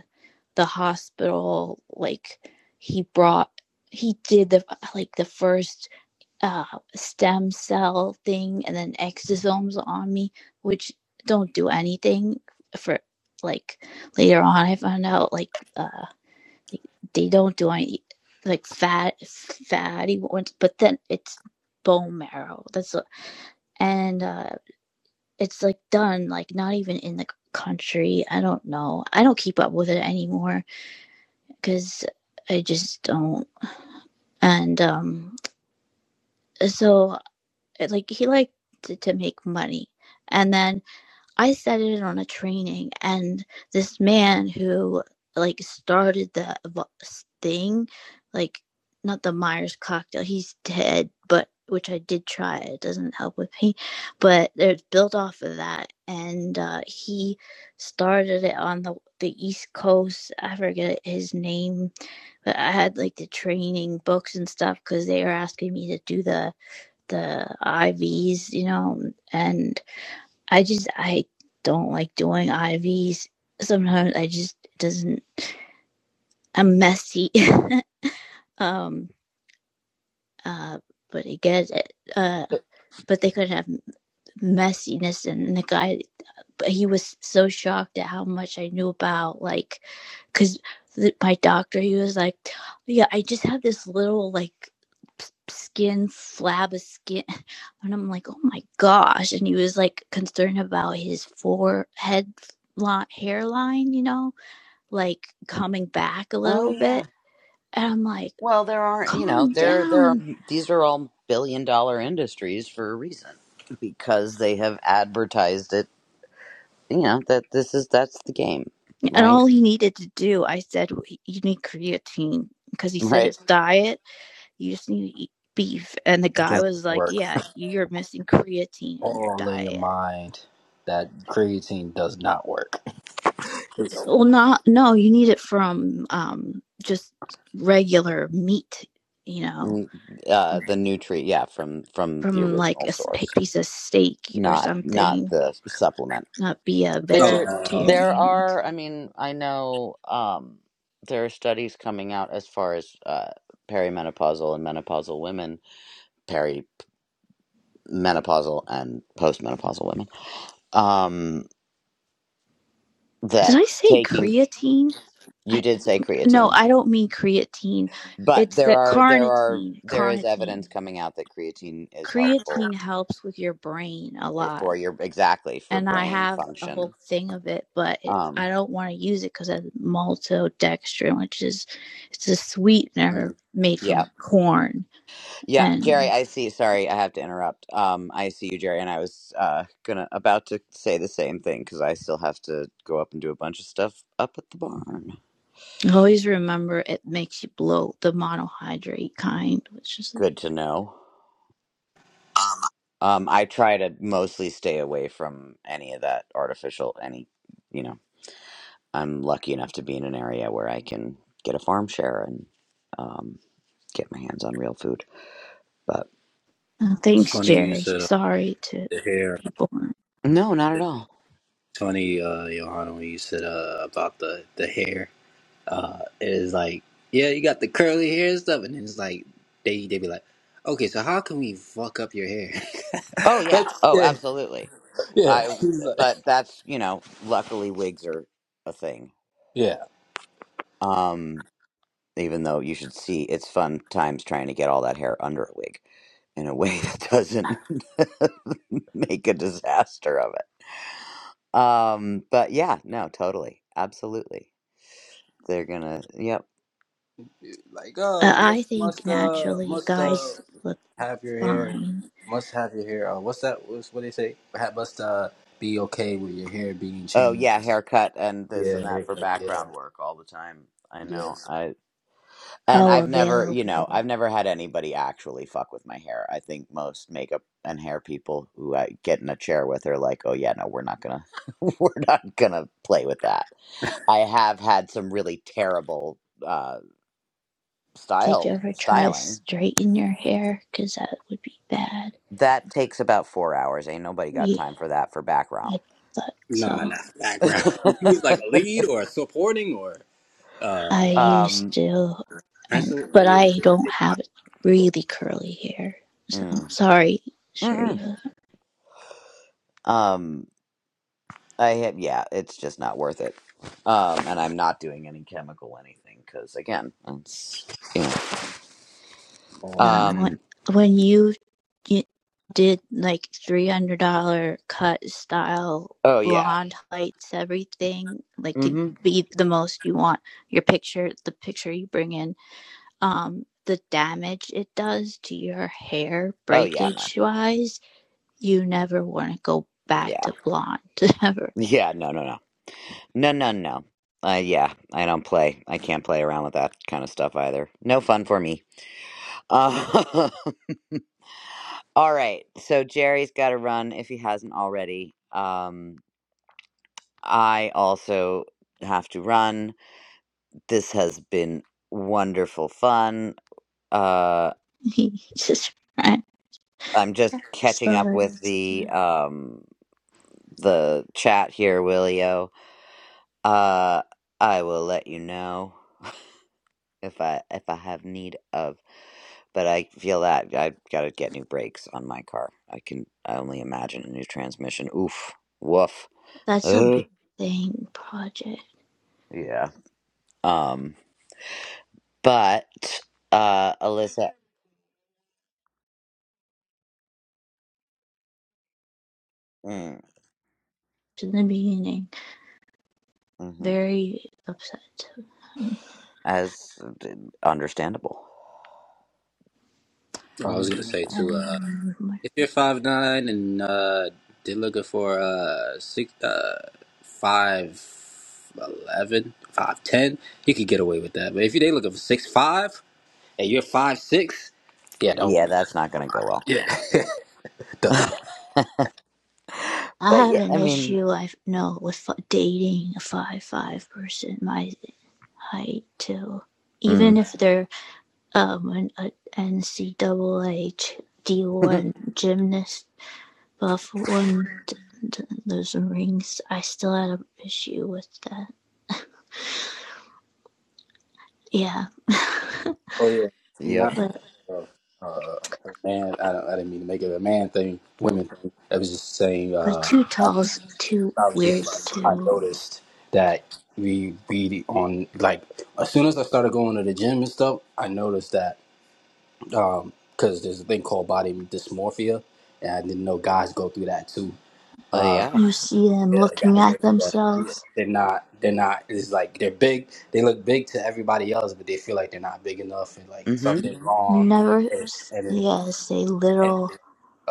S4: the hospital like he brought he did the like the first uh stem cell thing and then exosomes on me which don't do anything for like later on i found out like uh they don't do any like fat fatty ones but then it's bone marrow that's what, and uh it's like done like not even in the country i don't know i don't keep up with it anymore because i just don't and um so like he liked to, to make money and then I said it on a training, and this man who like started the thing, like not the Myers cocktail, he's dead, but which I did try. It doesn't help with pain, but it's built off of that, and uh, he started it on the the East Coast. I forget his name, but I had like the training books and stuff because they were asking me to do the the IVs, you know, and I just I don't like doing IVs. Sometimes I just it doesn't. I'm messy. um. Uh. But it gets. Uh. But they could have messiness, and the guy. But he was so shocked at how much I knew about like, cause the, my doctor he was like, yeah, I just have this little like p- skin flab of skin and i'm like oh my gosh and he was like concerned about his forehead line, hairline you know like coming back a
S1: Oh
S4: little
S1: yeah.
S4: bit. And I'm like,
S1: Well, there are, you know,
S4: calm
S1: there there are
S4: down.
S1: these are all billion dollar industries for a reason because they have advertised it, you know, that this is that's the game,
S4: And
S1: right?
S4: all he needed to do, I said, you need creatine because he said
S1: Right.
S4: his diet, you just need to eat beef. And the
S5: That
S4: guy
S5: joint
S4: was
S5: doesn't
S4: like,
S5: work.
S4: yeah, you're missing creatine in your
S5: All in your
S4: diet.
S5: mind, that creatine does not work. It's-
S4: Well, not, no, you need it from um, just regular meat, you know,
S1: N- Uh, the nutri, yeah, from from the
S4: from like
S1: original
S4: a
S1: source,
S4: piece of steak or
S1: not not
S4: something,
S1: the supplement.
S4: not be a
S1: There there
S4: vegetarian.
S1: are, I mean, I know um, there are studies coming out as far as uh, perimenopausal and menopausal women, perimenopausal and postmenopausal women, um,
S4: Did
S1: that
S4: I say
S1: taking
S4: creatine? I,
S1: you did say
S4: No,
S1: creatine,
S4: I don't mean creatine.
S1: but
S4: It's
S1: there
S4: the
S1: are there are
S4: carnitine,
S1: there is
S4: carnitine.
S1: evidence coming out that creatine is helpful
S4: Creatine helps with your brain a lot.
S1: for your exactly for
S4: And I
S1: brain
S4: have a
S1: function
S4: whole thing of it, but it, I
S1: Um,
S4: don't want to use it because of maltodextrin, which is it's a sweetener
S1: mm,
S4: made
S1: yeah,
S4: from corn.
S1: yeah, Jerry,
S4: And
S1: I see. Sorry, I have to interrupt. Um, I see you, Jerry, and I was uh gonna about to say the same thing because I still have to go up and do a bunch of stuff up at the barn.
S4: always remember it makes you bloat, the monohydrate kind, which is.
S1: Good to know. Um, I try to mostly stay away from any of that artificial. Any, you know, I'm lucky enough to be in an area where I can get a farm share and um get my hands on real food. But
S4: Uh,
S5: It's
S4: thanks,
S5: funny you
S4: Jerry.
S5: said uh,
S4: Sorry to
S5: the hair.
S4: people.
S1: no, not at all.
S5: It's funny, uh, Johanna, when you said uh, about the the hair. Uh, it is like, yeah, you got the curly hair and stuff, and it's like they they be like, okay, so how can we fuck up your hair?
S1: Oh yeah.
S5: That's
S1: Oh,
S5: yeah,
S1: absolutely.
S5: yeah,
S1: I
S5: He's like,
S1: but that's, you know, luckily wigs are a thing.
S5: yeah.
S1: Um even though you should see it's fun times trying to get all that hair under a wig in a way that doesn't make a disaster of it. Um but yeah, no, totally. Absolutely. They're going to yep.
S5: Like, oh,
S4: Uh,
S5: you
S4: I
S5: must
S4: think
S5: must uh
S4: naturally
S5: must uh
S4: guys look
S5: have your hair,
S4: fine.
S5: must have your hair. Uh, what's that? What's what they say? Ha- Must uh be okay with your hair being
S1: Oh
S5: changed.
S1: yeah, haircut and this and
S5: Yeah,
S1: that for
S5: haircut. Yeah,
S1: background work all the time. I
S5: yeah.
S1: know. And
S4: Oh,
S1: I've never, you know,
S4: available.
S1: I've never had anybody actually fuck with my hair. I think most makeup and hair people who I get in a chair with are like, "Oh yeah, no, we're not gonna, we're not gonna play with that." I have had some really terrible uh,
S4: Did you
S1: style
S4: ever try to
S1: styling.
S4: straighten your hair? Because that would be bad.
S1: That takes about four hours. Ain't nobody got
S4: Yeah,
S1: time for that for background.
S4: I thought
S5: Nah,
S4: so.
S5: not background. If you was like a lead or a supporting or uh,
S4: I
S5: uh
S4: used
S1: um,
S4: to, and
S5: principal,
S4: but
S5: it,
S4: I
S5: it,
S4: don't have really curly hair. So
S1: mm,
S4: sorry,
S1: mm-mm.
S4: Sharia.
S1: um, I have, yeah, it's just not worth it. Um, and I'm not doing any chemical anything because, again, it's, you know.
S5: on that.
S4: No, when,
S1: Um,
S4: you, you did like three hundred dollar cut style
S1: oh, yeah.
S4: blonde heights everything like
S1: mm
S4: to
S1: hmm.
S4: be the most you want your picture the picture you bring in um the damage it does to your hair
S1: Oh, yeah, no.
S4: breakage wise, you never want to go back
S1: Yeah.
S4: to blonde ever.
S1: Yeah, no, no, no. No, no, no. Uh, yeah, I don't play. I can't play around with that kind of stuff either. No fun for me. Uh, all right. So Jerry's got to run if he hasn't already. Um, I also have to run. This has been wonderful fun. Uh.
S4: Just right.
S1: I'm just catching up with the um the chat here, Willio. Uh, I will let you know if I if I have need of. But I feel that I've got to get new brakes on my car. I can I only imagine a new transmission. Oof, woof.
S4: That's a
S1: Ugh.
S4: big thing project
S1: Yeah. Um. But uh, Alyssa. Mm,
S4: in the beginning.
S1: hmm
S4: Very upset.
S1: As understandable.
S5: Oh, I was gonna say
S1: Understand.
S5: too. Uh,
S4: Um,
S5: if you're five nine and uh, they're looking for uh six uh five eleven five ten, you could get away with that. But if they looking for six five and you're five six, yeah,
S1: Yeah,
S5: don't.
S1: that's not gonna go well.
S5: Yeah, don't do that.
S4: I
S1: But
S4: have
S1: yeah,
S4: an
S1: I mean.
S4: issue I know with dating a five foot five person my height too. Even
S1: Mm.
S4: if they're um an an N C a NCAA D one gymnast buff one those rings i still had an issue with that yeah
S5: Oh yeah,
S1: yep.
S5: not
S4: but
S5: uh, uh, a man. I, don't, I didn't mean to make it a man thing, women thing. I was just saying.
S4: but
S5: Uh,
S4: too
S5: I, just,
S4: tall's too
S5: I was
S4: weird
S5: just like, I
S4: too
S5: noticed that we we on like as soon as I started going to the gym and stuff, I noticed that because there's a thing called body dysmorphia, and I didn't know guys go through that too.
S1: Oh yeah.
S4: you see them
S5: Yeah,
S4: looking
S5: guys
S4: at
S5: don't do that. Yeah.
S4: themselves
S5: They're not. They're not. It's like they're big. They look big to everybody else, but they feel like they're not big enough, and like
S1: hmm
S5: something's wrong.
S4: never
S5: And
S4: s-
S5: and, then-
S4: yeah say
S5: and
S4: little
S5: then, uh,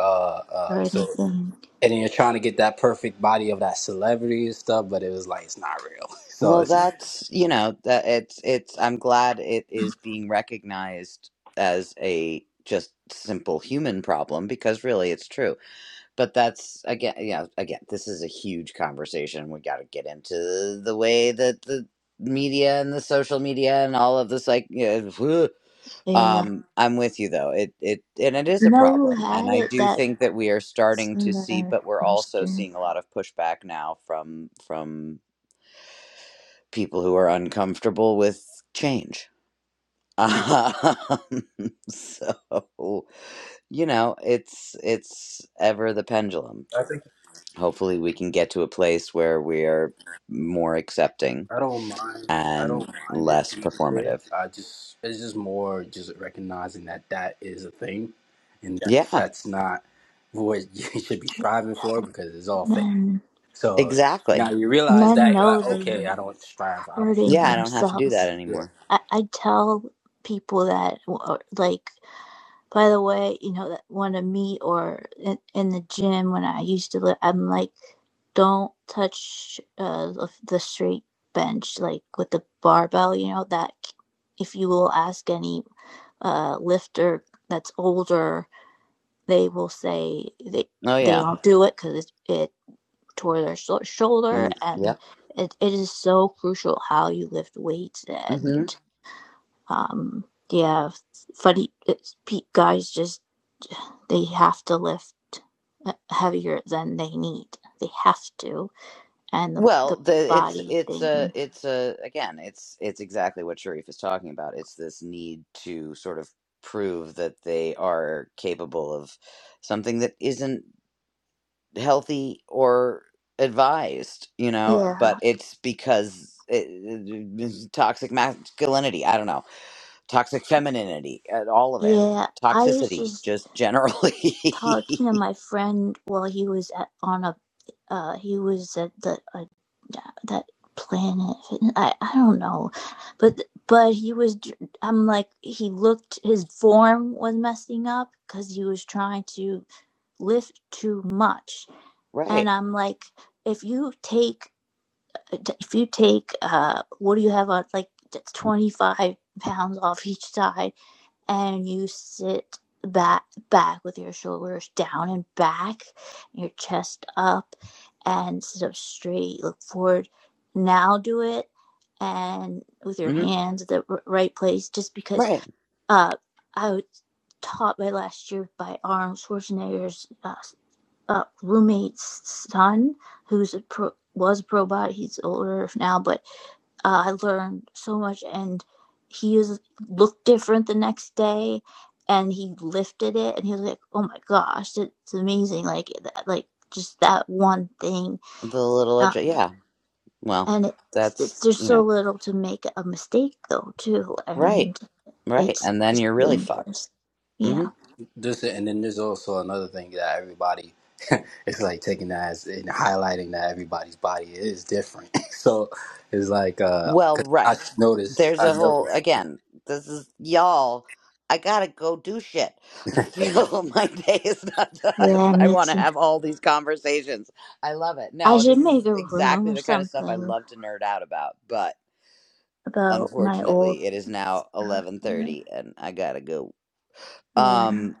S4: or
S5: uh, so
S4: anything
S5: and then you're trying to get that perfect body of that celebrity and stuff, but it was like it's not real. So
S1: Well,
S5: it's. I
S1: that's you know that it's it's. I'm glad it is being recognized as a just simple human problem because really it's true. But that's again, yeah, again, this is a huge conversation. We got to get into the way that the media and the social media and all of this like. yeah. whew.
S4: yeah
S1: Um, I'm with you though. It it and it is
S4: you
S1: a
S4: know who
S1: problem, and
S4: had
S1: I
S4: it
S1: do
S4: that
S1: think that we are starting to see,
S4: singer
S1: but we're also
S4: person
S1: seeing a lot of pushback now from from people who are uncomfortable with change. Um, so you know, it's it's ever the pendulum.
S5: think
S1: Hopefully, we can get to a place where we are more accepting
S5: I don't mind. I
S1: and
S5: don't mind it
S1: less
S5: being there.
S1: performative.
S5: I just it's just more just recognizing that that is a thing, and that
S1: Yeah,
S5: that's not what you should be striving for because it's all fake
S4: men
S5: So
S1: exactly.
S5: now you realize
S4: men
S5: that you're
S4: know
S5: like, okay,
S4: they're
S5: I don't strive. I don't. Strive.
S4: hurting
S1: Yeah, I don't have to do that
S4: themselves
S5: Yeah.
S1: anymore.
S4: I, I tell people that like By the way, you know that want to meet or in, in the gym when I used to live, I'm like, don't touch uh the straight bench like with the barbell. You know that if you will ask any uh lifter that's older, they will say they
S1: Oh
S4: they
S1: yeah.
S4: don't do it because it, it tore their sho- shoulder,
S1: Mm,
S4: and
S1: yep.
S4: it, it is so crucial how you lift weights
S1: hmm
S4: and um yeah funny it's, guys just they have to lift uh, heavier than they need. They have to. And the, the
S1: Well, the it's
S4: body
S1: it's a
S4: thing.
S1: it's a again it's it's exactly what Sharif is talking about. It's this need to sort of prove that they are capable of something that isn't healthy or advised, you know. But
S4: Yeah.
S1: it's because it, it- it's toxic masculinity. I don't know, toxic femininity, uh, all of it,
S4: Yeah. I was
S1: toxicity,
S4: just
S1: just generally.
S4: talking to my friend while he was at, on a, uh, he was at the, uh, that planet. I, I don't know. But, but he was, i I'm like, he looked, his form was messing up because he was trying to lift too much.
S1: right.
S4: And I'm like, if you take if you take uh what do you have on like 25 pounds off each side and you sit back back with your shoulders down and back your chest up and sit up straight look forward now do it and with your
S1: hmm
S4: hands at the right place just because
S1: Right.
S4: uh i was taught by last year by arnold schwarzenegger's uh, uh, roommate's son who's a pro, was a robot. He's older now, but uh, I learned so much, and he is looked different the next day. And he lifted it, and he was like, "Oh my gosh, it's amazing!" Like, like just that one thing,
S1: The little,
S4: uh,
S1: adj- yeah. Well,
S4: and it's,
S1: that's.
S4: it's there's
S1: you know.
S4: so little to make a mistake though, too,
S1: Right.
S4: and
S1: Right.
S4: it's
S1: And then
S4: just
S1: you're really fucked.
S4: dangerous.
S1: hmm
S4: Yeah,
S5: This and then there's also another thing that everybody. it's like taking that as and highlighting that everybody's body is different. so it's like because
S1: Well,
S5: I
S1: right.
S5: noticed.
S1: There's
S5: I
S1: a whole,
S5: noticed
S1: again, this is y'all. I gotta go do shit. You know, my day is not done.
S4: yeah,
S1: I
S4: me
S1: want to
S4: too.
S1: have all these conversations. I love it.
S4: I
S1: No,
S4: should
S1: this
S4: make
S1: is
S4: a room
S1: exactly
S4: or
S1: the kind of stuff I
S4: something
S1: love to nerd out about. But
S4: about my old
S1: unfortunately, it is now
S4: stuff.
S1: eleven
S4: uh,
S1: thirty, and I gotta go.
S4: Yeah,
S1: Um,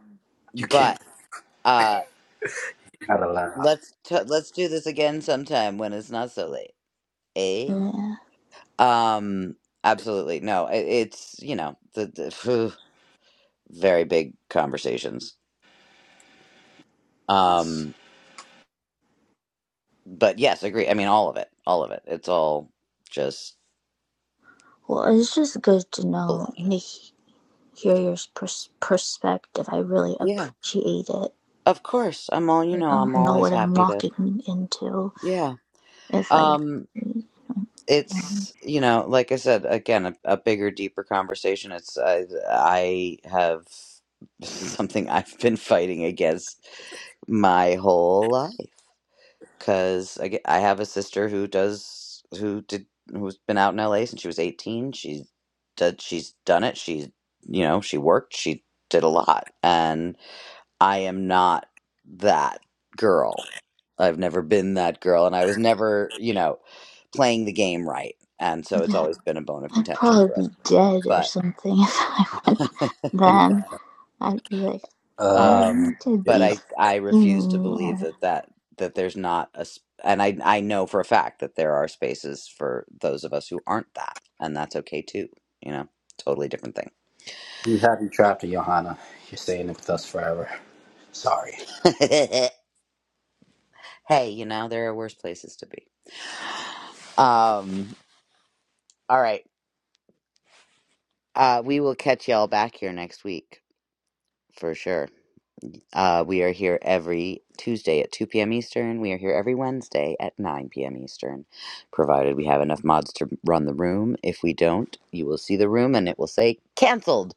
S5: you can't
S1: but uh,
S5: out of line.
S1: let's t- let's do this again sometime when it's not so late. eh?
S4: yeah.
S1: Um, absolutely. No, it, it's, you know, the, the very big conversations.
S5: It's
S1: Um, but yes, agree. I mean, all of it, all of it. It's all just
S4: Well, it's just good to know
S1: baloney.
S4: and to hear your pers- perspective. I really
S1: Yeah,
S4: appreciate it.
S1: of course. I'm all, you
S4: I
S1: know,
S4: don't
S1: I'm
S4: know
S1: always
S4: what I'm
S1: happy to.
S4: walking into
S1: Yeah.
S4: if I,
S1: Um,
S4: um,
S1: it's, you know, like I said, again, a, a bigger, deeper conversation. It's, I, I have something I've been fighting against my whole life. because I, get, I have a sister who does who did who's been out in LA since she was 18. She did she's done it. She you know she worked. She did a lot, and I am not that girl. I've never been that girl, and I was never you know playing the game right, and so it's
S4: yeah,
S1: always been a bone of
S4: I'd
S1: contention for us.
S4: probably be dead or
S1: But
S4: something if I went then.
S5: Johanna.
S4: I'd be like, I
S5: Uh,
S1: um
S4: need to
S5: yeah.
S1: but
S4: be
S1: i i refuse to
S4: seen.
S1: believe that that that there's not a s- and i i know for a fact that there are spaces for those of us who aren't that and that's okay too you know totally different thing
S5: we have you trapped in Johanna. You're staying with us forever. Sorry.
S1: hey you know there are worse places to be um all right uh we will catch y'all back here next week for sure Uh, we are here every Tuesday at 2 p.m. Eastern. We are here every Wednesday at 9 p.m. Eastern, provided we have enough mods to run the room. If we don't, you will see the room and it will say canceled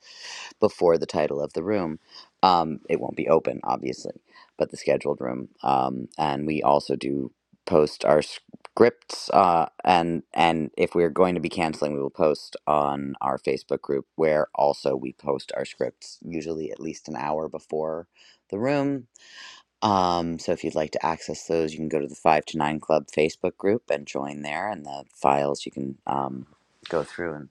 S1: before the title of the room. Um, it won't be open, obviously, but the scheduled room. Um, and we also do post our scripts, uh, and and if we're going to be canceling, we will post on our Facebook group, where also we post our scripts usually at least an hour before the room. Um, so if you'd like to access those, you can go to the Five to Nine Club Facebook group and join there, and the files you can um, go through and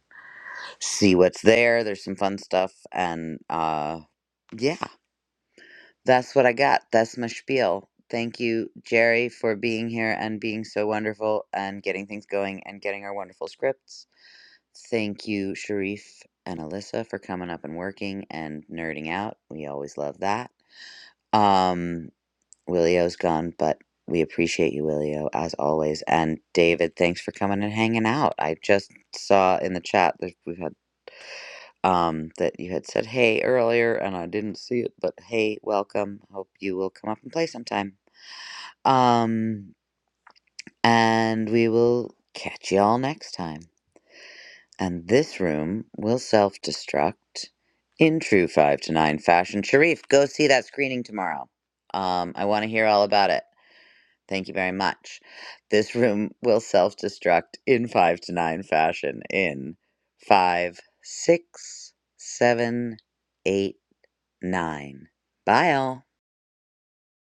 S1: see what's there. There's some fun stuff. And uh, yeah, that's what I got. That's my spiel. Thank you, Jerry, for being here and being so wonderful and getting things going and getting our wonderful scripts. Thank you, Sharif and Alyssa, for coming up and working and nerding out. We always love that. Um, Willio's gone, but we appreciate you, Willio, as always. And David, thanks for coming and hanging out. I just saw in the chat that we've had um, that you had said hey earlier and I didn't see it, but hey, welcome. Hope you will come up and play sometime. Um, and we will catch y'all next time. And this room will self destruct in true five to nine fashion. Sharif, go see that screening tomorrow. Um, I want to hear all about it. Thank you very much. This room will self destruct in five to nine fashion in five, six, seven, eight nine. Bye, all.